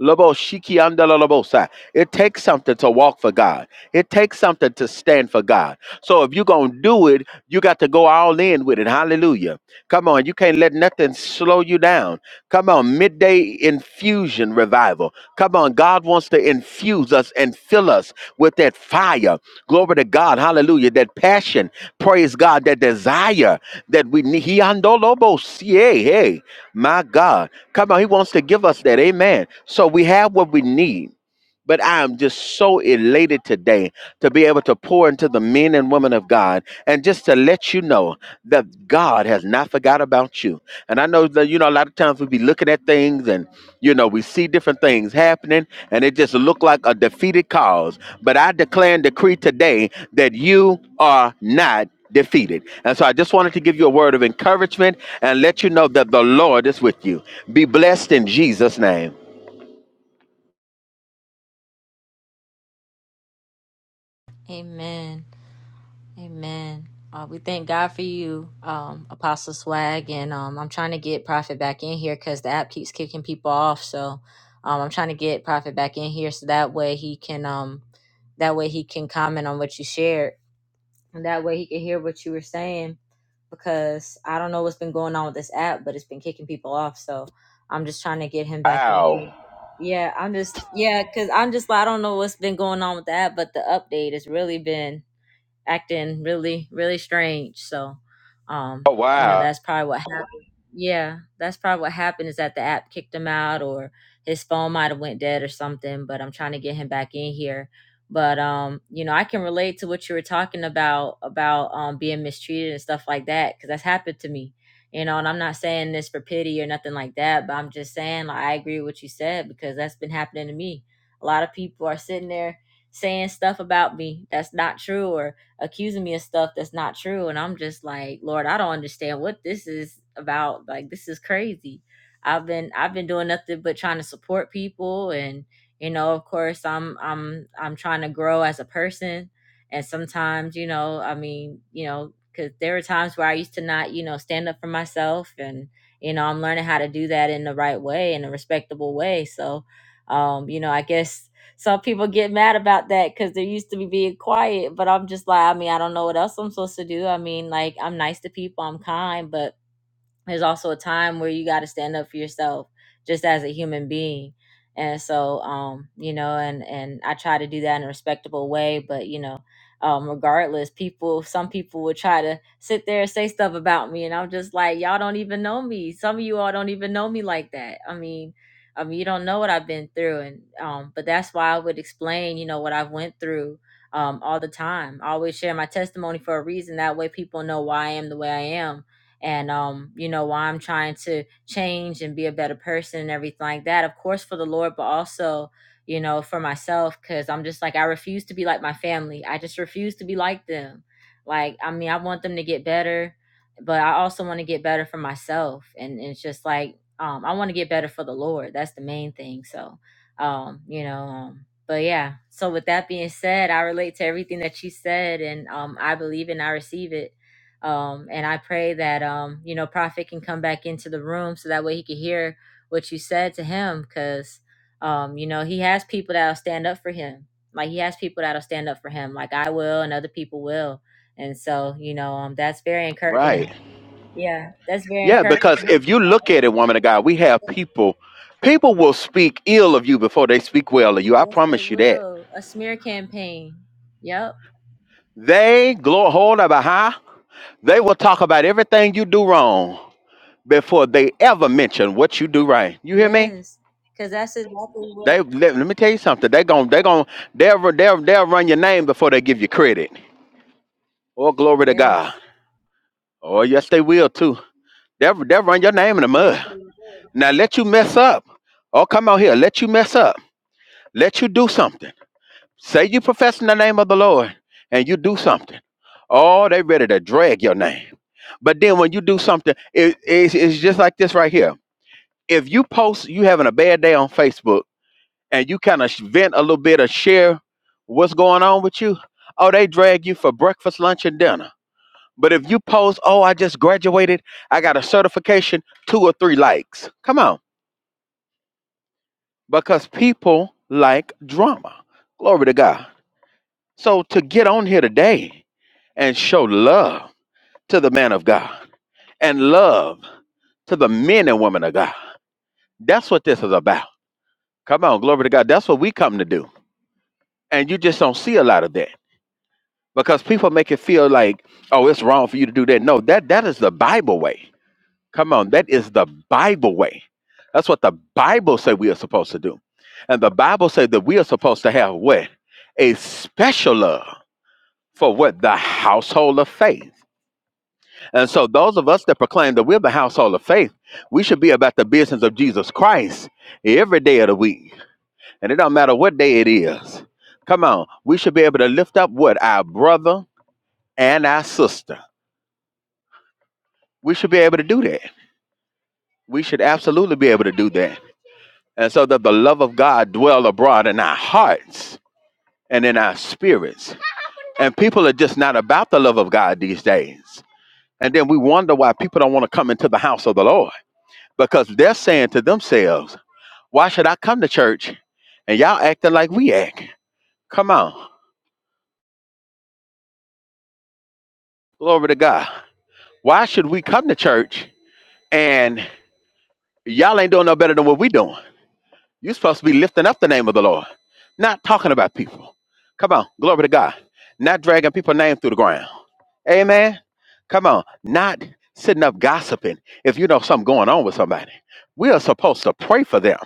Speaker 9: Lobo shiki andala lobosa. It takes something to walk for God. It takes something to stand for God. So if you're going to do it, you got to go all in with it. Hallelujah. Come on, you can't let nothing slow you down. Come on, midday infusion revival. Come on, God wants to infuse us and fill us with that fire. Glory to God. Hallelujah. That passion. Praise God. That desire that we need. He andolobo Hey, hey. My God. Come on, He wants to give us that. Amen. So we have what we need but I am just so elated today to be able to pour into the men and women of God and just to let you know that God has not forgot about you. And I know that, you know, a lot of times we be looking at things and, you know, we see different things happening and it just look like a defeated cause. But I declare and decree today that you are not defeated. And so I just wanted to give you a word of encouragement and let you know that the Lord is with you. Be blessed in Jesus' name.
Speaker 2: Amen. Amen. Uh, we thank God for you, um, Apostle Swag, and um, I'm trying to get Prophet back in here because the app keeps kicking people off. So um, I'm trying to get Prophet back in here so that way he can, um, that way he can comment on what you shared, and that way he can hear what you were saying. Because I don't know what's been going on with this app, but it's been kicking people off. So I'm just trying to get him back in
Speaker 9: Wow.
Speaker 2: here. Yeah, I'm just yeah, cause I'm just like I don't know what's been going on with the app, but the update has really been acting really really strange so um
Speaker 9: Oh,
Speaker 2: you know
Speaker 9: wow.
Speaker 2: that's probably what happened yeah that's probably what happened is that the app kicked him out or his phone might have went dead or something but i'm trying to get him back in here but um you know i can relate to what you were talking about about um being mistreated and stuff like that because that's happened to me you know and i'm not saying this for pity or nothing like that but i'm just saying like i agree with what you said because that's been happening to me a lot of people are sitting there saying stuff about me that's not true or accusing me of stuff that's not true. And I'm just like, Lord, I don't understand what this is about. Like this is crazy. I've been I've been doing nothing but trying to support people and you know, of course I'm I'm I'm trying to grow as a person. And sometimes, you know, I mean, you know, because there were times where I used to not, you know, stand up for myself and you know, I'm learning how to do that in the right way, in a respectable way. So um, you know, I guess some people get mad about that because they're used to me being quiet, but I'm just like, I mean, I don't know what else I'm supposed to do. I mean, like, I'm nice to people, I'm kind, but there's also a time where you got to stand up for yourself just as a human being and so um you know and and i try to do that in a respectable way but you know um regardless people some people would try to sit there and say stuff about me and i'm just like y'all don't even know me some of you all don't even know me like that i mean i mean you don't know what i've been through and um but that's why i would explain you know what i've went through um all the time i always share my testimony for a reason that way people know why i am the way i am and um you know why i'm trying to change and be a better person and everything like that of course for the lord but also you know for myself because i'm just like i refuse to be like my family i just refuse to be like them like i mean i want them to get better but i also want to get better for myself and it's just like um i want to get better for the lord that's the main thing so um you know um but yeah so with that being said i relate to everything that you said and um i believe and i receive it um, and I pray that um, you know, Prophet can come back into the room so that way he can hear what you said to him, because um, you know, he has people that'll stand up for him. Like he has people that'll stand up for him, like I will, and other people will. And so, you know, um, that's very encouraging. to-
Speaker 9: Right.
Speaker 2: Yeah, that's very
Speaker 9: Yeah,
Speaker 2: encouraging. to
Speaker 9: because
Speaker 2: him.
Speaker 9: if you look at it, woman of God, we have people, people will speak ill of you before they speak well of you. I
Speaker 2: Yes, they
Speaker 9: promise you that.
Speaker 2: will. A smear campaign. Yep.
Speaker 9: They, glory, hold up a high, they will talk about everything you do wrong before they ever mention what you do right. You hear me?
Speaker 2: Yes. Because that's exactly what.
Speaker 9: They let, let me tell you something. They're going they're going they'll, run- they'll they'll run your name before they give you credit. Oh glory to God.
Speaker 2: Yes.
Speaker 9: Oh yes they will too. They'll, they'll run your name in the
Speaker 2: Yes,
Speaker 9: mud.
Speaker 2: they will.
Speaker 9: Now let you mess up. Oh come out here, let you mess up. Let you do something. Say you profess in the name of the Lord and you do something. Oh, they ready to drag your name. But then when you do something, it, it's, it's just like this right here. If you post you having a bad day on Facebook and you kind of vent a little bit or share what's going on with you, oh, they drag you for breakfast, lunch, and dinner. But if you post, oh, I just graduated, I got a certification, two or three likes. Come on. Because people like drama. Glory to God. So to get on here today and show love to the man of God and love to the men and women of God, that's what this is about. Come on, glory to God. That's what we come to do. And you just don't see a lot of that because people make it feel like, oh, it's wrong for you to do that. No, that that is the Bible way. Come on, that is the Bible way. That's what the Bible says we are supposed to do. And the Bible says that we are supposed to have what? A special love for what? The household of faith. And so, those of us that proclaim that we're the household of faith, we should be about the business of Jesus Christ every day of the week. And it don't matter what day it is. Come on, we should be able to lift up what? Our brother and our sister. We should be able to do that. We should absolutely be able to do that. And so that the love of God dwell abroad in our hearts and in our spirits. And people are just not about the love of God these days. And then we wonder why people don't want to come into the house of the Lord because they're saying to themselves, Why should I come to church and y'all acting like we act? Come on. Glory to God. Why should we come to church and y'all ain't doing no better than what we doing? you supposed to be lifting up the name of the Lord, not talking about people. Come on. Glory to God. Not dragging people's name through the ground. Amen. Come on. Not sitting up gossiping if you know something going on with somebody. We are supposed to pray for them.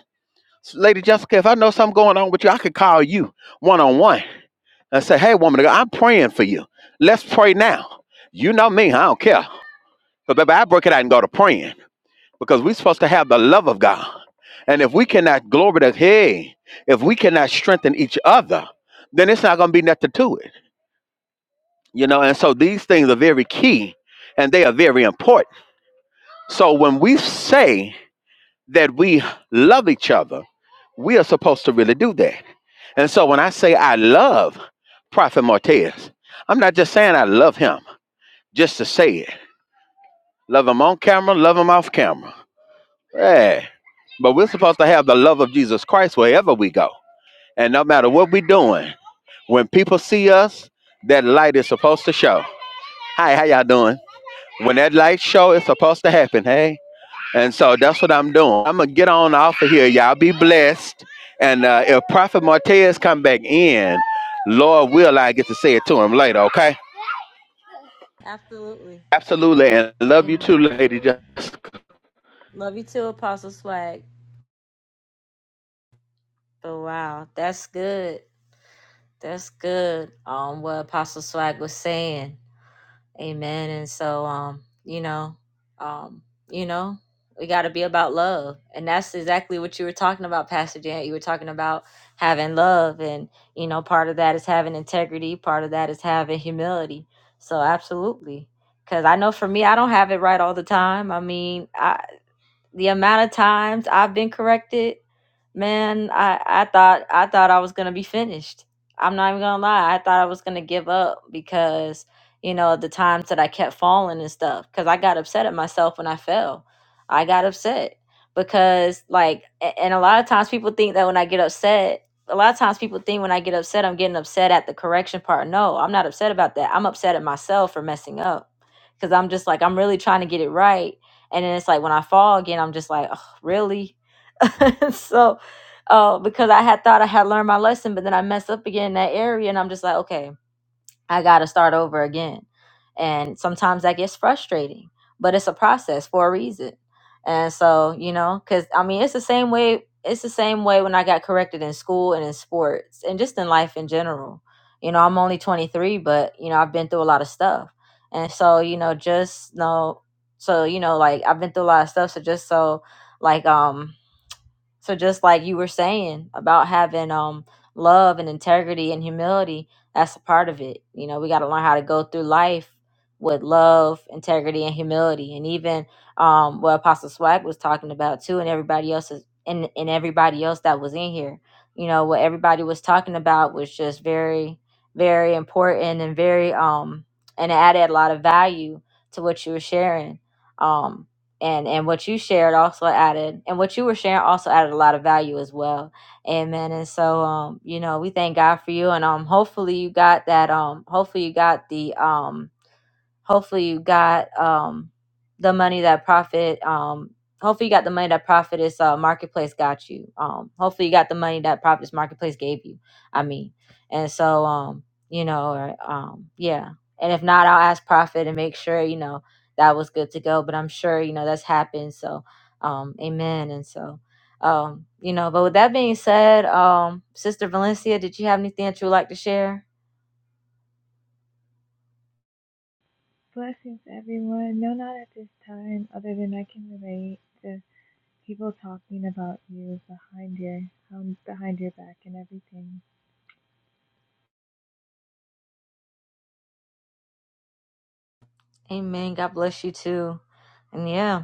Speaker 9: Lady Jessica, if I know something going on with you, I could call you one on one. and say, hey, woman, of God, I'm praying for you. Let's pray now. You know me, I don't care. But baby, I break it out and go to praying because we're supposed to have the love of God. And if we cannot glory to hey, if we cannot strengthen each other, then it's not gonna be nothing to it. You know, and so these things are very key and they are very important. So when we say that we love each other, we are supposed to really do that. And so when I say I love Prophet Martez, I'm not just saying I love him. just to say it. Love him on camera, love him off camera. Yeah. But we're supposed to have the love of Jesus Christ wherever we go. And no matter what we're doing, when people see us, that light is supposed to show. Hi, how y'all doing? When that light show is supposed to happen, hey? And so that's what I'm doing. I'm gonna get on off of here. Y'all be blessed. And uh, if Prophet Martez come back in, Lord will I get to say it to him later, okay?
Speaker 2: Absolutely.
Speaker 9: Absolutely. And love you
Speaker 2: Amen.
Speaker 9: too, Lady Jessica.
Speaker 2: Love you too, Apostle Swag. But wow, that's good. That's good. Um, what Apostle Swag was saying. Amen. And so, um, you know, um, you know, we got to be about love, and that's exactly what you were talking about, Pastor Jan. You were talking about having love, and you know, part of that is having integrity. Part of that is having humility. So, absolutely. Cause I know for me, I don't have it right all the time. I mean, I, the amount of times I've been corrected Man, I I thought I thought I was gonna be finished. I'm not even gonna lie. I thought I was gonna give up because you know the times that I kept falling and stuff. Because I got upset at myself when I fell. I got upset because like, a- and a lot of times people think that when I get upset, a lot of times people think when I get upset, I'm getting upset at the correction part. No, I'm not upset about that. I'm upset at myself for messing up because I'm just like I'm really trying to get it right, and then it's like when I fall again, I'm just like, oh, really so uh, because I had thought I had learned my lesson, but then I messed up again in that area, and I'm just like, okay, I got to start over again. And sometimes that gets frustrating, but it's a process for a reason. And so, you know, because I mean, it's the same way. It's the same way when I got corrected in school and in sports and just in life in general. You know, I'm only 23, but, you know, I've been through a lot of stuff. And so, you know, just know, so, you know, like I've been through a lot of stuff. So just so, like, um, so just like you were saying about having um love and integrity and humility, that's a part of it. You know, we got to learn how to go through life with love, integrity, and humility, and even um what Apostle Swag was talking about too, and everybody else is and and everybody else that was in here. You know what everybody was talking about was just very, very important and very um and it added a lot of value to what you were sharing. Um, and and what you shared also added and what you were sharing also added a lot of value as well amen and so um you know we thank god for you and um hopefully you got that um hopefully you got the um hopefully you got um the money that profit um hopefully you got the money that profit is uh marketplace got you um hopefully you got the money that profit's marketplace gave you i mean and so um you know or, um yeah and if not i'll ask profit and make sure you know that was good to go but i'm sure you know that's happened so um amen and so um you know but with that being said um sister valencia did you have anything that you would like to share
Speaker 10: Blessings, everyone. No, not at this time, other than I can relate to people talking about you behind your um, behind your back and everything.
Speaker 2: Amen. God bless you too. And yeah,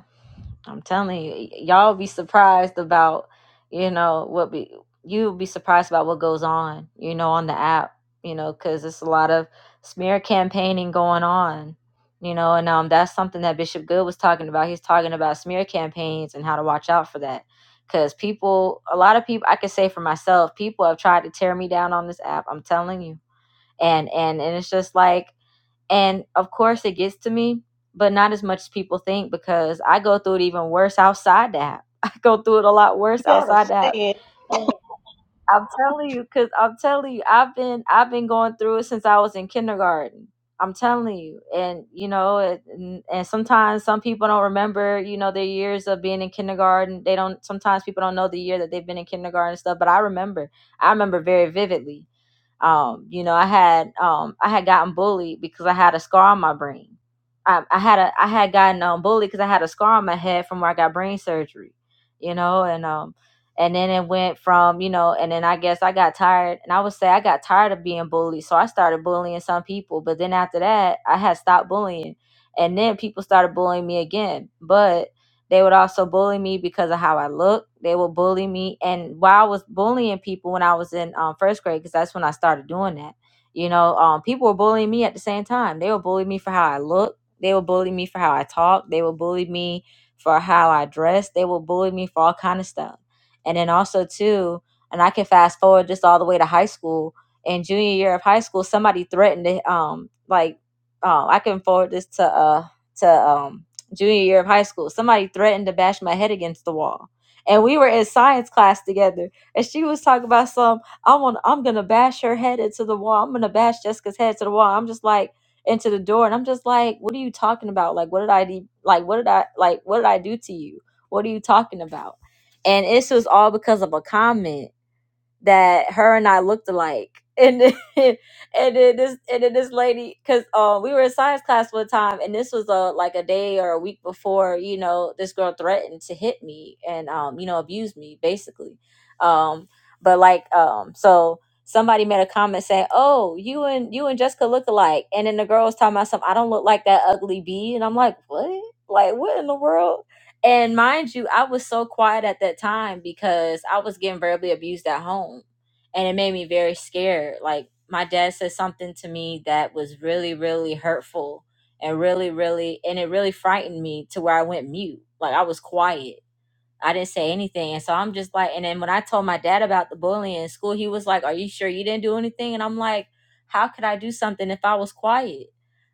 Speaker 2: I'm telling you, y- y'all be surprised about, you know, what be you'll be surprised about what goes on, you know, on the app, you know, because it's a lot of smear campaigning going on, you know, and um, that's something that Bishop Good was talking about. He's talking about smear campaigns and how to watch out for that, because people, a lot of people, I can say for myself, people have tried to tear me down on this app. I'm telling you, and and and it's just like and of course, it gets to me, but not as much as people think because I go through it even worse outside the app. I go through it a lot
Speaker 3: You
Speaker 2: worse
Speaker 3: gotta
Speaker 2: outside the
Speaker 3: say
Speaker 2: app.
Speaker 3: it.
Speaker 2: And I'm telling you, because I'm telling you, I've been I've been going through it since I was in kindergarten. I'm telling you, and you know, it, and, and sometimes some people don't remember, you know, their years of being in kindergarten. They don't. Sometimes people don't know the year that they've been in kindergarten and stuff. But I remember. I remember very vividly um, you know, I had um, I had gotten bullied because I had a scar on my brain. I, I had a I had gotten um, bullied because I had a scar on my head from where I got brain surgery. You know, and um, and then it went from you know, and then I guess I got tired, and I would say I got tired of being bullied, so I started bullying some people. But then after that, I had stopped bullying, and then people started bullying me again. But they would also bully me because of how I looked. They would bully me, and while I was bullying people when I was in um, first grade, because that's when I started doing that. You know, um, people were bullying me at the same time. They would bully me for how I looked. They would bully me for how I talked. They would bully me for how I dressed. They would bully me for all kind of stuff. And then also too, and I can fast forward just all the way to high school. In junior year of high school, somebody threatened to um like um I can forward this to uh to um junior year of high school, somebody threatened to bash my head against the wall. And we were in science class together, and she was talking about some. I want. I'm gonna bash her head into the wall. I'm gonna bash Jessica's head to the wall. I'm just like into the door, and I'm just like, what are you talking about? Like, what did I do? Like, what did I like? What did I do to you? What are you talking about? And this was all because of a comment that her and I looked alike. And then, and then this and then this lady, cause um we were in science class one time, and this was a like a day or a week before you know this girl threatened to hit me and um you know abuse me basically, um but like um so somebody made a comment saying oh you and you and Jessica look alike, and then the girl was talking about something I don't look like that ugly bee, and I'm like what like what in the world and mind you, I was so quiet at that time because I was getting verbally abused at home. And it made me very scared. Like, my dad said something to me that was really, really hurtful and really, really, and it really frightened me to where I went mute. Like, I was quiet I didn't say anything. And so I'm just like, and then when I told my dad about the bullying in school, he was like, Are you sure you didn't do anything? And I'm like, How could I do something if I was quiet?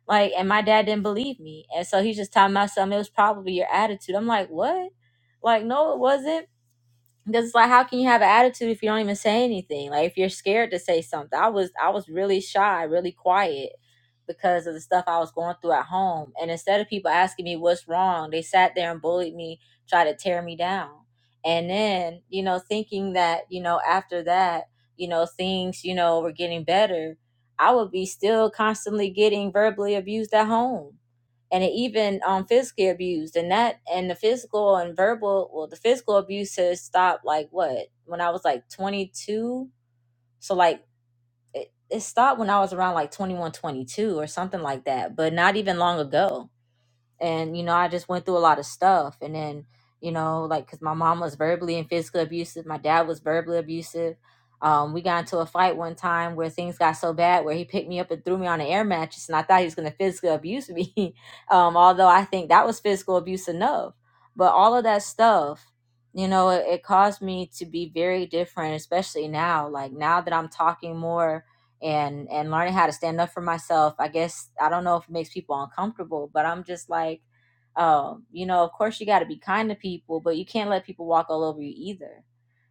Speaker 2: Like, and my dad didn't believe me. And so he's just telling myself, It was probably your attitude. I'm like, What? Like, no, it wasn't because it's like how can you have an attitude if you don't even say anything like if you're scared to say something i was i was really shy really quiet because of the stuff i was going through at home and instead of people asking me what's wrong they sat there and bullied me tried to tear me down and then you know thinking that you know after that you know things you know were getting better i would be still constantly getting verbally abused at home and it even um physically abused and that and the physical and verbal well the physical abuse has stopped like what when i was like 22 so like it, it stopped when i was around like 21, 22, or something like that but not even long ago and you know i just went through a lot of stuff and then you know like because my mom was verbally and physically abusive my dad was verbally abusive um, we got into a fight one time where things got so bad where he picked me up and threw me on an air mattress and i thought he was going to physically abuse me um, although i think that was physical abuse enough but all of that stuff you know it, it caused me to be very different especially now like now that i'm talking more and and learning how to stand up for myself i guess i don't know if it makes people uncomfortable but i'm just like oh you know of course you got to be kind to people but you can't let people walk all over you either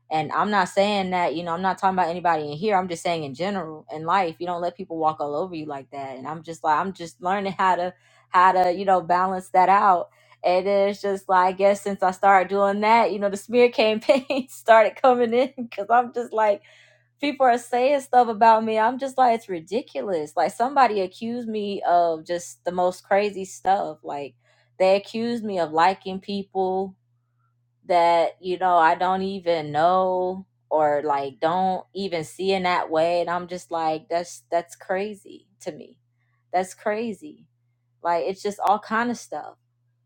Speaker 2: and i'm not saying that you know i'm not talking about anybody in here i'm just saying in general in life you don't let people walk all over you like that and i'm just like i'm just learning how to how to you know balance that out and then it's just like i guess since i started doing that you know the smear campaign started coming in because i'm just like people are saying stuff about me. I'm just like, it's ridiculous. Like somebody accused me of just the most crazy stuff. Like they accused me of liking people that, you know, I don't even know or like don't even see in that way. And I'm just like, that's that's crazy to me. That's crazy. Like it's just all kind of stuff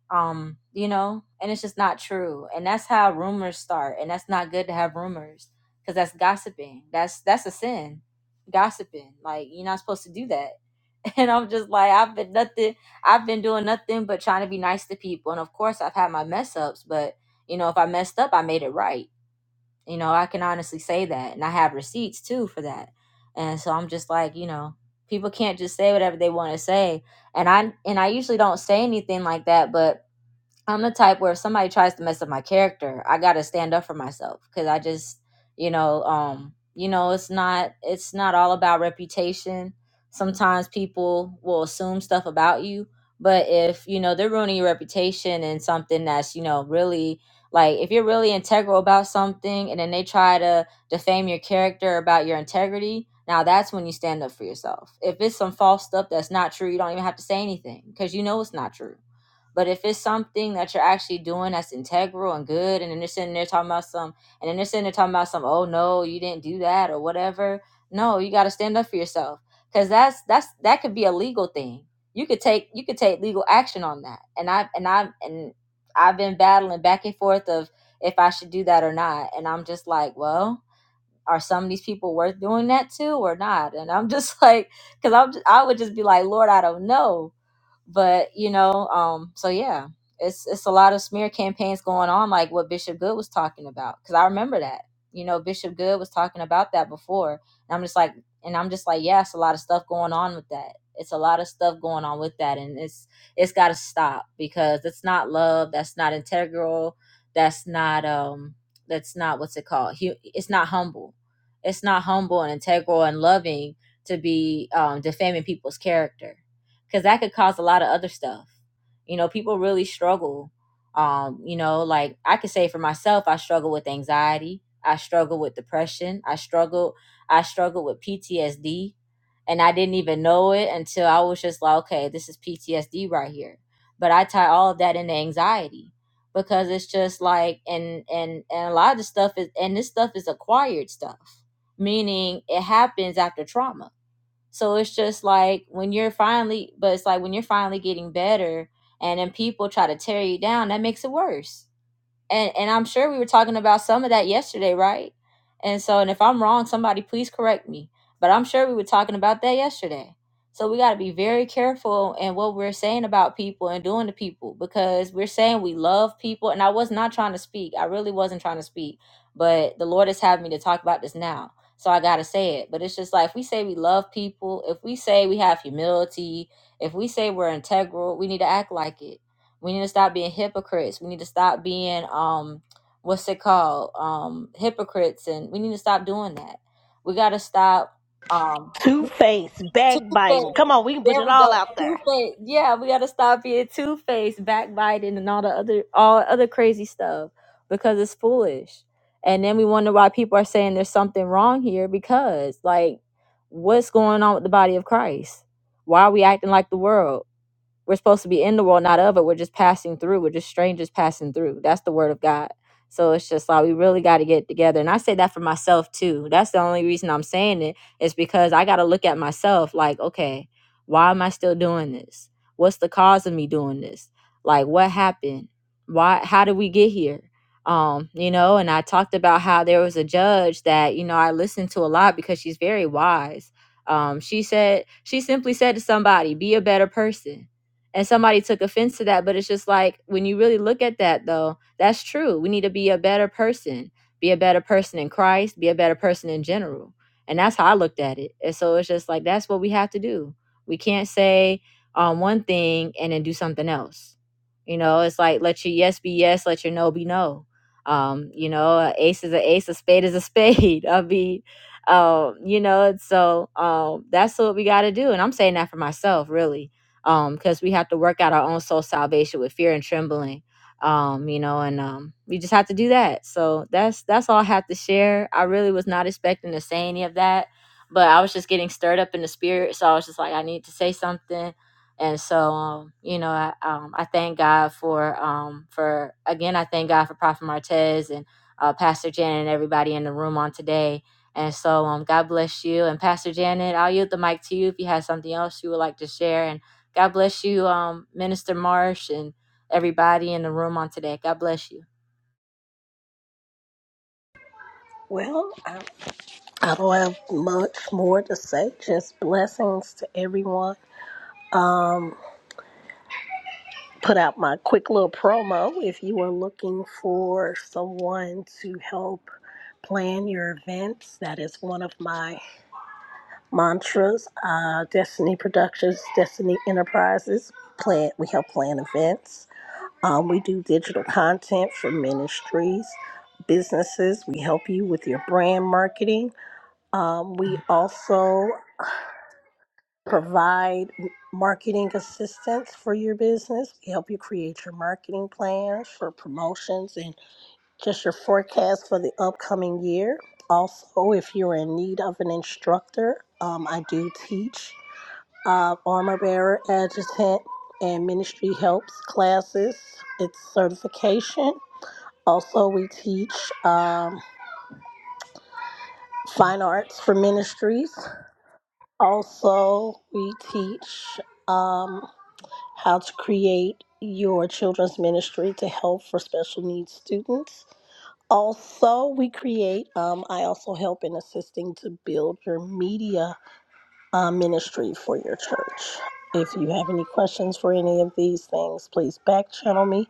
Speaker 2: um you know and it's just not true and that's how rumors start and that's not good to have rumors because that's gossiping that's that's a sin gossiping like you're not supposed to do that and i'm just like i've been nothing i've been doing nothing but trying to be nice to people and of course i've had my mess ups but you know if i messed up i made it right you know i can honestly say that and i have receipts too for that and so i'm just like you know people can't just say whatever they want to say and i and i usually don't say anything like that but I'm the type where if somebody tries to mess up my character, I gotta stand up for myself because I just, you know, um, you know, it's not it's not all about reputation. Sometimes people will assume stuff about you, but if you know they're ruining your reputation and something that's you know really like if you're really integral about something and then they try to defame your character about your integrity, now that's when you stand up for yourself. If it's some false stuff that's not true, you don't even have to say anything because you know it's not true but if it's something that you're actually doing that's integral and good, and then they're sitting there talking about some, and then they're sitting there talking about some, oh no, you didn't do that or whatever. No, you got to stand up for yourself because that's that's that could be a legal thing. You could take you could take legal action on that. And I and I and I've been battling back and forth of if I should do that or not. And I'm just like, well, are some of these people worth doing that to or not? And I'm just like, because I'm I would just be like, Lord, I don't know but you know um so yeah it's it's a lot of smear campaigns going on like what bishop good was talking about because i remember that you know bishop good was talking about that before and i'm just like and i'm just like yeah it's a lot of stuff going on with that it's a lot of stuff going on with that and it's it's got to stop because it's not love that's not integral that's not um that's not what's it called Hu- it's not humble it's not humble and integral and loving to be um defaming people's character because that could cause a lot of other stuff. You know, people really struggle. Um, you know, like I could say for myself, I struggle with anxiety. I struggle with depression. I struggle. I struggle with PTSD, and I didn't even know it until I was just like, okay, this is PTSD right here. But I tie all of that into anxiety because it's just like, and and and a lot of the stuff is, and this stuff is acquired stuff, meaning it happens after trauma so it's just like when you're finally, but it's like when you're finally getting better and then people try to tear you down, that makes it worse and and I'm sure we were talking about some of that yesterday, right? And so, and if I'm wrong, somebody please correct me. But I'm sure we were talking about that yesterday. So we got to be very careful in what we're saying about people and doing to people because we're saying we love people. And I was not trying to speak. I really wasn't trying to speak, but the Lord has had me to talk about this now. So I got to say it. But it's just like if we say we love people, if we say we have humility, if we say we're integral, we need to act like it we need to stop being hypocrites. We need to stop being um what's it called? Um hypocrites and we need to stop doing that. We gotta stop um
Speaker 3: Two face,
Speaker 2: two
Speaker 3: backbiting.
Speaker 2: faced.
Speaker 3: Come on, we can put
Speaker 2: There
Speaker 3: it
Speaker 2: we
Speaker 3: all
Speaker 2: go.
Speaker 3: out there.
Speaker 2: Two faced. Yeah, we gotta stop being two faced, backbiting and all the other all other crazy stuff because it's foolish. And then we wonder why people are saying there's something wrong here because like what's going on with the body of Christ? Why are we acting like the world? We're supposed to be in the world, not of it. We're just passing through. We're just strangers passing through. That's the word of God. So it's just like we really got to get together. And I say that for myself too. That's the only reason I'm saying it is because I got to look at myself like, okay, why am I still doing this? What's the cause of me doing this? Like, what happened? Why? How did we get here? Um, you know, and I talked about how there was a judge that you know I listened to a lot because she's very wise. Um, she said she simply said to somebody, "Be a better person." and somebody took offense to that but it's just like when you really look at that though that's true we need to be a better person be a better person in christ be a better person in general and that's how i looked at it and so it's just like that's what we have to do we can't say um, one thing and then do something else you know it's like let your yes be yes let your no be no um, you know a ace is a ace a spade is a spade i mean um, you know and so um, that's what we got to do and i'm saying that for myself really um because we have to work out our own soul salvation with fear and trembling um you know and um we just have to do that so that's that's all i have to share i really was not expecting to say any of that but i was just getting stirred up in the spirit so i was just like i need to say something and so um you know i um i thank god for um for again i thank god for prophet martez and uh, pastor janet and everybody in the room on today and so um god bless you and pastor janet i'll yield the mic to you if you have something else you would like to share and God bless you, um, Minister Marsh, and everybody in the room on today. God bless you.
Speaker 3: Well, I, I don't have much more to say. Just blessings to everyone. Um, put out my quick little promo if you are looking for someone to help plan your events. That is one of my mantras. Uh, Destiny Productions, Destiny Enterprises. Plan. We help plan events. Um, we do digital content for ministries, businesses. We help you with your brand marketing. Um, we also provide marketing assistance for your business. We help you create your marketing plans for promotions and just your forecast for the upcoming year. Also, if you're in need of an instructor, um, I do teach uh, armor bearer, adjutant, and ministry helps classes. It's certification also, we teach um, fine arts for ministries. Also, we teach um, how to create your children's ministry to help for special needs students. Also, we create, um, I also help in assisting to build your media uh, ministry for your church. If you have any questions for any of these things, please back channel me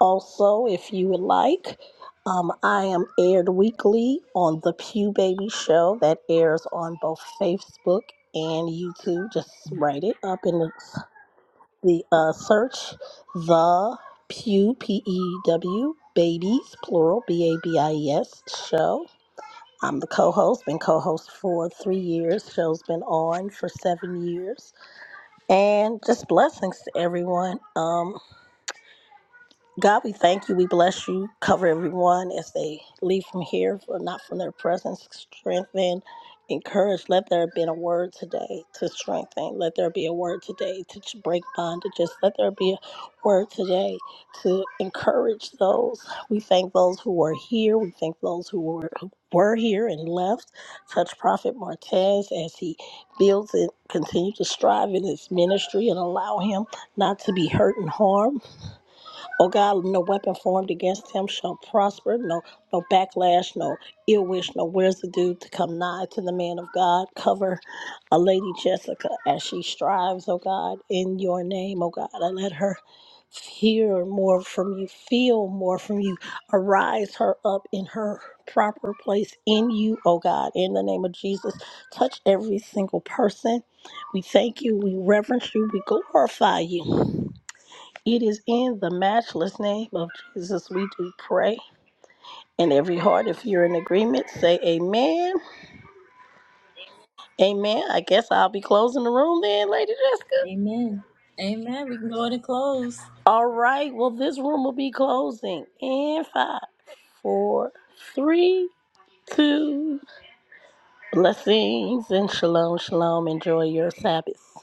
Speaker 3: Also, if you would like, um, I am aired weekly on the Pew Baby Show that airs on both Facebook and YouTube. Just write it up in the, the uh, search the Pew P E W Babies plural B A B I E S show. I'm the co-host. Been co-host for three years. Show's been on for seven years, and just blessings to everyone. Um, God, we thank you. We bless you. Cover everyone as they leave from here, but not from their presence. Strengthen, encourage. Let there have been a word today to strengthen. Let there be a word today to ch- break bondages. Let there be a word today to encourage those. We thank those who are here. We thank those who were who were here and left. Touch Prophet Martez as he builds and continue to strive in his ministry and allow him not to be hurt and harmed Oh God, no weapon formed against him shall prosper. No, no backlash, no ill wish, no where's the to come nigh to the man of God. Cover a lady Jessica as she strives, oh God, in your name, oh God. I let her hear more from you, feel more from you. Arise her up in her proper place in you, oh God, in the name of Jesus. Touch every single person. We thank you, we reverence you, we glorify you. It is in the matchless name of Jesus we do pray. And every heart, if you're in agreement, say amen. Amen. I guess I'll be closing the room then, Lady Jessica.
Speaker 2: Amen. Amen. We can go ahead and close.
Speaker 3: All right. Well, this room will be closing in five, four, three, two. Blessings and shalom, shalom. Enjoy your Sabbath.